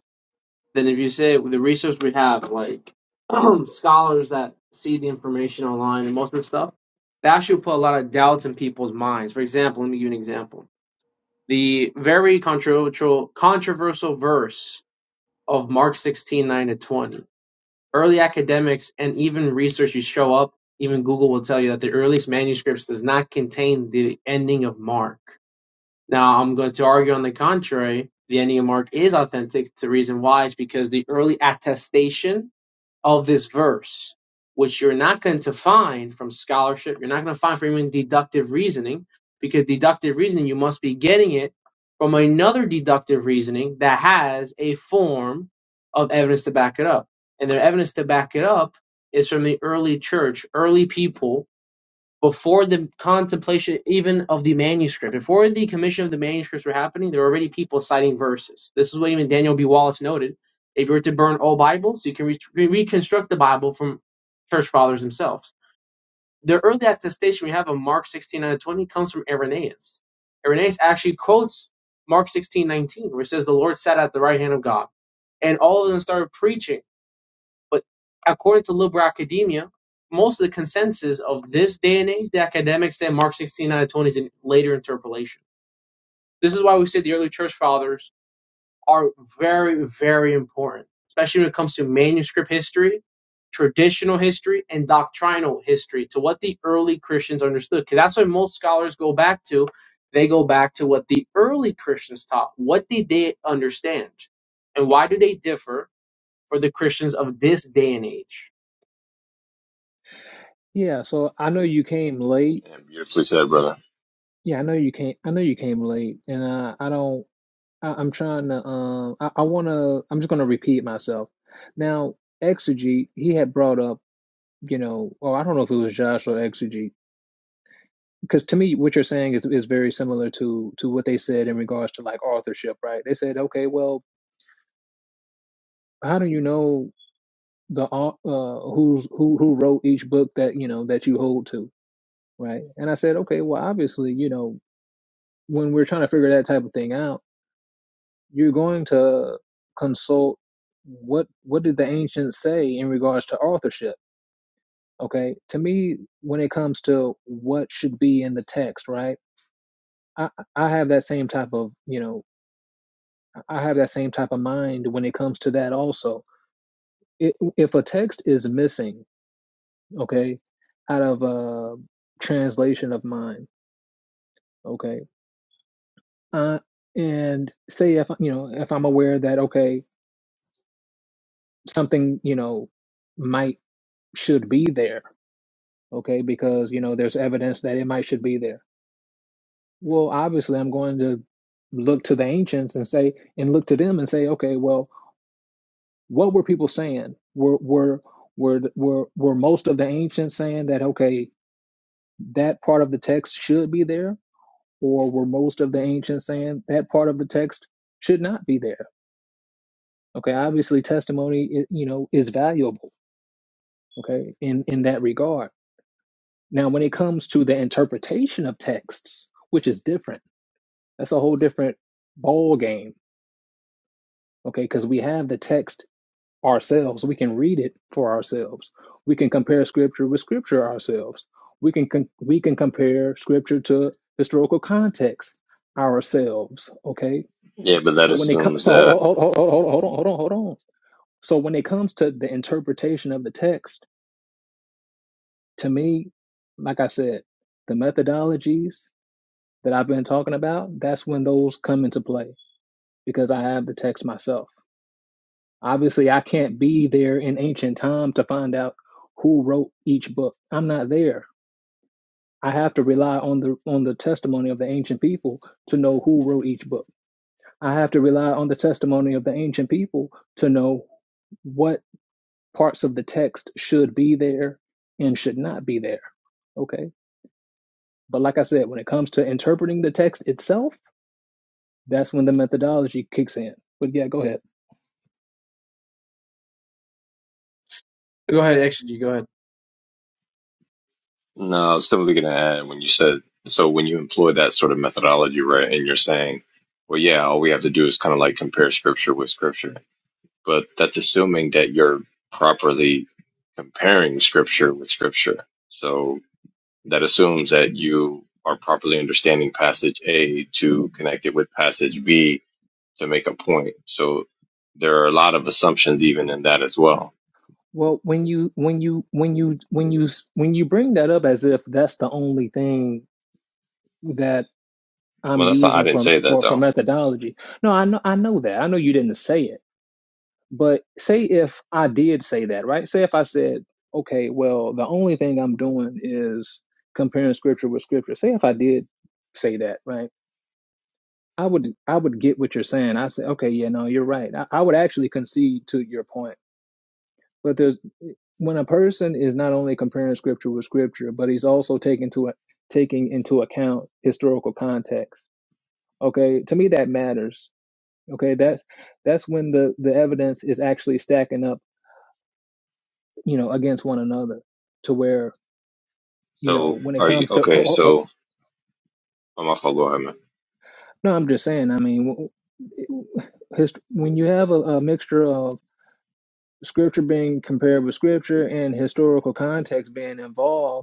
then if you say with the resource we have, like scholars that see the information online and most of the stuff, that actually put a lot of doubts in people's minds. For example, let me give you an example. The very controversial controversial verse of Mark 16 9 to 20. Early academics and even research you show up, even Google will tell you that the earliest manuscripts does not contain the ending of Mark now, I'm going to argue on the contrary. The Ennead mark is authentic. The reason why is because the early attestation of this verse, which you're not going to find from scholarship, you're not going to find from even deductive reasoning, because deductive reasoning, you must be getting it from another deductive reasoning that has a form of evidence to back it up. And their evidence to back it up is from the early church, early people before the contemplation even of the manuscript, before the commission of the manuscripts were happening, there were already people citing verses. This is what even Daniel B. Wallace noted. If you were to burn all Bibles, you can re- reconstruct the Bible from church fathers themselves. The early attestation we have of Mark 16 out 20 comes from Irenaeus. Irenaeus actually quotes Mark 16 19, where it says, The Lord sat at the right hand of God. And all of them started preaching but according to liberal academia, most of the consensus of this day and age, the academics say Mark 16, 9 to 20 is a later interpolation. This is why we say the early church fathers are very, very important, especially when it comes to manuscript history, traditional history, and doctrinal history to what the early Christians understood. Because that's what most scholars go back to. They go back to what the early Christians taught. What did they understand? And why do they differ for the Christians of this day and age? yeah so i know you came late Yeah, beautifully said, brother. yeah i know you came i know you came late and uh, i don't I, I'm trying to um I, I wanna I'm just gonna repeat myself. Now, Exegete, he had brought up, you know, or I don't know if it was Josh or Exegete, because to me what you're saying is is very similar to to what they said in regards to like authorship, right? They said, okay, well, how do you know the au- uh who's who who wrote each book that you know that you hold to, right? And I said, okay, well, obviously, you know, when we're trying to figure that type of thing out you're going to consult what what did the ancients say in regards to authorship okay to me when it comes to what should be in the text right i i have that same type of you know i have that same type of mind when it comes to that also it, if a text is missing okay out of a translation of mine okay uh, and say if you know if i'm aware that okay something you know might should be there okay, because you know there's evidence that it might should be there. Well, obviously, I'm going to look to the ancients and say and look to them and say, okay, well, what were people saying? Were were were were were most of the ancients saying that okay, that part of the text should be there, or were most of the ancients saying that part of the text should not be there? Okay, obviously, testimony i- you know is valuable. Okay, in in that regard. Now, when it comes to the interpretation of texts, which is different That's a whole different ball game, okay? Because we have the text ourselves. We can read it for ourselves. We can compare scripture with scripture ourselves. We can con- we can compare scripture to historical context ourselves, okay? Yeah, but that So when it comes, assumes so that. hold, hold, hold, hold, hold on, hold on, hold on. So when it comes to the interpretation of the text, to me, like I said, the methodologies that I've been talking about, that's when those come into play because I have the text myself. Obviously, I can't be there in ancient time to find out who wrote each book. I'm not there. I have to rely on the on the testimony of the ancient people to know who wrote each book. I have to rely on the testimony of the ancient people to know what parts of the text should be there and should not be there. Okay? But like I said, when it comes to interpreting the text itself, that's when the methodology kicks in. But yeah, go ahead. Go ahead, actually, G, go ahead. No, I was simply going to add when you said, so when you employ that sort of methodology, right, and you're saying, well, yeah, all we have to do is kind of like compare scripture with scripture but that's assuming that you're properly comparing scripture with scripture. So that assumes that you are properly understanding passage A to connect it with passage B to make a point. So there are a lot of assumptions even in that as well. Well, when you when you when you when you s- when you bring that up as if that's the only thing that Well, I'm that's not, I using didn't from say that for for though. methodology. No, I know I know that. I know you didn't say it, but say if I did say that, right? Say if I said, okay, well, the only thing I'm doing is comparing scripture with scripture. Say if I did say that, right? I would I would get what you're saying. I say, okay, yeah, no, you're right. I, I would actually concede to your point. But there's when a person is not only comparing scripture with scripture, but he's also taking to taking into account historical context. Okay, to me that matters. Okay, that's that's when the the evidence is actually stacking up, you know, against one another, to where you know So when it are you comes to. okay? Oh, oh, oh. So I'm off. Go ahead, man. No, I'm just saying. I mean, w- w- hist- when you have a, a mixture of scripture being compared with scripture and historical context being involved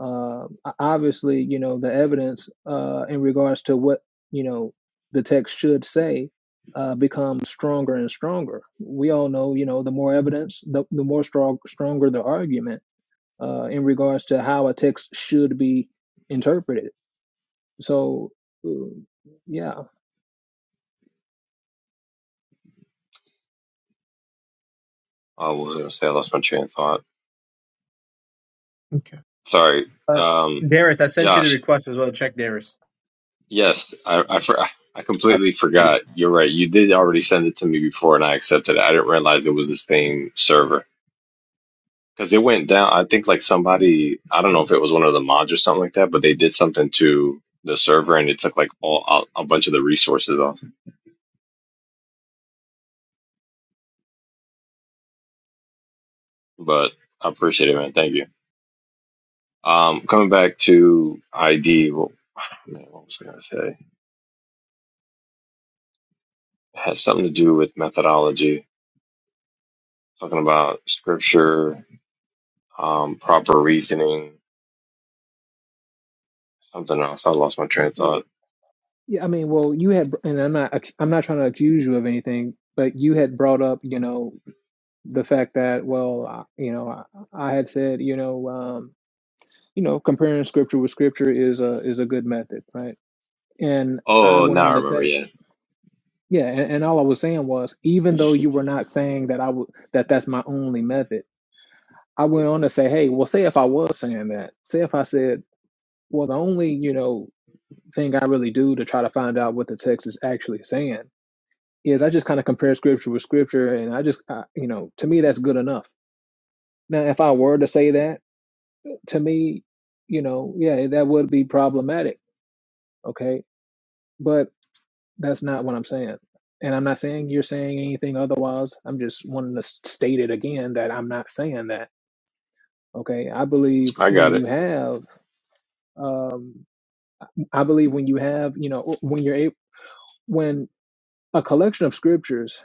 Uh, obviously, you know, the evidence uh, in regards to what, you know, the text should say uh, becomes stronger and stronger. We all know, you know, the more evidence, the, the more strong, stronger the argument uh, in regards to how a text should be interpreted. So, mm, yeah, I was gonna say I lost my train of thought. Okay. Sorry, Uh, um, Darius, I sent you the Josh. request as well. Check Darius. Yes, I I, for, I I completely forgot. You're right. You did already send it to me before, and I accepted it. I didn't realize it was the same server because it went down. I think like somebody, I don't know if it was one of the mods or something like that, but they did something to the server, and it took like all a, a bunch of the resources off. But I appreciate it, man. Thank you. Um, coming back to ID. Well, man, what was I gonna say? It has something to do with methodology. Talking about scripture um, proper reasoning, something else. I lost my train of thought. well, yeah, I mean, well, you had, and I'm not, I'm not trying to accuse you of anything, but you had brought up, you know, the fact that, well, I, you know, I, I had said, you know, um, you know, comparing scripture with scripture is a is a good method, right? And I Oh, went now I on to remember. say, Yeah, yeah, and, and all I was saying was, even though you were not saying that I would that that's my only method, I went on to say, hey, well, say if I was saying that, say if I said, well, the only you know thing I really do to try to find out what the text is actually saying is I just kind of compare scripture with scripture, and I just I, you know, to me that's good enough. Now, if I were to say that, to me, you know, yeah, that would be problematic, okay? But That's not what I'm saying. And I'm not saying you're saying anything otherwise. I'm just wanting to state it again that I'm not saying that. Okay. I believe I when got you it. have, um, I believe when you have, you know, when you're able, when a collection of scriptures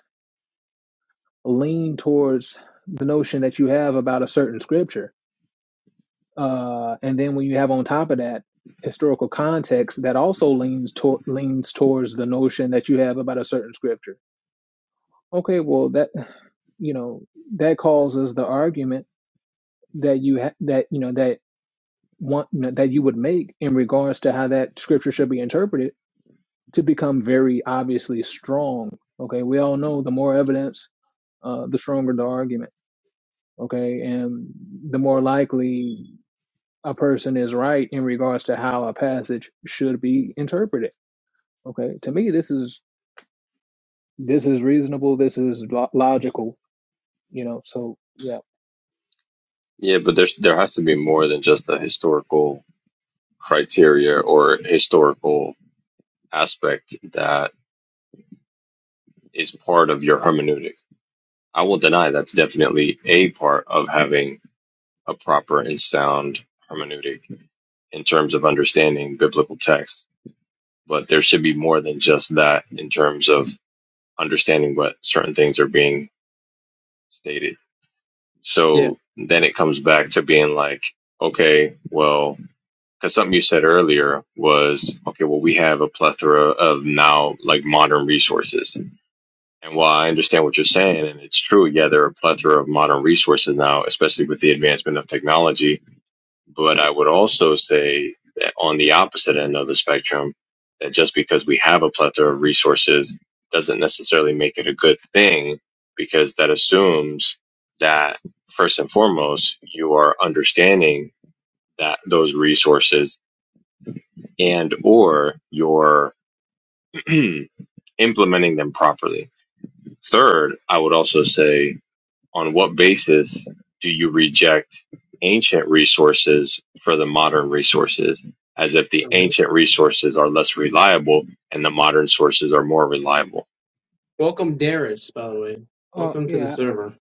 lean towards the notion that you have about a certain scripture, uh, and then when you have on top of that historical context that also leans to- leans towards the notion that you have about a certain scripture Okay, well that you know that causes the argument that you ha- that you know that one you know, that you would make in regards to how that scripture should be interpreted to become very obviously strong. Okay, we all know the more evidence, uh, the stronger the argument. Okay, and the more likely a person is right in regards to how a passage should be interpreted. Okay, to me this is this is reasonable. This is lo- logical. You know, so yeah, Yeah, but there's there has to be more than just a historical criteria or historical aspect that is part of your hermeneutic. I will deny that's definitely a part of having a proper and sound hermeneutic in terms of understanding biblical text. But there should be more than just that in terms of understanding what certain things are being stated Yeah. So then it comes back to being like, okay, well, because something you said earlier was, okay, well, we have a plethora of now like modern resources. And while I understand what you're saying, and it's true, yeah, there are a plethora of modern resources now, especially with the advancement of technology but I would also say that on the opposite end of the spectrum, that just because we have a plethora of resources doesn't necessarily make it a good thing because that assumes that first and foremost, you are understanding that those resources and or you're implementing them properly. Third, I would also say On what basis do you reject ancient resources for the modern resources, as if the Mhm. ancient resources are less reliable and the modern sources are more reliable? Welcome, Darius, by the way. uh, Welcome to the yeah. server.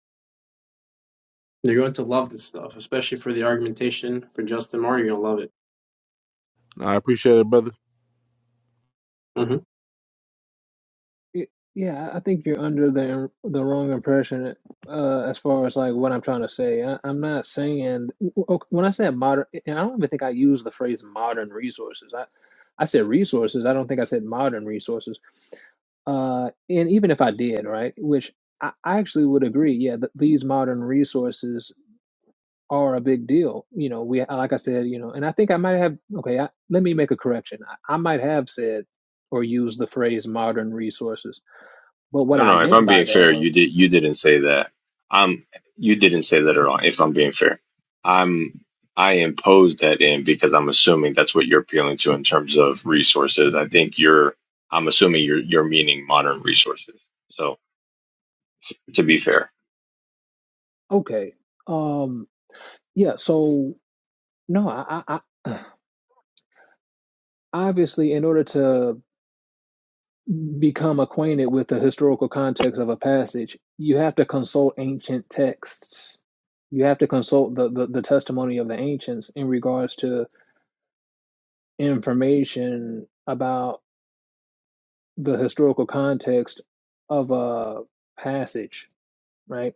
You're going to love this stuff, especially for the argumentation for Justin Martyr. You're going to love it. I appreciate it, brother. Mm-hmm. Y- Yeah, I think you're under the the wrong impression uh, as far as like what I'm trying to say. I, I'm not saying okay, when I said modern, and I don't even think I used the phrase modern resources. I I said resources. I don't think I said modern resources. Uh, and even if I did, right, which I, I actually would agree, yeah, that these modern resources are a big deal. You know, we like I said, you know, and I think I might have okay. I, let me make a correction. I, I might have said or used the phrase modern resources but what No, I no. If meant I'm by being that fair, was, you did you didn't say that. Um, you didn't say that at all. If I'm being fair, I'm I imposed that in because I'm assuming that's what you're appealing to in terms of resources. I think you're I'm assuming you're you're meaning modern resources. So to be fair. okay, um, yeah, so no, I, I, I obviously, in order to become acquainted with the historical context of a passage, you have to consult ancient texts. You have to consult the, the, the testimony of the ancients in regards to information about the historical context of a passage, right?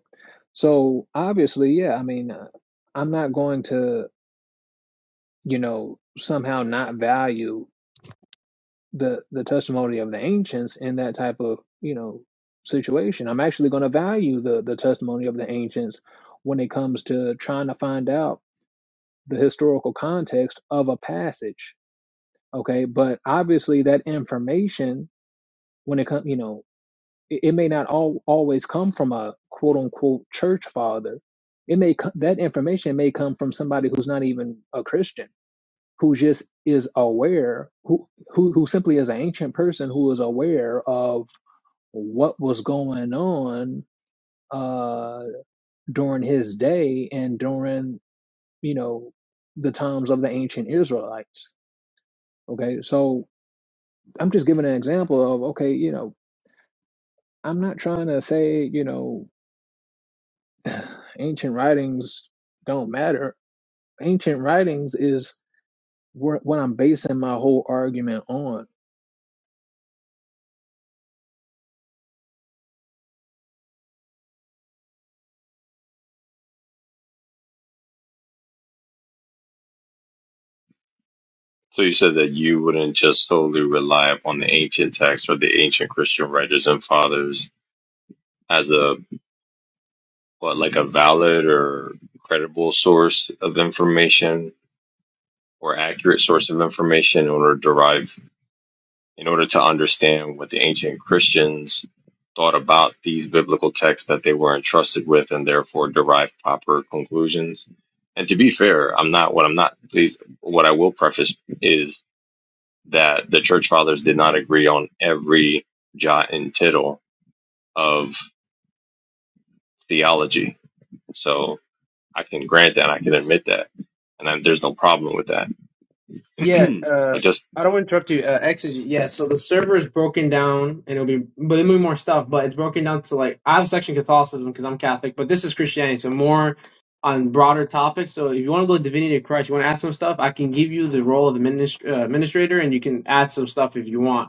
So obviously, yeah, I mean, I'm not going to. you know, somehow not value the the testimony of the ancients in that type of, you know, situation. I'm actually going to value the the testimony of the ancients when it comes to trying to find out the historical context of a passage. Okay, but obviously that information when it comes, you know, it, it may not all always come from a quote unquote church father. It may co- that information may come from somebody who's not even a Christian who just is aware, who, who, who simply is an ancient person who is aware of what was going on uh, during his day and during, you know, the times of the ancient Israelites. Okay, so I'm just giving an example of, okay, you know, I'm not trying to say, you know, ancient writings don't matter. Ancient writings is where- what I'm basing my whole argument on So you said that you wouldn't just solely rely upon the ancient texts or the ancient Christian writers and fathers as a what, like a valid or credible source of information or accurate source of information in order to derive in order to understand what the ancient Christians thought about these biblical texts that they were entrusted with and therefore derive proper conclusions. And to be fair, I'm not what I'm not please what I will preface is that the church fathers did not agree on every jot and tittle of theology. So I can grant that, I can admit that, and I, there's no problem with that. Yeah, uh, but just I don't want to interrupt you. Uh, Exegy, yeah, so the server is broken down and it'll be, but it'll be more stuff, but it's broken down to like, I have section Catholicism because I'm Catholic, but this is Christianity, so more on broader topics. So if you want to go to Divinity of Christ, you want to add some stuff, I can give you the role of the minist- uh, administrator and you can add some stuff if you want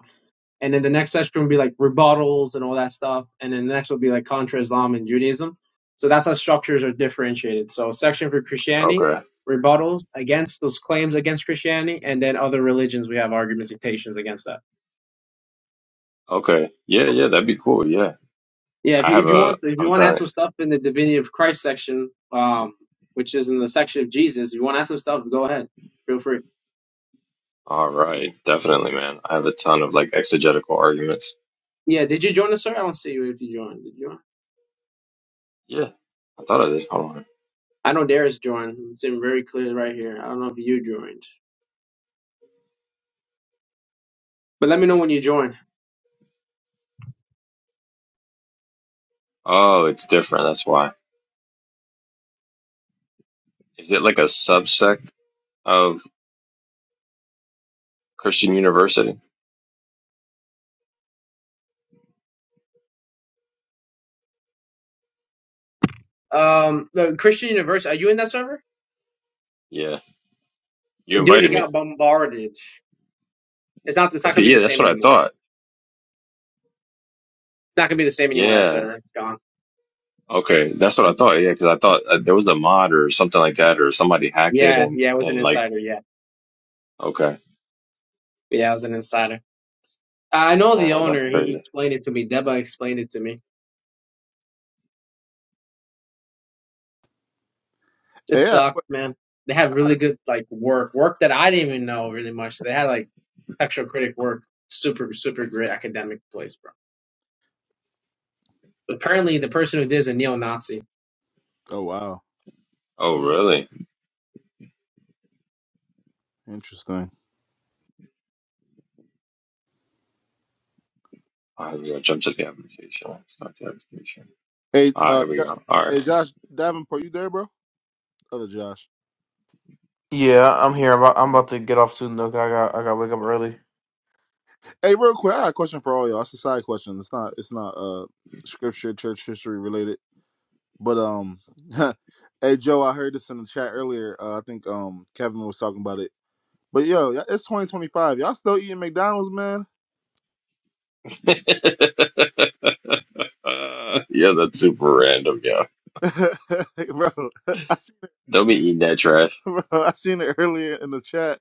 and then the next section will be like rebuttals and all that stuff, and then the next will be like contra Islam and Judaism. So that's how structures are differentiated. So section for Christianity, okay, rebuttals against those claims against Christianity, and then other religions we have arguments and citations against that. okay, yeah, yeah, that'd be cool. Yeah, Yeah, if I you, have if you a, want if you I'm want to add telling, some stuff in the divinity of Christ section, um, which is in the section of Jesus, if you want to add some stuff, go ahead, feel free. all right, definitely, man. I have a ton of like exegetical arguments. Yeah, did you join us, sir? I don't see you if you joined. Did you join? Yeah, I thought I did. Hold on. I know Darius joined. It's in very clear right here. I don't know if you joined, but let me know when you join. Oh, it's different. That's why. Is it like a subsect of Christian University? Um, the Christian University. Are you in that server? Yeah, you Dude, it invited me. got bombarded. It's not. It's not Okay, gonna be the yeah, that's same what I anymore. thought. It's not gonna be the same anymore. That Yeah. server gone. Okay, that's what I thought. Yeah, because I thought uh, there was a mod or something like that, or somebody hacked it Yeah, and yeah. I was an and like insider. Yeah, okay, yeah. I was an insider. I know the dang, that's owner. He crazy. explained it to me. Deba explained it to me. It Yeah. sucked, I got- a que- man. They had I got really a- good like work, work that I didn't even know really much. They had like extra critic work, super super great academic place, bro. Apparently, the person who did is a neo-Nazi. Oh wow, Oh, really? interesting. All right, we go. Jump to the application. Start the application. Hey, All right, uh, here we Jo- go. All right. hey, Josh Davenport, you there, bro? Other Josh. Yeah, I'm here. I'm about, I'm about to get off soon, though. 'cause I got, I got to wake up early. Hey, real quick, I got a question for all y'all. It's a side question. It's not. It's not uh scripture, church history related. But um, hey Joe, I heard this in the chat earlier. Uh, I think um Kevin was talking about it. But yo, y- it's 2025. Y'all still eating McDonald's, man? uh, yeah, that's super random. Yeah, bro, I seen, don't be eating that trash. bro, I seen it earlier in the chat.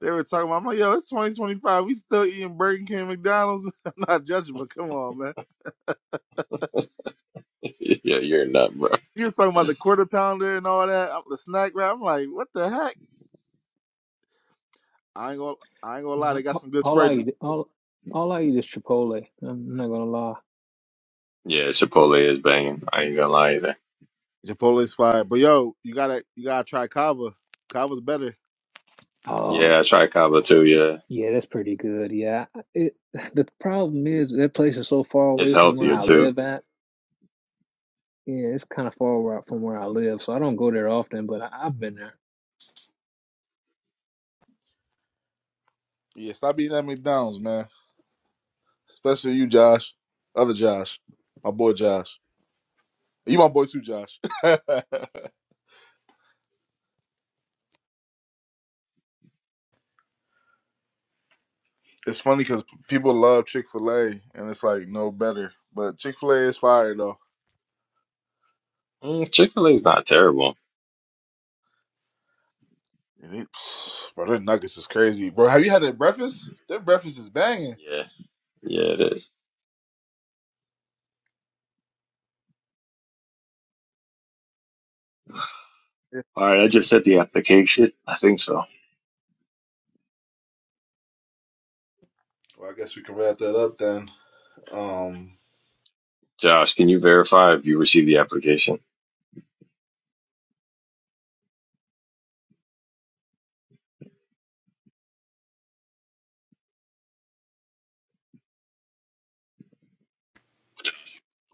They were talking about. I'm like, yo, it's 2025. We still eating Burger King, and McDonald's. I'm not judging, but come on, man. yeah, you're a nut, bro. He was talking about the quarter pounder and all that, uh, the snack wrap. I'm like, what the heck? I ain't gonna, I ain't gonna lie. Yeah, They got all some good all Sprite. I eat, all all I eat is Chipotle. I'm not gonna lie. Yeah, Chipotle is banging. I ain't gonna lie either. Chipotle's fire, but yo, you gotta, you gotta try cava. Cava's better. Oh, Yeah, I try Cabo too. Yeah, yeah, that's pretty good. Yeah, it, the problem is that place is so far it's away from where healthier I too. live at. Yeah, it's kind of far wa- from where I live, so I don't go there often. But I, I've been there. Yeah, stop eating at McDonald's, man. Especially you, Josh. Other Josh. My boy Josh. You my boy too, Josh. it's funny because people love Chick fil A and it's like no better. But Chick fil A is fire though. Mm, Chick Fil A is not terrible. And it, psh, bro, their nuggets is crazy. Bro, have you had their breakfast? Their breakfast is banging. Yeah, yeah, it is. All right, I just sent the application. I think so. Well, I guess we can wrap that up then. Um, Josh, can you verify if you received the application?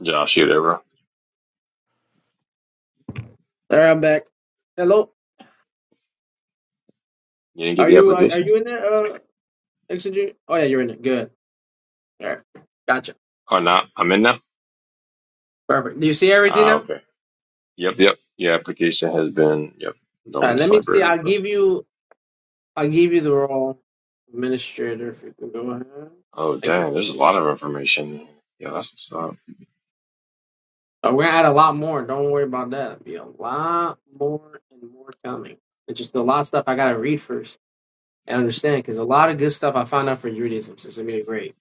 Josh, you ever? All right, I'm back. Hello. You didn't get Are the you are, are application? you in there? Uh, Exegete? Oh yeah, you're in it. Good. All right. Gotcha. Oh, not. I'm in now? Perfect. Do you see everything Ah, now? okay. Yep, yep. Your application has been, yep, All right. Let Dominus me see. Library I'll request. give you. I'll give you the role administrator if you can go ahead. Oh, Thank you. dang, there's a Uh, lot of information. Yo, that's what's up. we're gonna add a lot more. Don't worry about that. It'll be a lot more and more coming. It's just a lot of stuff I gotta read first and understand because a lot of good stuff I found out for Judaism. So it's gonna be great.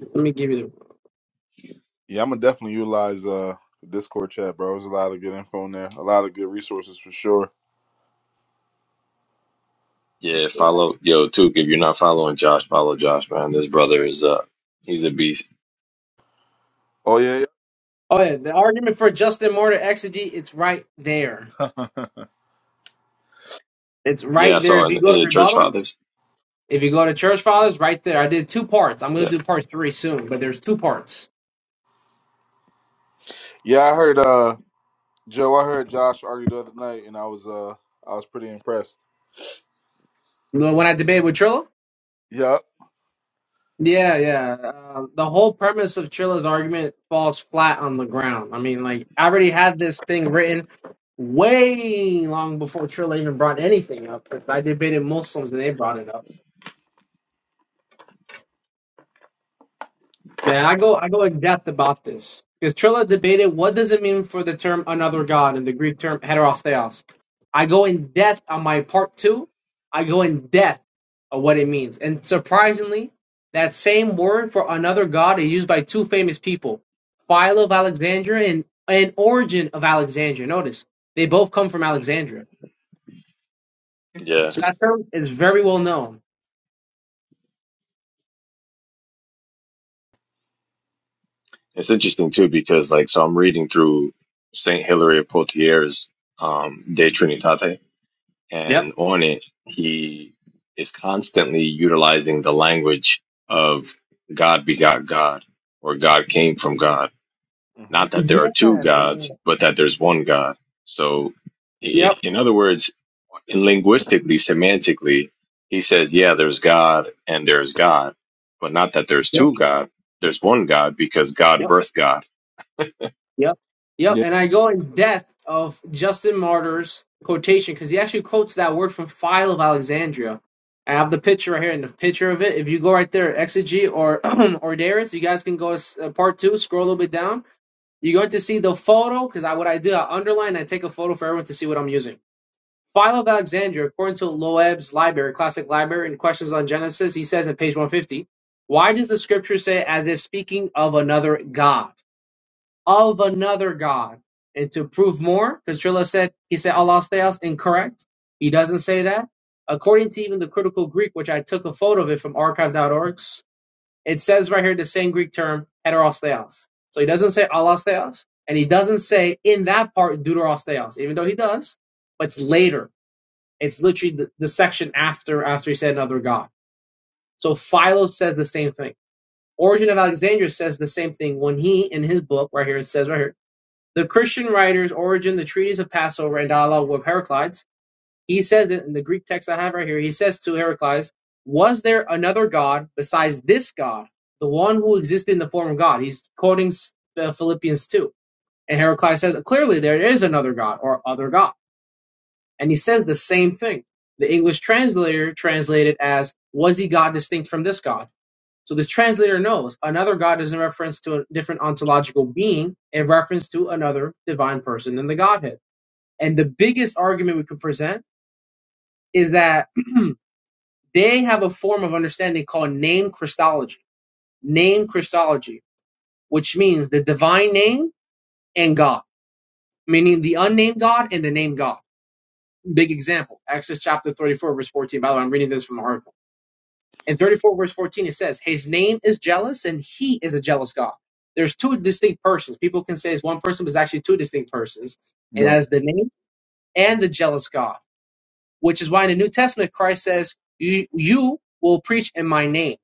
Let me give you yeah, I'm gonna definitely utilize uh Discord chat, bro. There's a lot of good info in there, a lot of good resources for sure. Yeah, the. Yeah. follow, yo, Took, if you're not following Josh, follow Josh, man. This brother is, uh, he's a beast. Oh yeah, Oh yeah. The argument for just and more exegete. It's right there. yeah. It's Yeah, I right there. saw If in, you go in to the church rebuttals. fathers. If you go to Church Fathers, right there, I did two parts. I'm going Yeah. to do part three soon, but there's two parts. yeah, I heard uh Joe. I heard Josh argue the other night, and I was uh I was pretty impressed. You know, when I debate with Trilla? Yep. Yeah, yeah. Um, the whole premise of Trilla's argument falls flat on the ground. I mean, like, I already had this thing written way long before Trilla even brought anything up. Because I debated Muslims and they brought it up. Man, I go I go in depth about this because Trilla debated what does it mean for the term another god in the Greek term heteros theos. I go in depth on my part two. I go in depth of what it means, and surprisingly, that same word for another god is used by two famous people, Philo of Alexandria and and Origin of Alexandria. Notice they both come from hmm Alexandria, Yeah. so that term is very well known. It's interesting too because like so I'm reading through Saint Hilary of Poitiers' um, De Trinitate, Yep. and on it he is constantly utilizing the language of God begot God or God came from God. hmm Not that there Yeah. are two yeah. gods, but that there's one God. So, i Yep. in other words, linguistically, semantically, he says, yeah, there's God and there's God, but not that there's Yep. two God. There's one God because God birthed God Yep. Yep. Yeah. And I go in depth of Justin Martyr's quotation because he actually quotes that word from File of Alexandria. I have the picture right here and the picture of it. If you go right there, Exegete or or Darius, you guys can go to uh, part two, scroll a little bit down. You're going to see the photo because I what I do, I underline, and I take a photo for everyone to see what I'm using. File of Alexandria, according to Loeb's library, classic library, and questions on Genesis, he says in page 150, why does the scripture say as if speaking of another God? of another God. And to prove more, because Trilla said he said Allah Theos incorrect. He doesn't say that. According to even the critical Greek, which I took a photo of it from archive.org, it says right here the same Greek term, heteros theos. So he doesn't say Allah Theos, and he doesn't say in that part deuteros theos, even though he does, but it's later. It's literally the, the section after after he said another God. So Philo says the same thing. Origin of Alexandria says the same thing when he in his book right here it says right here the Christian writers origin the treatise of Passover and dialogue with Heraclides. He says in the Greek text I have right here. He says to Heraclides, "Was there another God besides this God, the one who existed in the form of God?" He's quoting S- uh, Philippians two, and Heraclides says, "Clearly there is another God or other God," and he says the same thing. The English translator translated as, "Was he God distinct from this God?" So this translator knows another God is in reference to a different ontological being in reference to another divine person in the Godhead. And the biggest argument we could present is that they have a form of understanding called name Christology. Name Christology, which means the divine name and God, meaning the unnamed God and the name God. Big example, Exodus chapter 34, verse 14. By the way, I'm reading this from the article. In 34 verse 14, it says, His name is jealous and he is a jealous God. There's two distinct persons. People can say it's one person, but it's actually two distinct persons. And that Right. is the name and the jealous God, which is why in the New Testament, Christ says, You, you will preach in my name.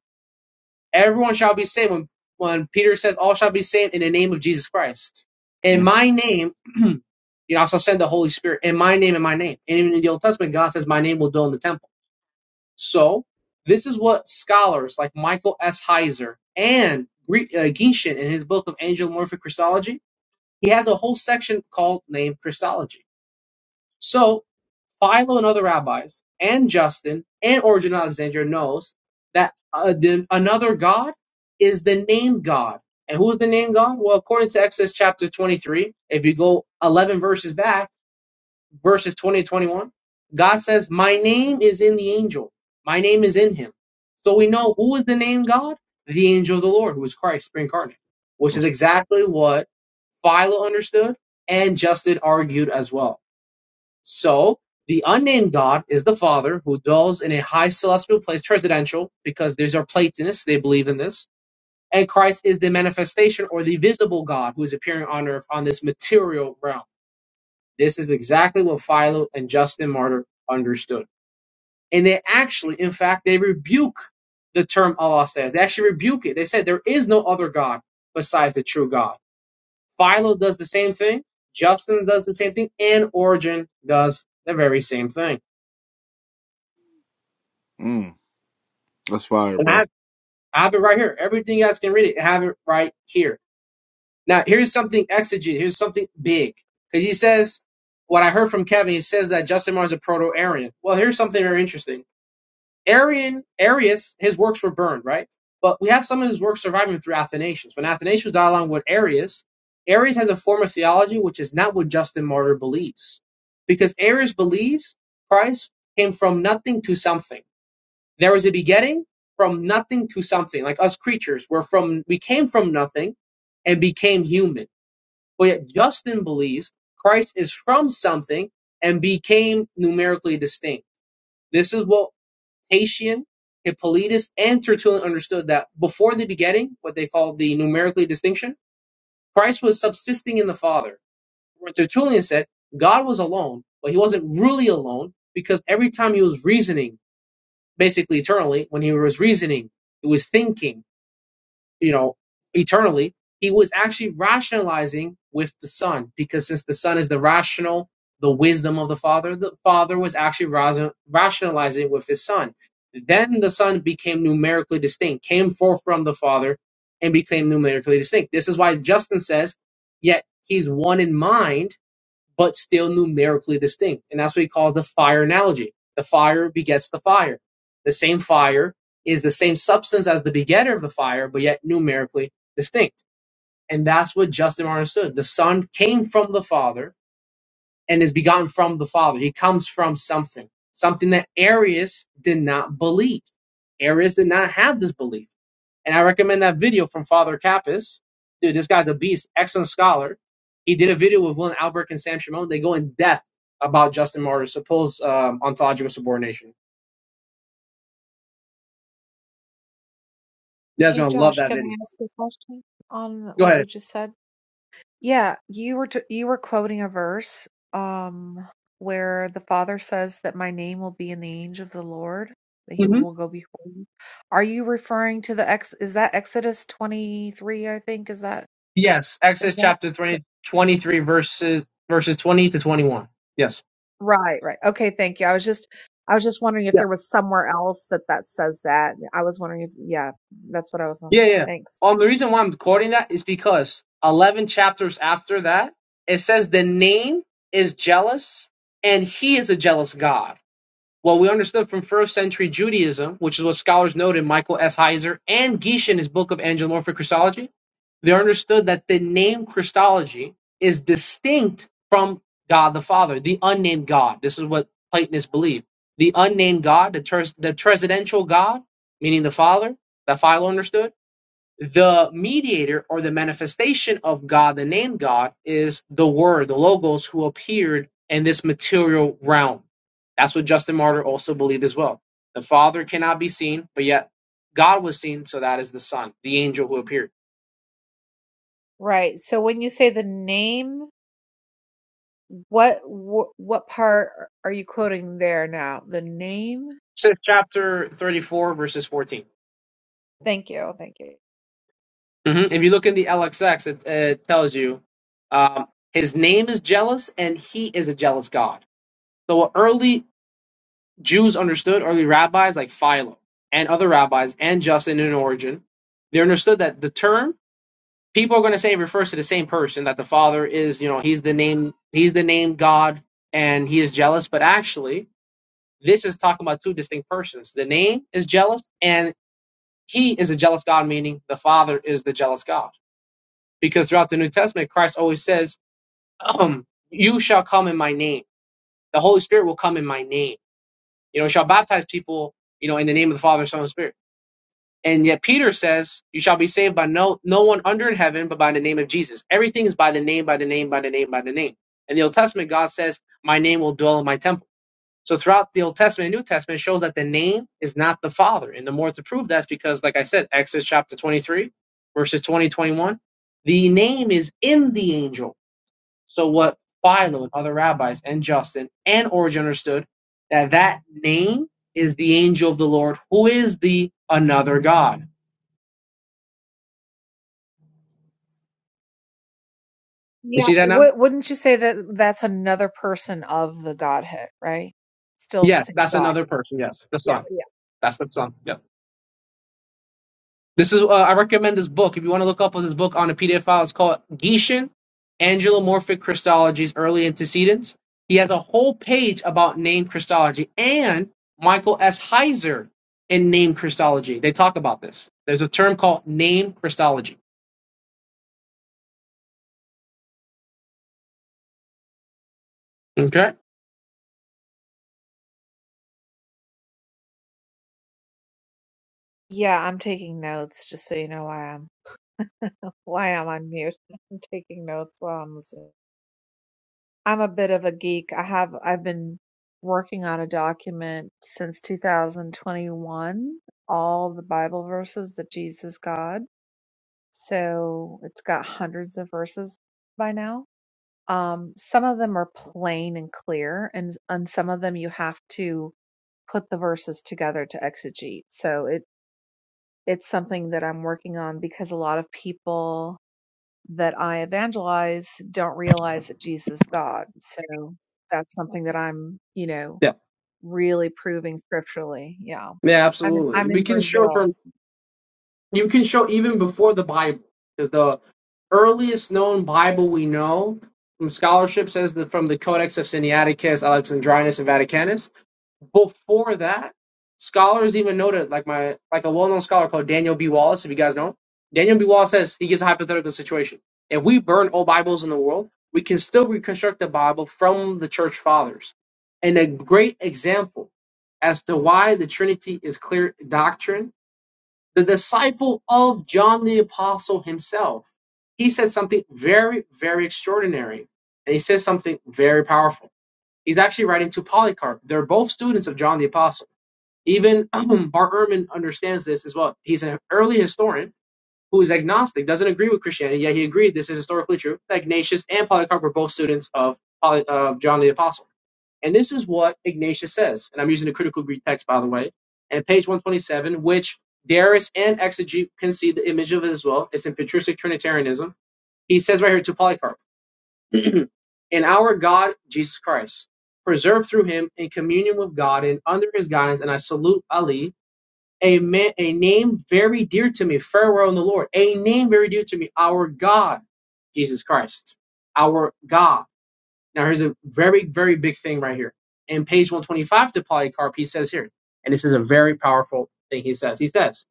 Everyone shall be saved. When, when Peter says, All shall be saved in the name of Jesus Christ. In mm my name, you know, I shall send the Holy Spirit. In my name, in my name. And even in the Old Testament, God says, My name will dwell in the temple. So this is what scholars like Michael S. Heiser and Gre- uh, Genshin in his book of angelomorphic Christology, he has a whole section called named Christology. So Philo and other rabbis and Justin and Origen of Alexandria knows that uh, the, another God is the name God. And who is the name God? Well, according to Exodus chapter 23, if you go 11 verses back, verses 20 to 21, God says, My name is in the angel. My name is in him. So we know who is the name God? The angel of the Lord, who is Christ incarnate, which is That's, exactly what Philo understood and Justin argued as well. So the unnamed God is the Father who dwells in a high celestial place, presidential, because these are Platonists, they believe in this. And Christ is the manifestation or the visible God who is appearing on earth on this material realm. This is exactly what Philo and Justin Martyr understood. And they actually, in fact, they rebuke the term Allah says. They actually rebuke it. They said there is no other God besides the true God. Philo does the same thing. Justin does the same thing. And Origin does the very same thing. mm, that's fire, And bro. I, have, I have it right here. Everything else can read it. I have it right here. Now, here's something exegete. Here's something big. Because he says, what I heard from Kevin, he says that Justin Martyr is a proto-Aryan. Well, here's something very interesting Arian, Arius, his works were burned, right? But we have some of his works surviving through Athanasius. When Athanasius was dialoguing with Arius, Arius has a form of theology which is not what Justin Martyr believes. Because Arius believes Christ came from nothing to something. There was a begetting from nothing to something. Like us creatures, we're from, we came from nothing and became human. But yet Justin believes Christ is from something and became numerically distinct. This is what Tatian, Hippolytus, and Tertullian understood that before the begetting, what they call the numerically distinction, Christ was subsisting in the Father. Where Tertullian said God was alone, but he wasn't really alone because every time he was reasoning, basically eternally, when he was reasoning, he was thinking you know, eternally, he was actually rationalizing with the Son, because since the Son is the rational, the wisdom of the Father, the Father was actually ras- rationalizing with his Son. Then the Son became numerically distinct, came forth from the Father, and became numerically distinct. This is why Justin says, yet he's one in mind but still numerically distinct. And that's what he calls the fire analogy. The fire begets the fire. The same fire is the same substance as the begetter of the fire, but yet numerically distinct. And that's what Justin Martyr understood. The Son came from the Father and is begotten from the Father. He comes from something, something that Arius did not believe. Arius did not have this belief. And I recommend that video from Father Kappas. Dude, this guy's a beast, excellent scholar. He did a video with Willem Albrecht and Sam Shimon. They go in depth about Justin Martyr's supposed um, ontological subordination. You guys are Hey going to love Josh, that can video. I ask a question on Go what you ahead. just said? Yeah, you were t you were quoting a verse um where the Father says that my name will be in the angel of the Lord, that he hmm will go before you. Are you referring to the ex is that Exodus 23, I think? Is that Yes, is Exodus that chapter 20, 23, verses, verses 20 to 21. Yes. right, right. Okay, thank you. I was just I was just wondering if Yeah. there was somewhere else that that says that. I was wondering if yeah, that's what I was Yeah, wondering. yeah. Thanks. Um, the reason why I'm quoting that is because 11 chapters after that, it says the name is jealous and he is a jealous God. Well, we understood from first century Judaism, which is what scholars noted, Michael S. Heiser and Gish in his book of Angelomorphic Christology, they understood that the name Christology is distinct from God the Father, the unnamed God. This is what Platonists believe. The unnamed God, the, tres- the transcendental God, meaning the Father, that Philo understood, the mediator or the manifestation of God, the name God, is the Word, the Logos, who appeared in this material realm. That's what Justin Martyr also believed as well. The Father cannot be seen, but yet God was seen, so that is the Son, the angel who appeared. Right. So when you say the name What wh- what part are you quoting there now? The name? Says chapter 34, verses 14. Thank you. Thank you. Mhm. If you look in the LXX, it, it tells you um, his name is jealous and he is a jealous God. So an early Jews understood early rabbis like Philo and other rabbis and Justin and Origen. They understood that the term people are going to say it refers to the same person that the Father is, you know, he's the name, he's the name God, and he is jealous. But actually, this is talking about two distinct persons. The name is jealous, and he is a jealous God, meaning the Father is the jealous God. Because throughout the New Testament, Christ always says, um, "You shall come in my name. The Holy Spirit will come in my name. You know, shall baptize people, you know, in the name of the Father, Son, and Spirit." And yet Peter says, "You shall be saved by no no one under heaven, but by the name of Jesus. Everything is by the name, by the name, by the name, by the name." In the Old Testament, God says, "My name will dwell in my temple." So throughout the Old Testament and New Testament, it shows that the name is not the Father. And the more to prove that's because, like I said, Exodus chapter 23, verses 20 21, the name is in the angel. So what Philo and other rabbis and Justin and Origen understood that that name is the angel of the Lord, who is the another God You Yeah, see that now? wou- wouldn't you say that that's another person of the Godhead, right? Still the Yes, same that's God. another person. Yes, the Yeah, son. yeah. That's the son. Yep. This is. Uh, I recommend this book. If you want to look up this book on a PDF file, it's called Gieschen, Angelomorphic Christologies, Early Antecedents. He has a whole page about name Christology and Michael S. Heiser in name Christology. They talk about this. There's a term called name Christology. Okay. Yeah, I'm taking notes just so you know why I'm why I'm on mute. I'm taking notes while I'm listening. I'm a bit of a geek. I have I've been working on a document since 2021, all the Bible verses that Jesus God. So it's got hundreds of verses by now. Um, some of them are plain and clear, and and some of them you have to put the verses together to exegete. So it it's something that I'm working on because a lot of people that I evangelize don't realize that Jesus is God. So that's something that I'm, you know, Yeah. really proving scripturally. Yeah. Yeah, I'm in, absolutely. I'm We in can show Brazil. from. You can show even before the Bible, because the earliest known Bible we know from scholarship says that from the Codex of Sinaiticus, Alexandrinus, and Vaticanus. Before that, scholars even noted, like my like a well-known scholar called Daniel B. Wallace, if you guys know, him, Daniel B. Wallace says he gives a hypothetical situation. If we burn all Bibles in the world, we can still reconstruct the Bible from the church fathers. And a great example as to why the Trinity is clear doctrine the disciple of John the Apostle himself, he said something very, very extraordinary. And he says something very powerful. He's actually writing to Polycarp. They're both students of John the Apostle. Even um, Bart Ehrman understands this as well. He's an early historian who is agnostic, doesn't agree with Christianity, yet he agrees this is historically true. Ignatius and Polycarp were both students of Poly, of John the Apostle. And this is what Ignatius says. And I'm using the critical Greek text, by the way. And page 127, which Darius and Exegete can see the image of it as well. It's in patristic Trinitarianism. He says right here to Polycarp, in our God, Jesus Christ, preserved through him in communion with God and under his guidance, and I salute Ali, a man, a name very dear to me, farewell in the Lord, a name very dear to me, our God, Jesus Christ, our God. Now, here's a very, very big thing right here. In page 125 to Polycarp, he says here, and this is a very powerful thing he says. He says,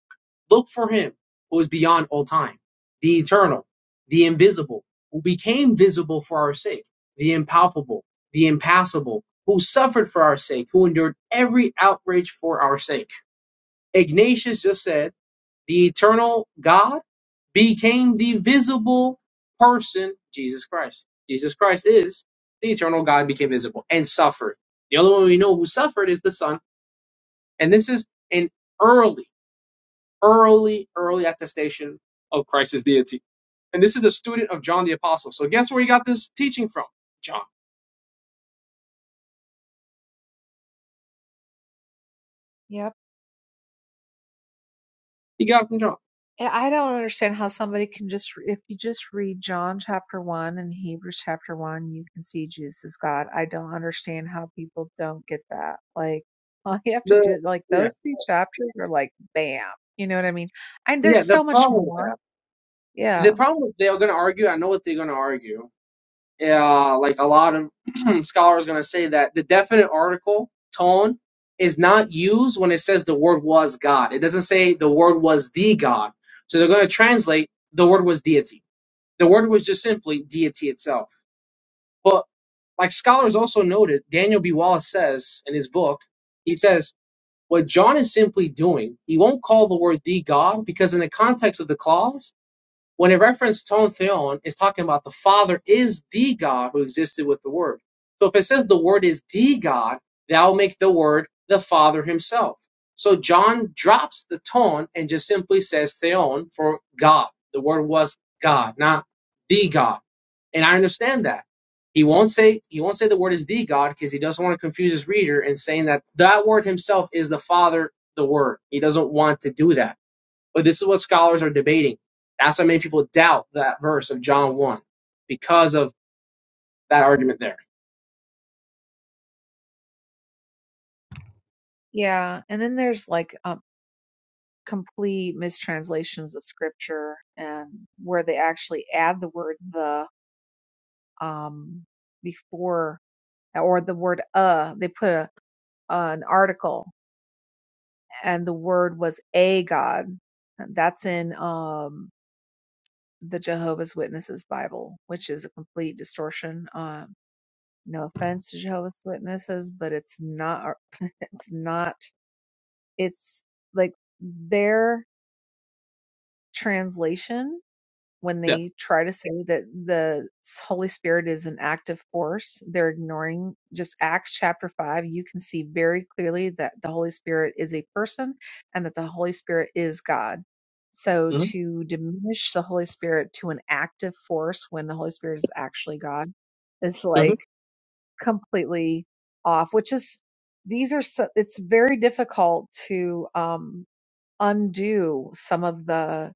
Look for him who is beyond all time, the eternal, the invisible, who became visible for our sake, the impalpable, the impassible, who suffered for our sake, who endured every outrage for our sake. Ignatius just said, the eternal God became the visible person, Jesus Christ. Jesus Christ is the eternal God became visible and suffered. The only one we know who suffered is the Son. And this is an early, early, early attestation of Christ's deity. And this is a student of John the Apostle. So guess where he got this teaching from? John. Yep. He got it from John. And I don't understand how somebody can just, if you just read John chapter 1 and Hebrews chapter 1, you can see Jesus is God. I don't understand how people don't get that. Like, all you have to The do, like, yeah. those two chapters are like, bam. You know what I mean? And there's Yeah, the so much problem with more. that. Yeah. The problem with they're gonna argue, I know what they're gonna argue uh, like a lot of scholars going to say that the definite article tone is not used when it says the word was God. It doesn't say the word was the God. So they're going to translate the word was deity. The word was just simply deity itself. But like scholars also noted, Daniel B. Wallace says in his book, he says, what John is simply doing, he won't call the word the God because in the context of the clause, when it references ton theon, it's talking about the Father is the God who existed with the Word. So if it says the Word is the God, that'll make the Word the Father himself. So John drops the tone and just simply says theon for God. The word was God, not the God. And I understand that. He won't say he won't say the word is the God because he doesn't want to confuse his reader in saying that that word himself is the Father, the Word. He doesn't want to do that. But this is what scholars are debating. That's why many people doubt that verse of John 1 because of that argument there. Yeah. And then there's like um, complete mistranslations of scripture and where they actually add the word the um, before or the word uh, they put a, uh, an article and the word was a God. That's in um, the Jehovah's Witnesses Bible, which is a complete distortion. Um, no offense to Jehovah's Witnesses, but it's not. It's not. It's like their translation when Yeah. they try to say that the Holy Spirit is an active force, they're ignoring just Acts chapter 5. You can see very clearly that the Holy Spirit is a person and that the Holy Spirit is God. So Mm-hmm. to diminish the Holy Spirit to an active force when the Holy Spirit is actually God is Mm-hmm. like completely off, which is these are so, it's very difficult to um undo some of the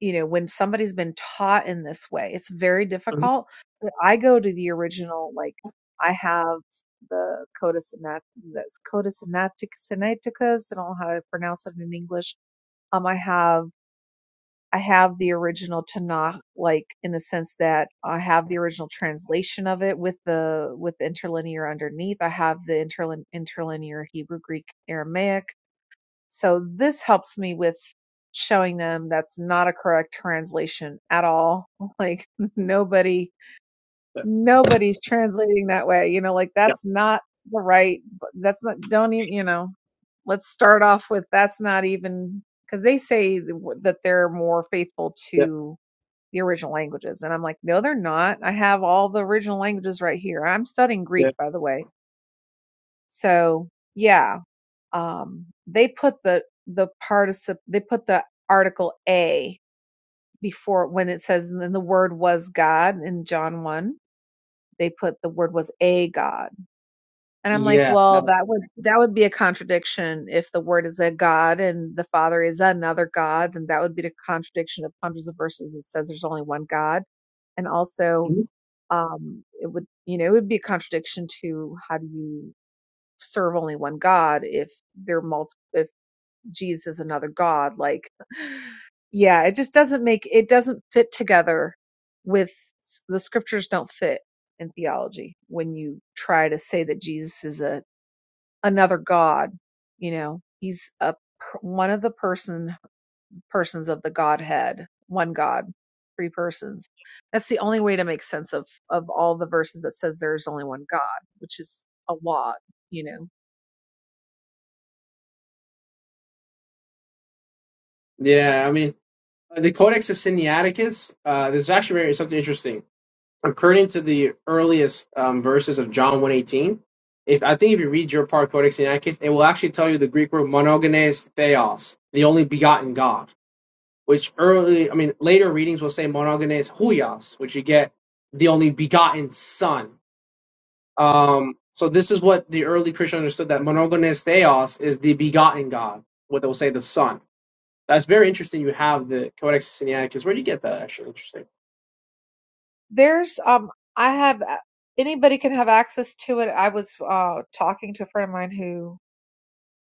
you know, when somebody's been taught in this way, it's very Mm-hmm. difficult. But I go to the original, like I have the Coda Sinat, that's Coda Sinatic, Sinaiticus. I don't know how to pronounce it in English. Um, I have I have the original Tanakh, like in the sense that I have the original translation of it with the with the interlinear underneath. I have the interlin, interlinear Hebrew, Greek, Aramaic. So this helps me with showing them that's not a correct translation at all. Like nobody nobody's translating that way. You know, like Yeah. that's not the right that's not don't even, you know, let's start off with that's not even cuz they say that they're more faithful Yeah. to the original languages and I'm like, "No, they're not. I have all the original languages right here. I'm studying Greek, Yeah. by the way." So, yeah, um, they put the the particip they put the article a before when it says and then the word was god in john 1 they put the word was a god and i'm like Yeah. well that would Absolutely. that would be a contradiction if the word is a god and the father is another god then that would be the contradiction of hundreds of verses that says there's only one god and also Mhm. um it would you know it would be a contradiction to how do you serve only one god if there are multiple if Jesus is another god. Like, yeah, it just doesn't make it doesn't fit together with the scriptures don't fit in theology when you try to say that Jesus is a another god, you know. He's a one of the person persons of the godhead, one god, three persons. That's the only way to make sense of of all the verses that says there's only one god, which is a lot, you know Yeah. I mean, uh, the Codex of Sinaiticus, uh, there's actually very, something interesting. According to the earliest um, verses of John 118, if I think if you read your part Codex Sinaiticus, it will actually tell you the Greek word monogenes theos, the only begotten God. which early, I mean, later readings will say monogenes huios, which you get the only begotten son. Um, so this is what the early Christian understood that monogenes theos is the begotten God, what they'll say the son. That's very interesting. You have the Codex Sinaiticus. Where do you get that? Actually, interesting. There's um I have a- anybody can have access to it. I was uh talking to a friend of mine who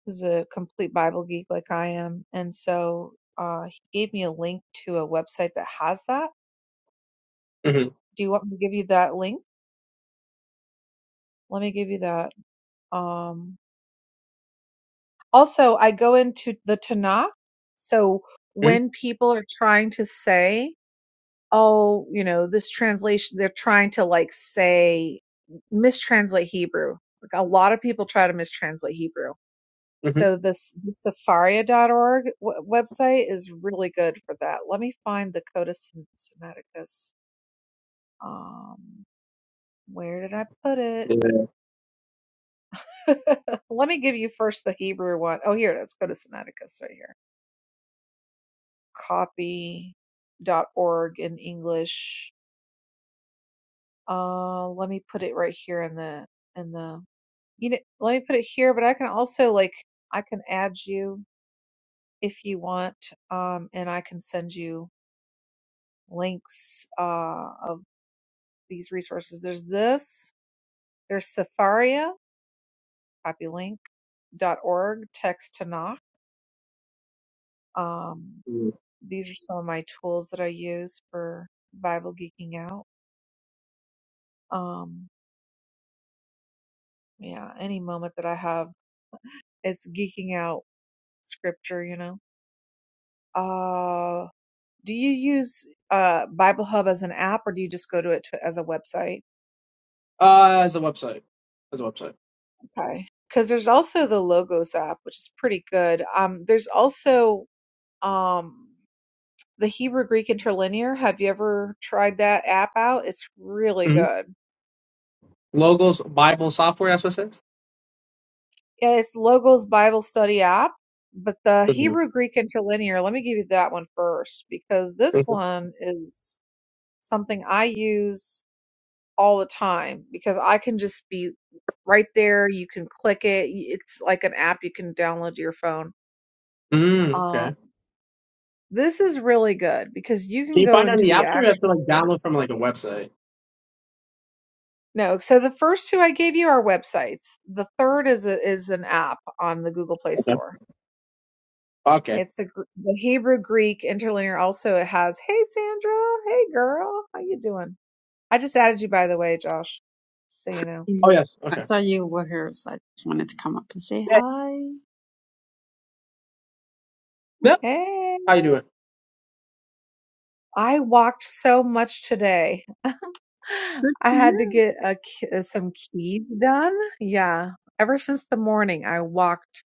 is a complete Bible geek like I am, and so uh he gave me a link to a website that has that. Mm-hmm. Do you want me to give you that link? Let me give you that. Um also I go into the Tanakh. So when people are trying to say oh, you know, this translation, they're trying to like say, mistranslate Hebrew. Like a lot of people try to mistranslate Hebrew. Mm-hmm. Mm-hmm. So this the Safaria.org w- website is really good for that. Let me find the Codex Sinaiticus. Um, where did I put it? Yeah. Let me give you first the Hebrew one. Oh, here it is. Codex Sinaiticus right here. Copy dot org in English. Uh, let me put it right here in the in the you know, let me put it here, but I can also like I can add you if you want, um, and I can send you links uh, of these resources. There's this. There's Safaria, Copylink. dot Org text to knock. Um, Mhm. these are some of my tools that I use for Bible geeking out. Um, yeah, any moment that I have, it's geeking out scripture, you know. Uh, Do you use uh, Bible Hub as an app or do you just go to it to, as a website? Uh, as a website, as a website. Okay. Because there's also the Logos app, which is pretty good. Um, there's also um, the Hebrew Greek Interlinear. Have you ever tried that app out? It's really hmm good. Logos Bible software. That's what it says. Yeah, it's Logos Bible Study app, but the hmm Hebrew Greek Interlinear, let me give you that one first because this one is something I use all the time because I can just be right there. You can click it. y- It's like an app you can download to your phone. Mm, Um, okay. this is really good because you Can can you go find it on into the the app store? Or you have to like actual work. download from like a website. No, so the first two I gave you are websites. The third is a, is an app on the Google Play Okay. Store. Okay. It's the Gr- the Hebrew Greek interlinear. Also, it has Hey Sandra, Hey girl, how you doing? I just added you by the way, Josh, just so you know. Oh Mm. yes. I Okay. saw you were here, so I just wanted to come up and say Yeah. hi. Yep. Hey, How you doing? I walked so much today. Good I for had to you. get a, k- uh, some keys done. Yeah. Ever since the morning, I walked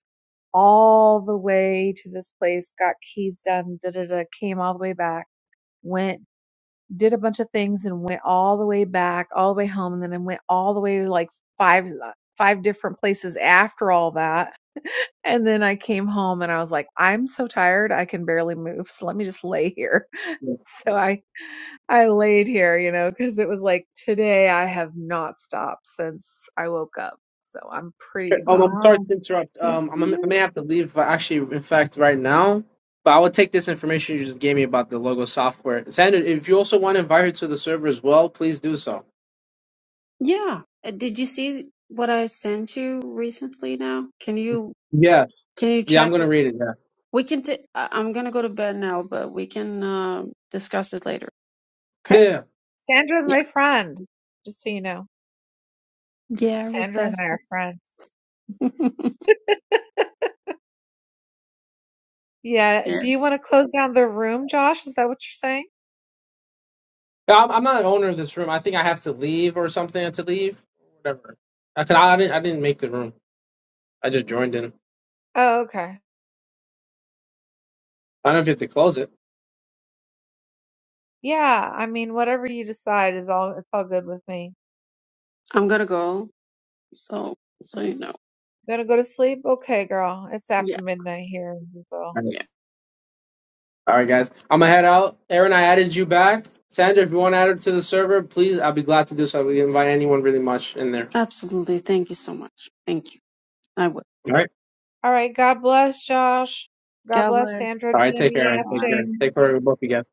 all the way to this place, got keys done, da da da, came all the way back, went, did a bunch of things and went all the way back, all the way home. And then I went all the way to like five, uh, five different places after all that. And then I came home and I was like, I'm so tired. I can barely move. So let me just lay here. yeah. So I I laid here, you know, because it was like today I have not stopped since I woke up. So I'm pretty Okay, Um, I'm exhausted. sorry to Wow. interrupt. Good Um, for I'm, I you. may have to leave. uh, Actually, in fact, right now. But I would take this information you just gave me about the logo software. Sandra, if you also want to invite her to the server as well, please do so. Yeah. Uh, Did you see what I sent you recently now? Can you Yeah, can you Yeah, I'm check? gonna read it. Yeah. We can t- I- I'm gonna go to bed now, but we can um discuss it later. Okay? Yeah. yeah. Sandra's Yeah. my friend, just so you know. Yeah, we're Sandra and I are besties. friends. Yeah. yeah. Do you want to close down the room, Josh? Is that what you're saying? Yeah, I'm, I'm not an owner of this room. I think I have to leave or something to leave. Whatever. I, can, I didn't. I didn't make the room. I just joined in. Oh, okay. I don't know if you have to close it. Yeah. I mean, whatever you decide is all, it's all good with me. I'm gonna go. So so you know. Gonna go to sleep? Okay, girl. It's after Yeah, midnight here in Brazil. yeah. All right, guys. I'm gonna head out. Aaron, I added you back. Sandra, if you want to add her to the server, please. I'll be glad to do so. We invite anyone really much in there. Absolutely. Thank you so much. Thank you. I will. All right. All right. God bless, Josh. God God bless bless. Sandra, All right. Take care, Jimmy, Aaron. Take FJ. care. Bye. Take care, of both of you guys.